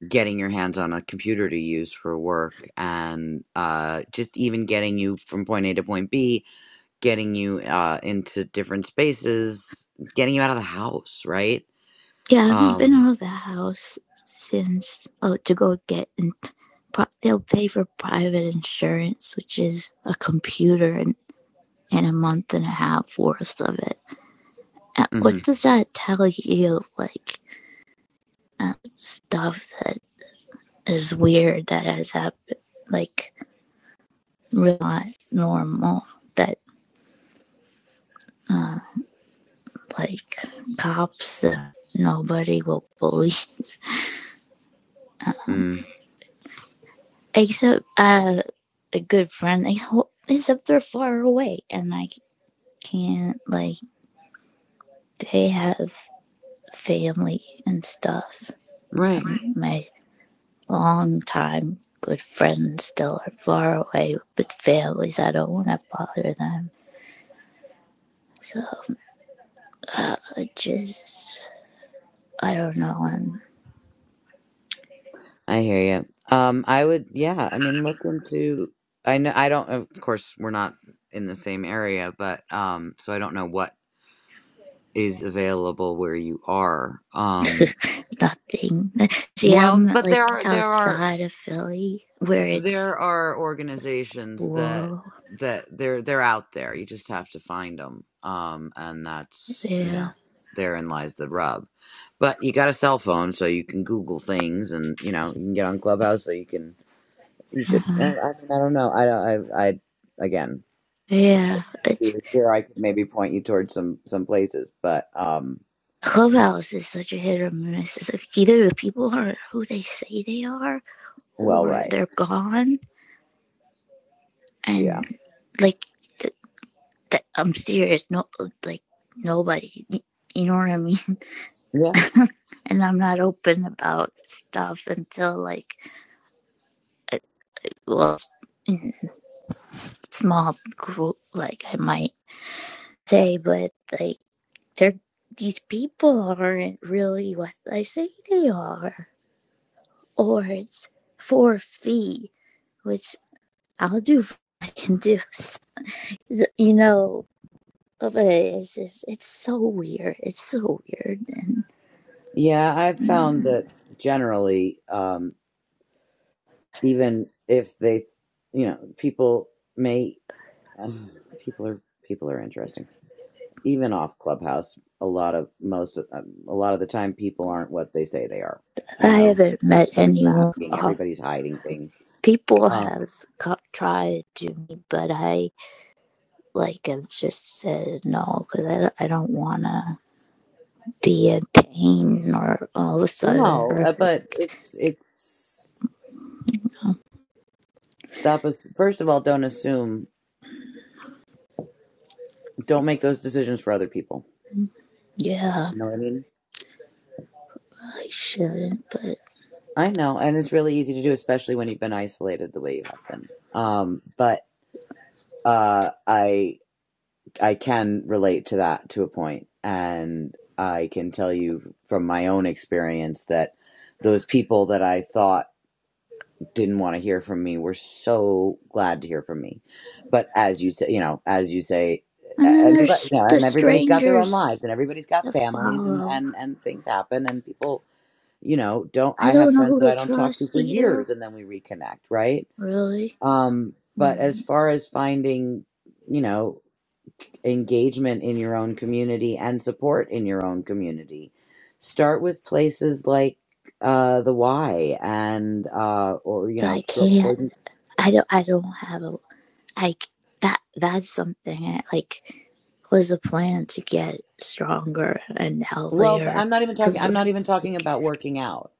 S1: getting your hands on a computer to use for work and uh, just even getting you from point A to point B, getting you uh, into different spaces, getting you out of the house, right?
S4: Yeah, I haven't been
S1: Um,
S4: out of the house since oh to go get and Pro- they'll pay for private insurance, which is a computer and, and a month and a half worth of it uh, what
S1: mhm,
S4: does that tell you like uh, stuff that is weird that has happened like really not normal that uh, like cops uh, nobody will bully
S1: mm.
S4: except uh, a good friend except they're far away and i can't like they have family and stuff
S1: Right.
S4: my long-time good friends still are far away with families. I don't want to bother them. So uh, just, I don't know, I'm
S1: I hear you. Um, I would, yeah. I mean, look into. I know. I don't. Of course, we're not in the same area, but um, so I don't know what is available where you are. Um,
S4: nothing. See,
S1: well,
S4: I'm
S1: but there
S4: like
S1: are there are
S4: outside of Philly where it's
S1: there are organizations that
S4: rural.
S1: that they're they're out there. You just have to find them. Um, and that's you
S4: Yeah.
S1: know therein lies the rub. But you got a cell phone, so you can Google things, and you know you can get on Clubhouse, so you can You should. I I
S4: uh
S1: mean, I don't know. I don't. I. I again,
S4: Yeah.
S1: if you
S4: It's,
S1: were here, I could maybe point you towards some some places, but um,
S4: Clubhouse is such a hit or miss. It's like either the people are who they say they are
S1: well,
S4: or
S1: right,
S4: they're gone.
S1: yeah,
S4: And like, th- that I'm serious. No, like nobody. You know what I mean?
S1: yeah,
S4: and I'm not open about stuff until like, uh, well, in small group, like I might say, but like they're these people aren't really what I say they are, or it's for a fee, which I'll do. If I can do, So, you know. But it's just, it's so weird. It's so weird and.
S1: yeah. I've
S4: mm.
S1: found that generally, um, even if they, you know, people may, um, people are people are interesting. Even off Clubhouse, a lot of most of, um, a lot of the time, people aren't what they say they are. You
S4: I
S1: know,
S4: haven't met
S1: everybody's
S4: anyone
S1: masking,
S4: off.
S1: everybody's hiding things.
S4: People
S1: Um.
S4: have co- tried to me, but I like have just said no because I, I don't want to be in pain or all of a sudden
S1: No, uh, but
S4: horrific.
S1: it's it's
S4: Um,
S1: stop us. First of all, don't assume. Don't make those decisions for other people.
S4: yeah,
S1: You know what I mean?
S4: I shouldn't. But
S1: I know, and it's really easy to do, especially when you've been isolated the way you have been. Um, but uh, I I can relate to that to a point, and I can tell you from my own experience that those people that I thought didn't want to hear from me were so glad to hear from me. But as you say, you know, as you say,
S4: and then
S1: and you're right,
S4: there's
S1: yeah,
S4: the
S1: and everybody's got their own lives
S4: strangers
S1: and everybody's got
S4: that
S1: families and
S4: follow.
S1: and and things happen and people, you know, don't
S4: I
S1: I have
S4: don't know
S1: friends
S4: who
S1: that I
S4: to
S1: don't talk to
S4: trust
S1: for
S4: either,
S1: years and then we reconnect, right?
S4: really.
S1: Um but as
S4: Hmm.
S1: far as finding, you know, engagement in your own community and support in your own community, start with places like uh the Y and uh or you
S4: So I
S1: know Girl-
S4: can't.
S1: Boys
S4: I don't. I don't have a like that that's something that like was a plan to get stronger and
S1: Well, but
S4: healthier
S1: I'm not even talking
S4: because
S1: I'm
S4: of
S1: not even
S4: this,
S1: talking
S4: like
S1: about working out.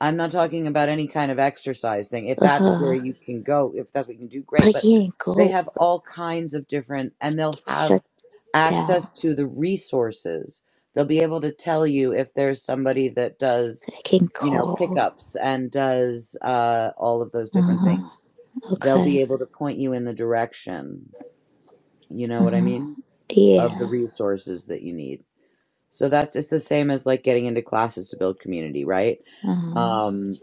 S1: I'm not talking about any kind of exercise thing. If that's where
S4: uh
S1: you can go, if that's what you can do,
S4: but
S1: great.
S4: I
S1: But
S4: can't
S1: they
S4: go
S1: have all kinds of different,
S4: like
S1: and they'll
S4: it's
S1: have
S4: shut down
S1: access to the resources. They'll be able to tell you if there's somebody that does,
S4: I can
S1: you know,
S4: call
S1: pickups and does uh, all of those different
S4: uh
S1: things. They'll
S4: okay
S1: be able to point you in the direction, you know what I
S4: uh
S1: mean, of the
S4: yeah
S1: resources that you need. So that's it's the same as like getting into classes to build community, right?
S4: uh
S1: Um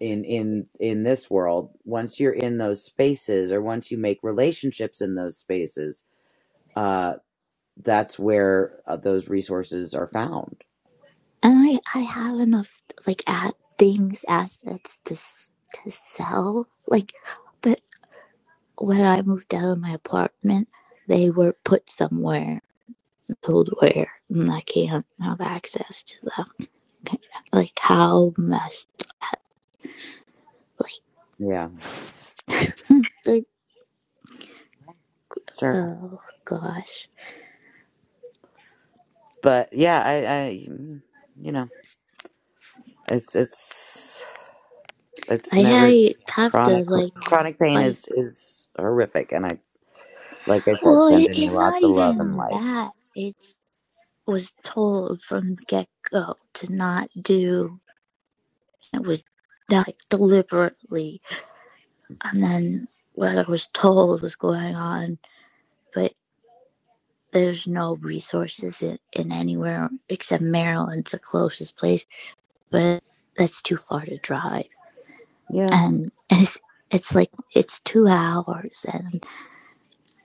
S1: in in in this world, once you're in those spaces or once you make relationships in those spaces, uh that's where uh, those resources are found.
S4: and I I have enough like at things assets to to sell like but when I moved out of my apartment they were put somewhere told where and I can't have access to them. Like how messed up. Like
S1: Yeah.
S4: the
S1: It's terrible.
S4: oh gosh,
S1: But yeah, I I mm, you know, it's it's it's
S4: I
S1: never
S4: have to
S1: chronic
S4: like
S1: chronic pain
S4: fight.
S1: is is horrific and I like I said
S4: Well, it,
S1: sending you
S4: it's
S1: lots
S4: not
S1: of love and
S4: even
S1: light.
S4: that. It's was told from the get go to not do. It was done, like deliberately, and then what I was told was going on, but there's no resources in, in anywhere except Maryland's the closest place but that's too far to drive.
S1: Yeah.
S4: And it's it's like it's two hours and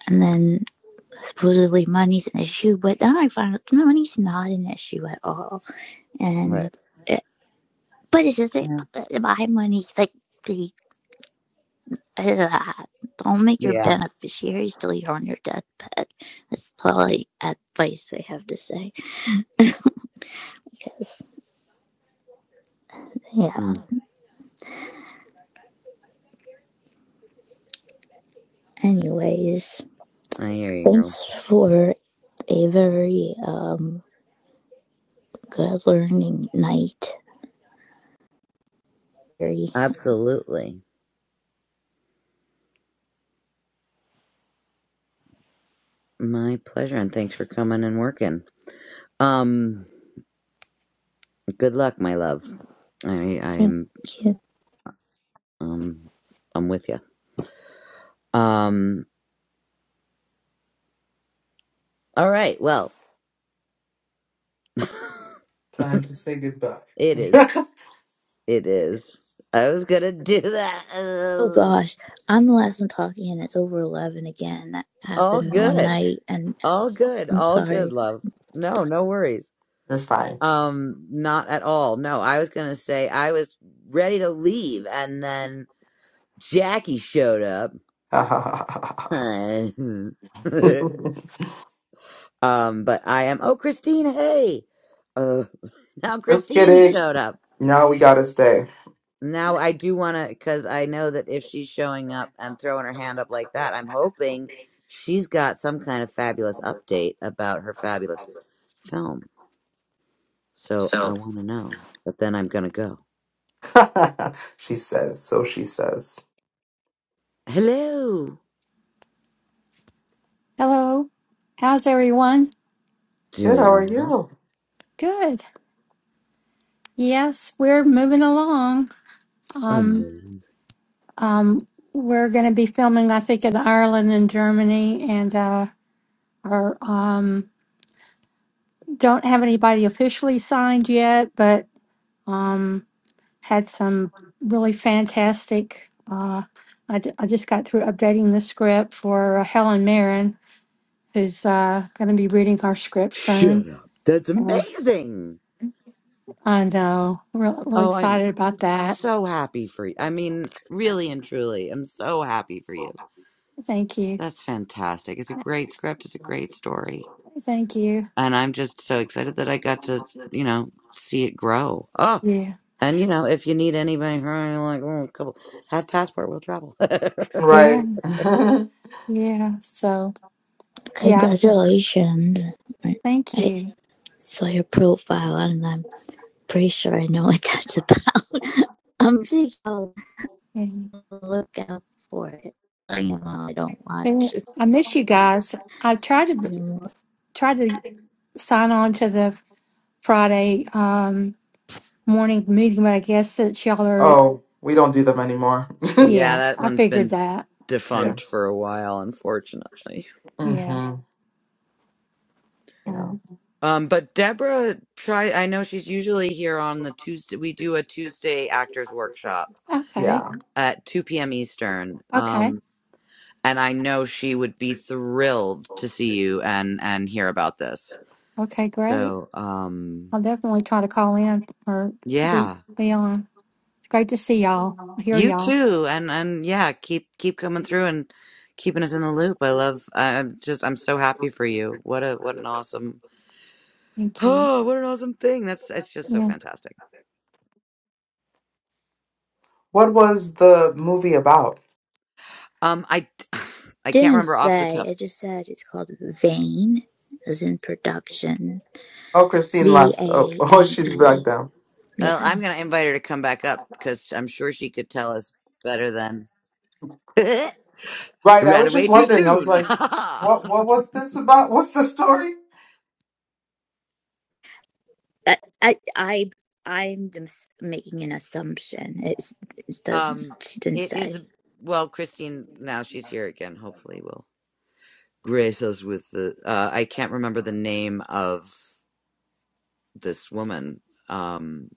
S4: and then supposedly money's an issue, but then I found out money's not an issue at all.
S1: Right.
S4: And it, but it's just it
S1: Yeah.
S4: doesn't uh, my money like the uh, don't make your
S1: Yeah.
S4: beneficiaries till you're on your deathbed. That's all advice they have to say. Because yeah. Anyways,
S1: I hear you, girl.
S4: thanks for a very um Good learning night, Mary.
S1: Absolutely. My pleasure, and thanks for coming and working. Um, good luck, my love. I I
S4: Thank
S1: am
S4: you.
S1: um I'm with you. Um, all right. Well,
S8: Time to say goodbye.
S1: it is. It is. I was gonna do that.
S4: Oh
S1: Ugh.
S4: gosh, I'm the last one talking, and it's over 11 again. That
S1: All
S4: happened one
S1: good.
S4: night, and
S1: All good.
S4: I'm
S1: All good,
S4: sorry.
S1: love. No, no worries.
S8: You're fine.
S1: Um, not at all. No, I was gonna say I was ready to leave, and then Jackie showed up um, but I am. Oh, Christine, hey. Uh, now
S8: Just
S1: Christine
S8: kidding.
S1: showed up.
S8: Now we gotta stay.
S1: Now I do want to, because I know that if she's showing up and throwing her hand up like that, I'm hoping she's got some kind of fabulous update about her fabulous film. So I want to know. But then I'm gonna go.
S8: she says, so she says.
S1: Hello,
S9: Hello. How's everyone?
S8: Good,
S1: doing
S8: how are
S1: all right?
S8: you?
S9: Good. Yes, we're moving along. Um,
S1: Amazing.
S9: um, we're going to be filming, I think, in Ireland and Germany, and uh, our, um, don't have anybody officially signed yet, but um, had some really fantastic. Uh, I, d- I just got through updating the script for uh, Helen Mirren, who's uh, going to be reading our script soon.
S1: Shut up. That's
S9: Yeah.
S1: amazing.
S9: I know. Real, real
S1: Oh, I'm
S9: excited about that
S1: so happy for you. I mean, really and truly, I'm so happy for you.
S9: Thank you.
S1: That's fantastic. It's a great script. It's a great story.
S9: Thank you.
S1: And I'm just so excited that I got to, you know, see it grow. Oh,
S9: Yeah.
S1: and you know, if you need anybody, uh, like, oh, couple, have passport, we'll travel.
S9: Yeah.
S8: Right.
S9: Yeah. So, yeah. So,
S4: Congratulations. I
S9: thank you.
S4: saw your profile, and I'm pretty sure I know what that's about. I'm just gonna
S9: And
S4: look out for it. I know I don't
S9: and
S4: watch it
S9: I miss you guys. I tried to
S4: anymore.
S9: try to sign on to the Friday um morning meeting, but I guess since y'all are,
S8: oh, we don't do them anymore.
S1: yeah,
S9: yeah,
S1: that
S9: I
S1: one's
S9: figured
S1: been
S9: that.
S8: yeah.
S9: So,
S1: defunct for a while, unfortunately.
S9: yeah.
S8: hmm Yeah.
S9: So,
S1: Um, but Deborah, try. I know she's usually here on the Tuesday. We do a Tuesday actors workshop
S9: okay.
S8: Yeah.
S1: at 2 p.m. Eastern.
S9: Okay.
S1: Um, and I know she would be thrilled to see you and and hear about this.
S9: Okay. Great.
S1: So, um,
S9: I'll definitely try to call in or be
S1: yeah,
S9: be on. It's great to see y'all, hear
S1: you
S9: y'all.
S1: too, and and yeah, keep keep coming through and keeping us in the loop. I love. I- I'm just I'm so happy for you. What a what an awesome.
S9: Thank you.
S1: Oh, what an awesome thing! That's it's just so
S9: Yeah.
S1: fantastic.
S8: What was the movie about?
S1: Um, I I can't
S4: Didn't
S1: remember off the
S4: say.
S1: top.
S4: It just said it's called Vane, as in production.
S8: Oh, Christine
S4: V
S8: left. Oh,
S4: A
S8: oh,
S4: N
S8: she's
S4: E.
S8: back down.
S1: Well,
S4: Yeah.
S1: I'm gonna invite her to come back up because I'm sure she could tell us better than.
S8: Right. I
S1: ran
S8: was
S1: away
S8: just
S1: too
S8: wondering. I was
S1: soon.
S8: like, what what was this about? What's the story?
S4: I I I I'm just making an assumption. It's, it doesn't.
S1: um,
S4: She didn't
S1: it is
S4: say.
S1: a- well, Christine. Now she's here again. Hopefully, will grace us with the. Uh, I can't remember the name of this woman. Um,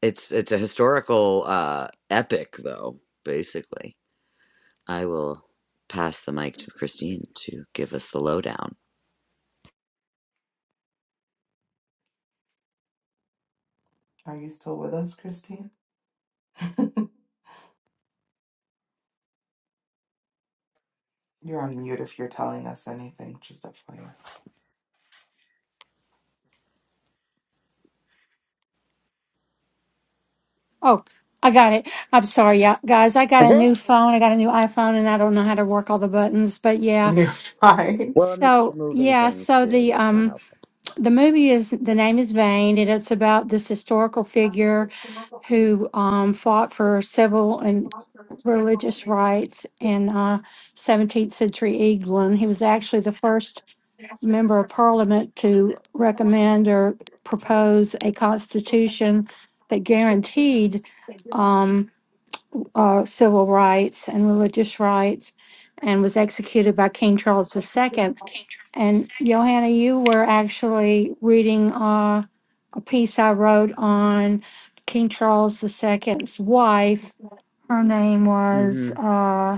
S1: it's it's a historical uh, epic, though. Basically, I will pass the mic to Christine to give us the lowdown.
S8: Are you still with us, Christine? You're on mute if you're telling us anything, just a fire.
S9: Oh, I got it. I'm sorry, yeah, guys. I got a new
S1: well,
S9: phone. I got a new iPhone, and I don't know how to work all the buttons. But yeah,
S8: You're fine.
S1: and they keep
S9: so
S1: moving
S9: yeah,
S1: things
S9: so
S1: too.
S9: the
S1: That's not
S9: um
S1: helpful.
S9: the movie is the name is Vain, and it's about this historical figure who um, fought for civil and religious rights in uh, 17th century England. He was actually the first member of parliament to recommend or propose a constitution that guaranteed um, uh, civil rights and religious rights and was executed by King Charles II. And Johanna, you were actually reading uh, a piece I wrote on King Charles II's wife. Her name was
S1: Mm-hmm.
S9: uh,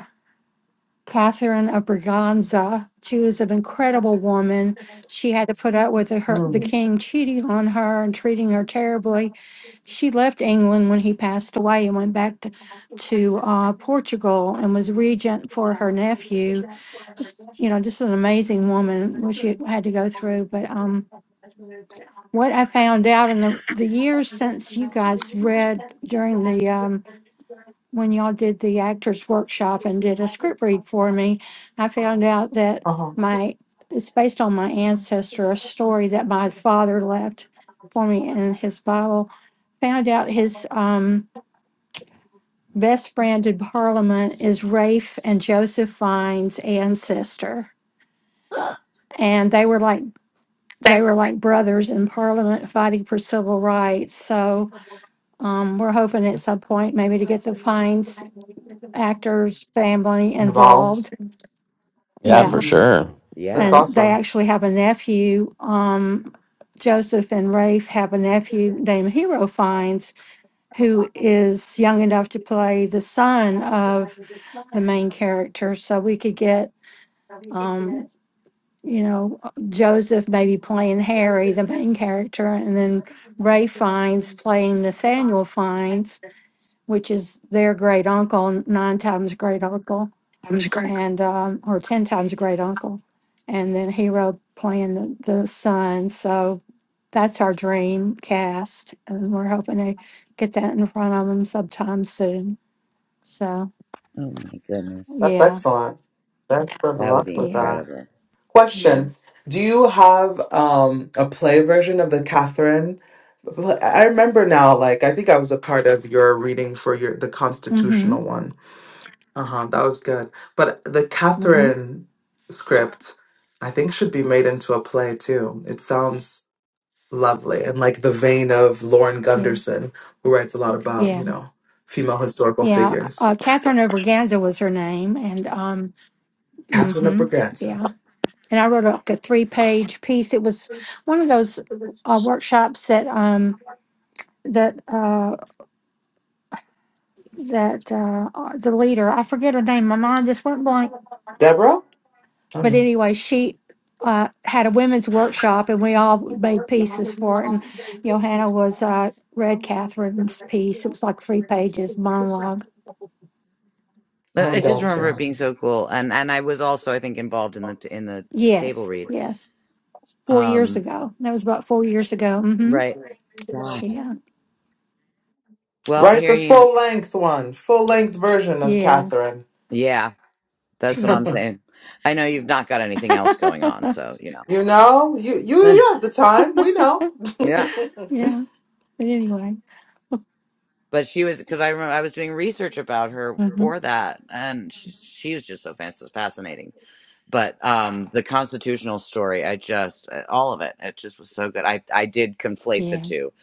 S9: Catherine of Braganza. She was an incredible woman. She had to put up with the, her, the
S8: Mm.
S9: king cheating on her and treating her terribly. She left England when he passed away and went back to, to uh, Portugal and was regent for her nephew. Just, you know, just an amazing woman what she had to go through. But um, what I found out in the, the years since you guys read during the um, when y'all did the actors workshop and did a script read for me, I found out that
S8: Uh-huh.
S9: my it's based on my ancestor, a story that my father left for me in his Bible. Found out his um, best friend in Parliament is Rafe and Joseph Fine's ancestor, and they were like they were like brothers in Parliament fighting for civil rights. So um, we're hoping at some point maybe to get the Fine's actors family involved
S8: Involved.
S2: Yeah,
S1: Oh
S2: for
S9: Yeah,
S8: hmm
S2: sure.
S1: yeah.
S8: That's
S9: and they
S8: awesome.
S9: actually have a nephew. Um, Joseph and Rafe have a nephew named Hero Fines, who is young enough to play the son of the main character. So we could get, um, you know, uh, Joseph maybe playing Harry, the main character, and then Rafe Fines playing Nathaniel Fines, which is their great uncle, nine times great uncle. and um, or 10 times great uncle and then hero playing the, the son so that's our dream cast and we're hoping to get that in front of them sometime soon so
S1: Oh my goodness,
S8: That's
S9: yeah
S8: excellent. That's good
S1: that would
S8: luck
S1: be
S8: with
S9: yeah
S8: that.
S1: incredible.
S8: Question: Do you have um, a play version of the Catherine? Well, I remember now. Like I think I was a part of your reading for your the
S9: mm-hmm
S8: constitutional one. Uh huh. That was good. But the
S9: mm-hmm
S8: Catherine script, I think, should be made into a play too. It sounds lovely and like the vein of Lauren
S9: yeah,
S8: Gunderson, who writes a lot about
S9: yeah,
S8: you know female historical
S9: yeah.
S8: figures.
S9: Uh, Catherine Overganza was her name, and um,
S8: Catherine of
S9: hmm
S8: Braganza.
S9: yeah. And I wrote like a three-page piece. It was one of those uh, workshops that um that uh. that uh, uh, the leader, I forget her name, my mind just went blank.
S8: Deborah? Oh
S9: But
S8: no.
S9: anyway, she uh, had a women's workshop and we all made pieces for it. And Johanna was uh, read Catherine's piece. It was like three pages monologue.
S1: Uh,
S8: Oh
S1: I just remember it
S8: gotcha.
S1: being so cool, and and I was also I think involved in the t- in the table
S9: Yes,
S1: read.
S9: yes. Four years
S1: Um,
S9: ago. That was about four years ago. hmm
S1: right. God.
S9: Yeah,
S1: Well,
S8: Write
S1: here
S8: the
S1: you.
S8: full length one, full length version of
S9: yeah,
S8: Catherine.
S1: Yeah, that's what
S9: yeah.
S1: I'm
S8: you
S1: saying. I know you've not got anything else going on, so you
S8: know, you you
S1: know.
S8: you have the time. We know.
S1: yeah,
S9: yeah. But anyway,
S1: but she was because I remember I was doing research about her
S9: hmm
S1: for that, and she, she was just so fas- fascinating. But um, the constitutional story, I just uh, all of it, it just was so good. I I did conflate the
S9: yeah.
S1: two,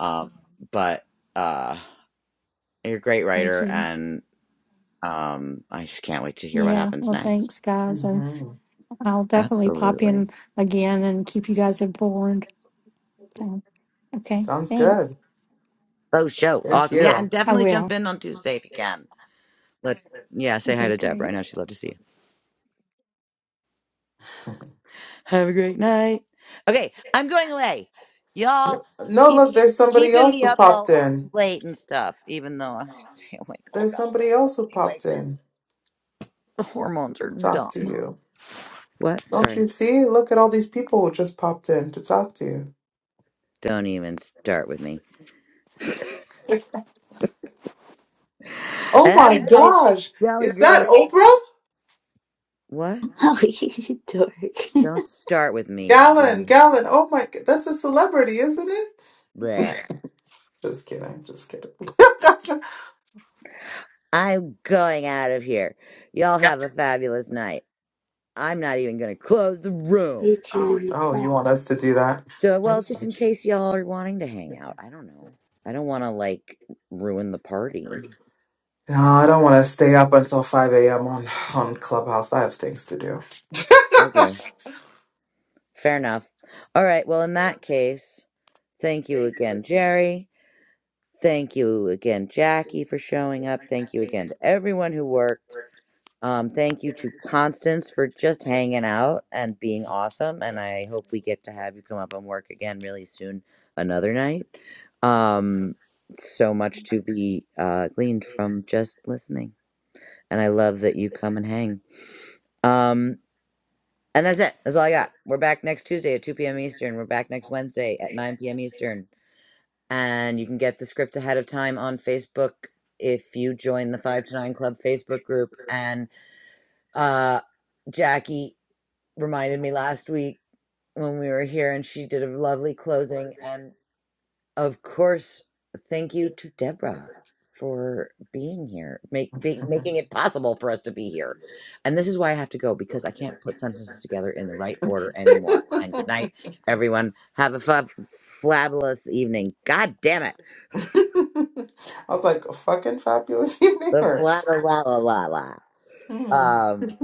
S1: um, but uh you're a great
S9: Thank
S1: writer
S9: you.
S1: and Um, I just can't wait to hear what
S9: Yeah.
S1: happens
S9: Well,
S1: next.
S9: thanks, guys. And
S8: Mhm.
S9: I'll definitely pop
S1: Absolutely.
S9: in again and keep you guys informed. So, okay,
S8: Sounds
S9: thanks.
S8: good.
S1: Oh, show.
S8: Thank
S1: Awesome. Yeah, and
S8: you.
S9: I
S1: definitely jump
S9: will.
S1: in on Tuesday if you can. Let yeah, say hi
S9: Okay,
S1: to
S9: great.
S1: Deborah. I know she'd love to see you. Have a great night. Okay, I'm going away. Y'all
S8: No,
S1: keep
S8: look, there's somebody
S1: keeping
S8: else
S1: me
S8: who
S1: up
S8: popped
S1: all
S8: in.
S1: late and stuff, even though I stay awake all
S8: There's
S1: goddamn
S8: somebody else
S1: night
S8: who
S1: anyway,
S8: popped
S1: because
S8: in
S1: the hormones are
S8: to talk to
S1: dumb.
S8: you.
S1: What?
S8: Don't
S1: Sorry.
S8: you see? Look at all these people who just popped in to talk to you.
S1: Don't even start with me.
S8: Oh
S1: I love
S8: my
S1: you guys.
S8: gosh.
S1: Y'all are
S8: Is that
S1: great.
S8: Oprah?
S1: What?
S4: Oh, you dork.
S1: Don't start with me,
S8: Gallon,
S1: woman.
S8: Gallon. Oh my, g- that's a celebrity, isn't it?
S1: Bleh.
S8: Just kidding, just kidding.
S1: I'm going out of here. Y'all have a fabulous night. I'm not even going to close the room.
S4: you too.
S8: oh, you want us to do that?
S1: So, well,
S8: That's
S1: just
S8: fine.
S1: in case y'all are wanting to hang out, I don't know. I don't want to like ruin the party.
S8: No, I don't want to stay up until 5 a.m. on, on Clubhouse. I have things to do.
S1: Okay, fair enough. All right, well, in that case, thank you again, Jerry. Thank you again, Jackie, for showing up. Thank you again to everyone who worked. Um, thank you to Constance for just hanging out and being awesome. And I hope we get to have you come up and work again really soon, another night. Um, so much to be uh, gleaned from just listening. And I love that you come and hang. Um, and that's it. That's all I got. We're back next Tuesday at 2 p.m. Eastern. We're back next Wednesday at 9 p.m. Eastern. And you can get the script ahead of time on Facebook if you join the 5 to 9 Club Facebook group. And uh, Jackie reminded me last week when we were here and she did a lovely closing. And of course, thank you to Deborah for being here, make, be, making it possible for us to be here. And this is why I have to go because I can't put sentences together in the right order anymore. And good night, everyone. Have a fa- flabulous evening. God damn it.
S8: I was like, a fucking fabulous evening.
S1: The
S8: Or,
S1: fla la la la la la.
S8: Hmm.
S1: Um,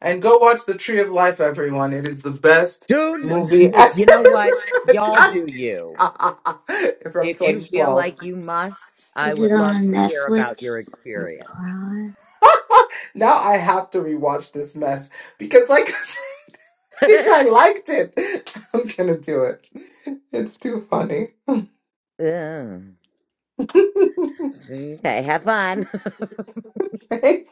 S8: And go watch The Tree of Life, everyone. It is the best
S1: do,
S8: movie ever.
S1: you know what? Y'all
S8: God-
S1: do you.
S8: from
S1: If you feel
S8: 2012.
S1: like you must, I
S4: Is it
S1: would love
S4: on
S1: to hear about your
S4: Netflix or
S1: experience.
S4: Prime?
S8: now I have to rewatch this mess because, like, I think I liked it. I'm gonna do it. It's too funny.
S1: Mm. okay, have fun.
S8: Thanks.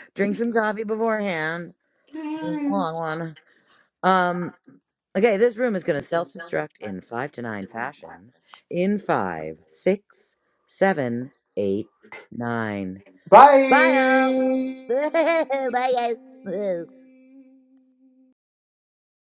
S1: Drink some coffee beforehand. Long one. Um. Okay, this room is going to self-destruct in five to nine fashion. In five, six, seven, eight, nine.
S8: Bye.
S1: Bye all. Bye guys.